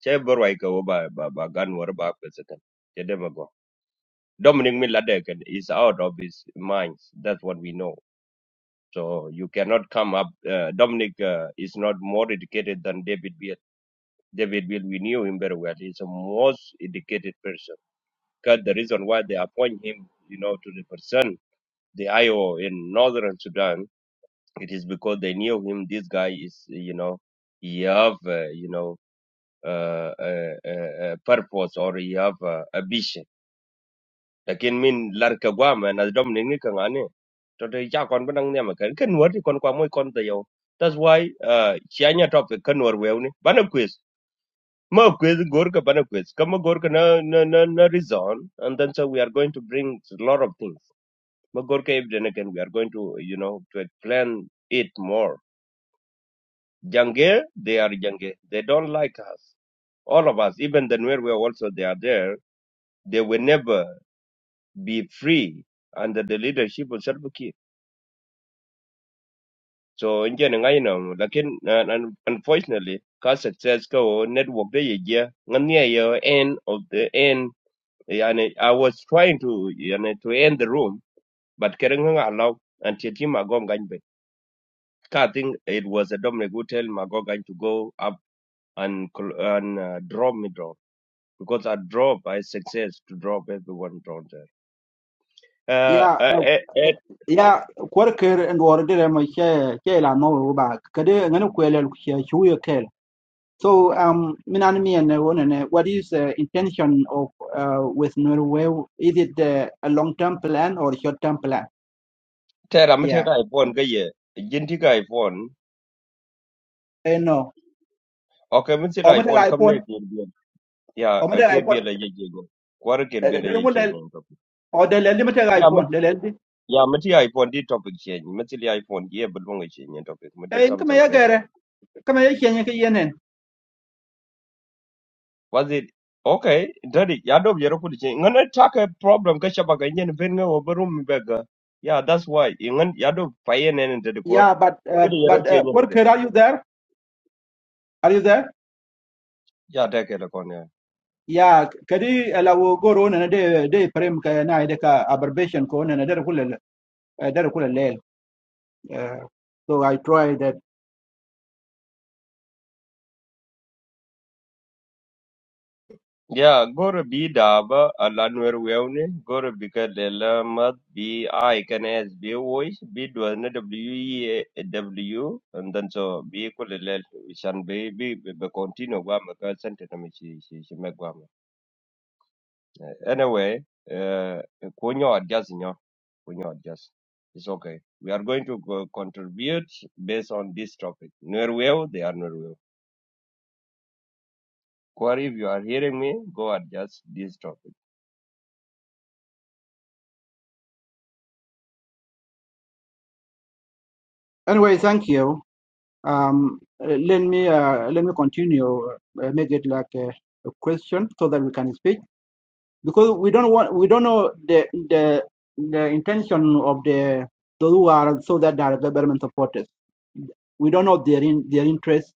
Che Borwa ikaw ba ba ba gan war ba kwesa kan. Che dema go. Dominic Miladek is out of his mind. That's what we know. So you cannot come up. Uh, Dominic uh, is not more educated than David Beal. David Beal, we knew him very well. He's a most educated person. Because the reason why they appoint him, you know, to represent the IO in northern Sudan, it is because they knew him. This guy is, you know, he have, uh, you know, uh, a, a a purpose or he have uh, ambition lakin min lar ka gwama na dom ning ni ka ngane to to ja kon benang ne ma kan ken wor kon kwa moy kon ta yo that's why uh chianya topic kan wor we ni bana quiz ma quiz gor ka bana quiz kama gor ka na na na na reason and then so we are going to bring a lot of things ma gor ka if then again we are going to you know to explain it more jange they are jange they don't like us all of us even the where we are also they are there they will never be free under the leadership of Sharbuki so in chen ngai no lakin uh, un- unfortunately ka success ko network de ye ye ngan ye end of the end yani i was trying to yani to end the room but kereng allow until him magong ganbe. I think it was a dominic who tell mago gan to go up and cl- and uh, drop me drop because i drop by success to drop everyone down there uh
ya
uh, eh eh
ya kwarker and or dire mo che che la mo ba kade ngani kwele ku che chu yo kel so um minan mi ne wona ne what is the intention of uh, with norway is it uh, a long term plan or short term plan
tera mte
yeah
ka iphone ga ye jinti ka iphone
eh no
okay mte
o mata
iphone
ga iphone
kamne Yeah,
o mata ga
akir bi
iphone
la ye ye go kwar kir bi la
dare
ye
mo
ye
le
nyen topic
o de le mata ga
ya mat
iphone le le
ya mati iphone di topic ye mati li iphone ye bul wong ye nyen topic mati
eh kama
samsung
ya
ke ne
gare
bul
kama ya kenye ke yenen
was it okay dadi ya dob yero kul che attack a problem ka shaba ga nyen ben ngo berum bega ya that's why ngan ya dob paye ne ne dadi kwar
yeah but uh,
kede yero
but
che
uh,
nyen dadi
kwarker are you there are you there
ya take le kon
ya kadi lawo goro na de de prem ka na de ka abbreviation ko na de kula de kula le Eh, so i try that
Yeah, gore bi daba alanwer weune gore bi ka lela mat bi i can as bi voice bi dwelne w e w and then so bi ko lele shan bi bi bi bi continue gwa ma ka sente na mi shi shi shi me gwa ma Eh, anyway uh ko adjust nyo ko adjust it's okay we are going to go contribute based on this topic nwer weu they are nwer weu Kwari, if you are hearing me go adjust this topic
anyway thank you um uh, let me uh, let me continue uh, make it like a, a question so that we can speak because we don't want we don't know the the the intention of the those who are so that they are government supporters we don't know their in, their interest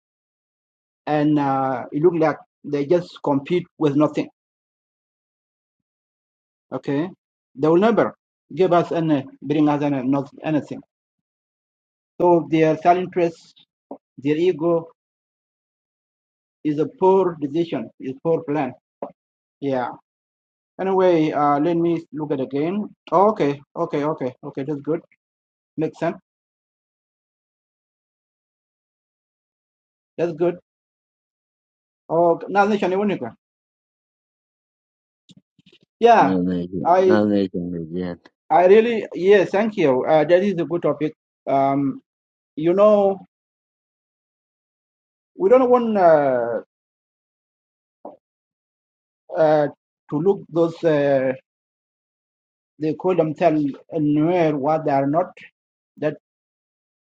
and uh, it looks like they just compete with nothing okay they will never give us any bring us any not anything so their self interest their ego is a poor decision is poor plan yeah anyway uh let me look at again Oh, okay okay okay okay that's good makes sense that's good oh now nation Iwonika. yeah
No, no, no,
i
no, no, no, no, no.
i really yes thank you uh that is a good topic um you know we don't want uh, uh to look those uh, they call themselves nowhere what they are not that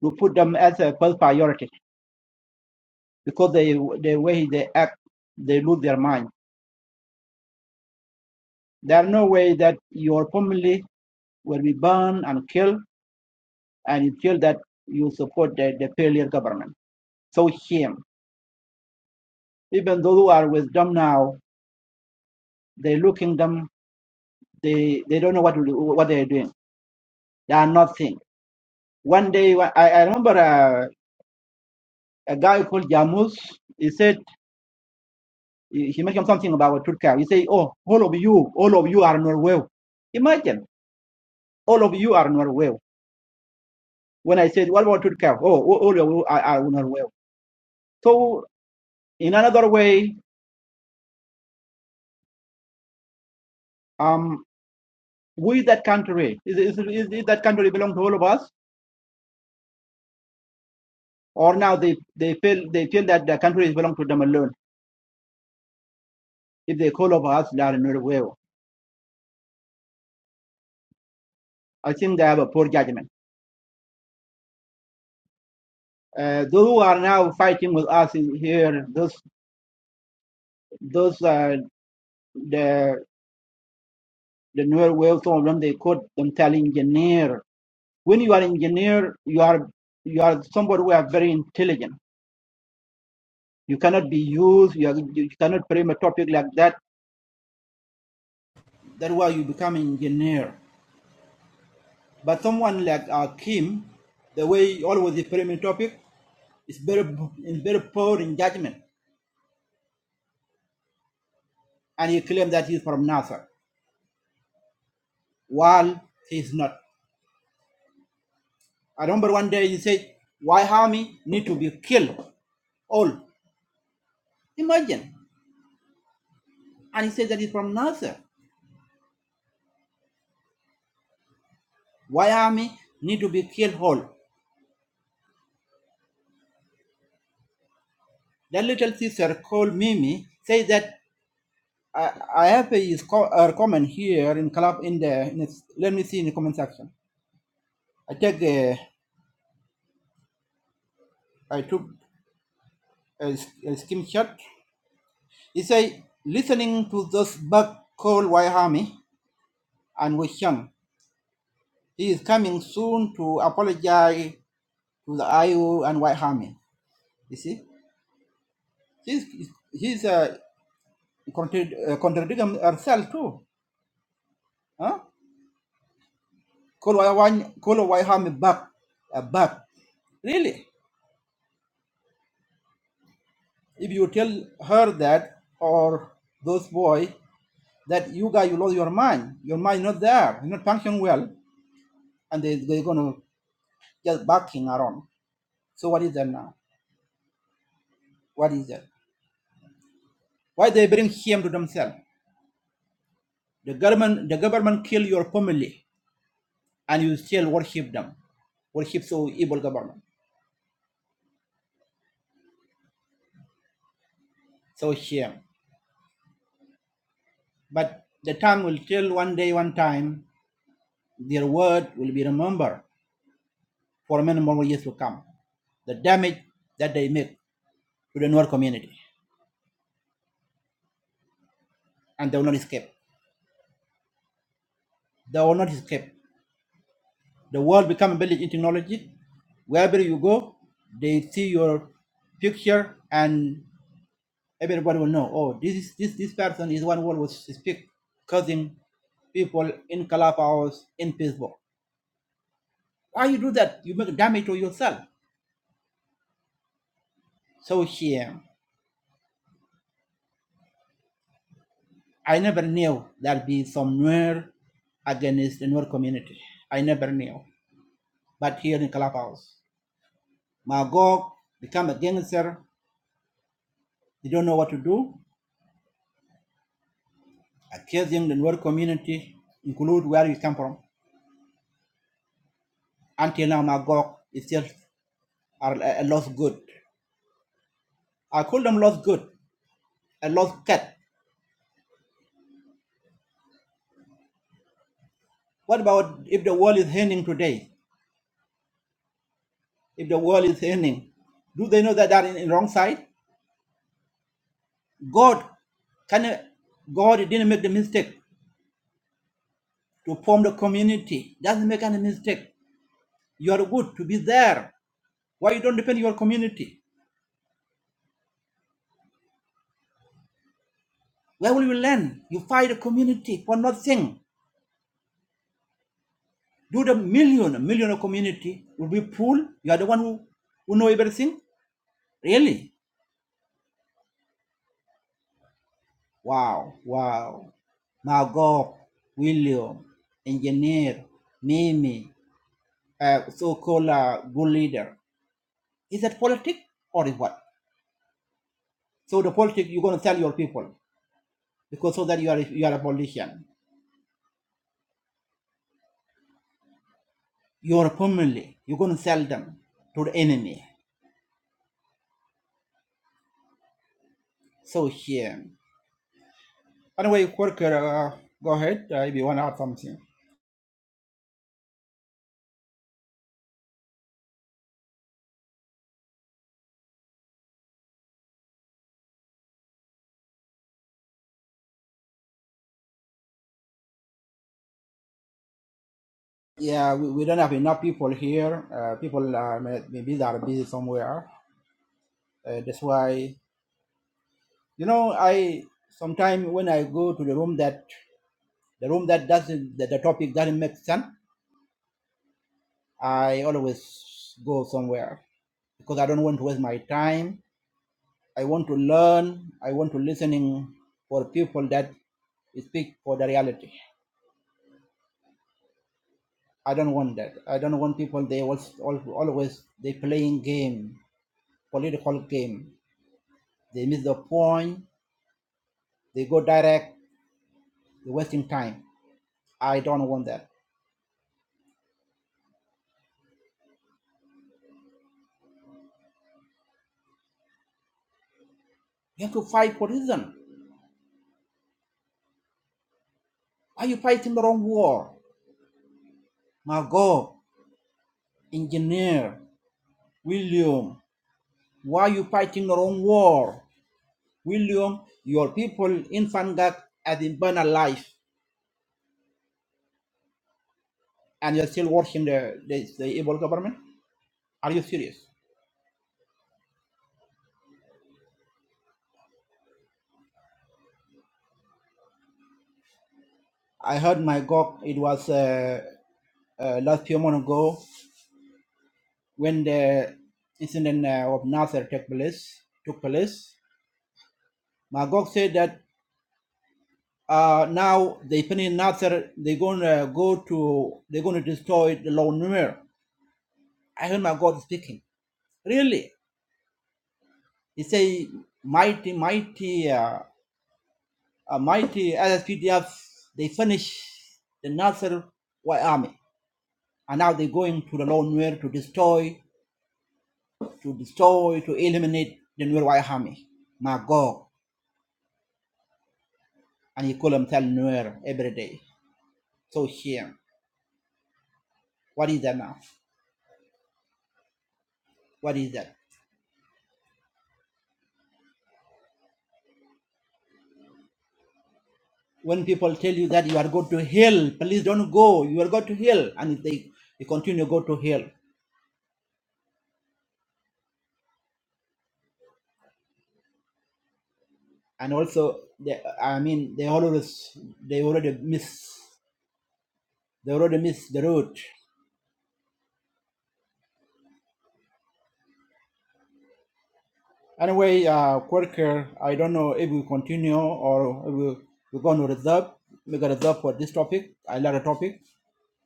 we put them as a first priority because they the way they act, they lose their mind. There are no way that your family will be burned and killed, and you feel that you support the, the failure government. So shame. Even those who are with them now, they looking them, they they don't know what to do, what they're doing. They are nothing. One day, I, I remember a, a guy called Jamus. He said he he mentioned something about Turkey. He said, "Oh, all of you, all of you are Norway." Imagine. all of you are not well. When I said, what about Turkey? Oh, all of you are, are not well. So, in another way, um, we that country, is, is, is, is that country belong to all of us? Or now they, they feel they feel that the country is belong to them alone. If they call of us, they are not well. I think they have a poor judgment. Uh, those who are now fighting with us in here, those those uh, the the newer well, some of them they call themselves engineer. When you are engineer, you are you are somebody who are very intelligent You cannot be used. You, are, you cannot frame a topic like that. That's why you become an engineer. But someone like Akim, the way he always he frame a topic is very is very poor in judgment, and he claimed that he's from NASA, while he's not. I remember one day he said, "Why army need to be killed all?" Imagine, and he said that he's from NASA. Why army need to be killed all? That little sister called Mimi, said that I, I have a, co- a comment here in club in the, in the let me see in the comment section. I take the, Go when the incident uh, took took place. Nasser why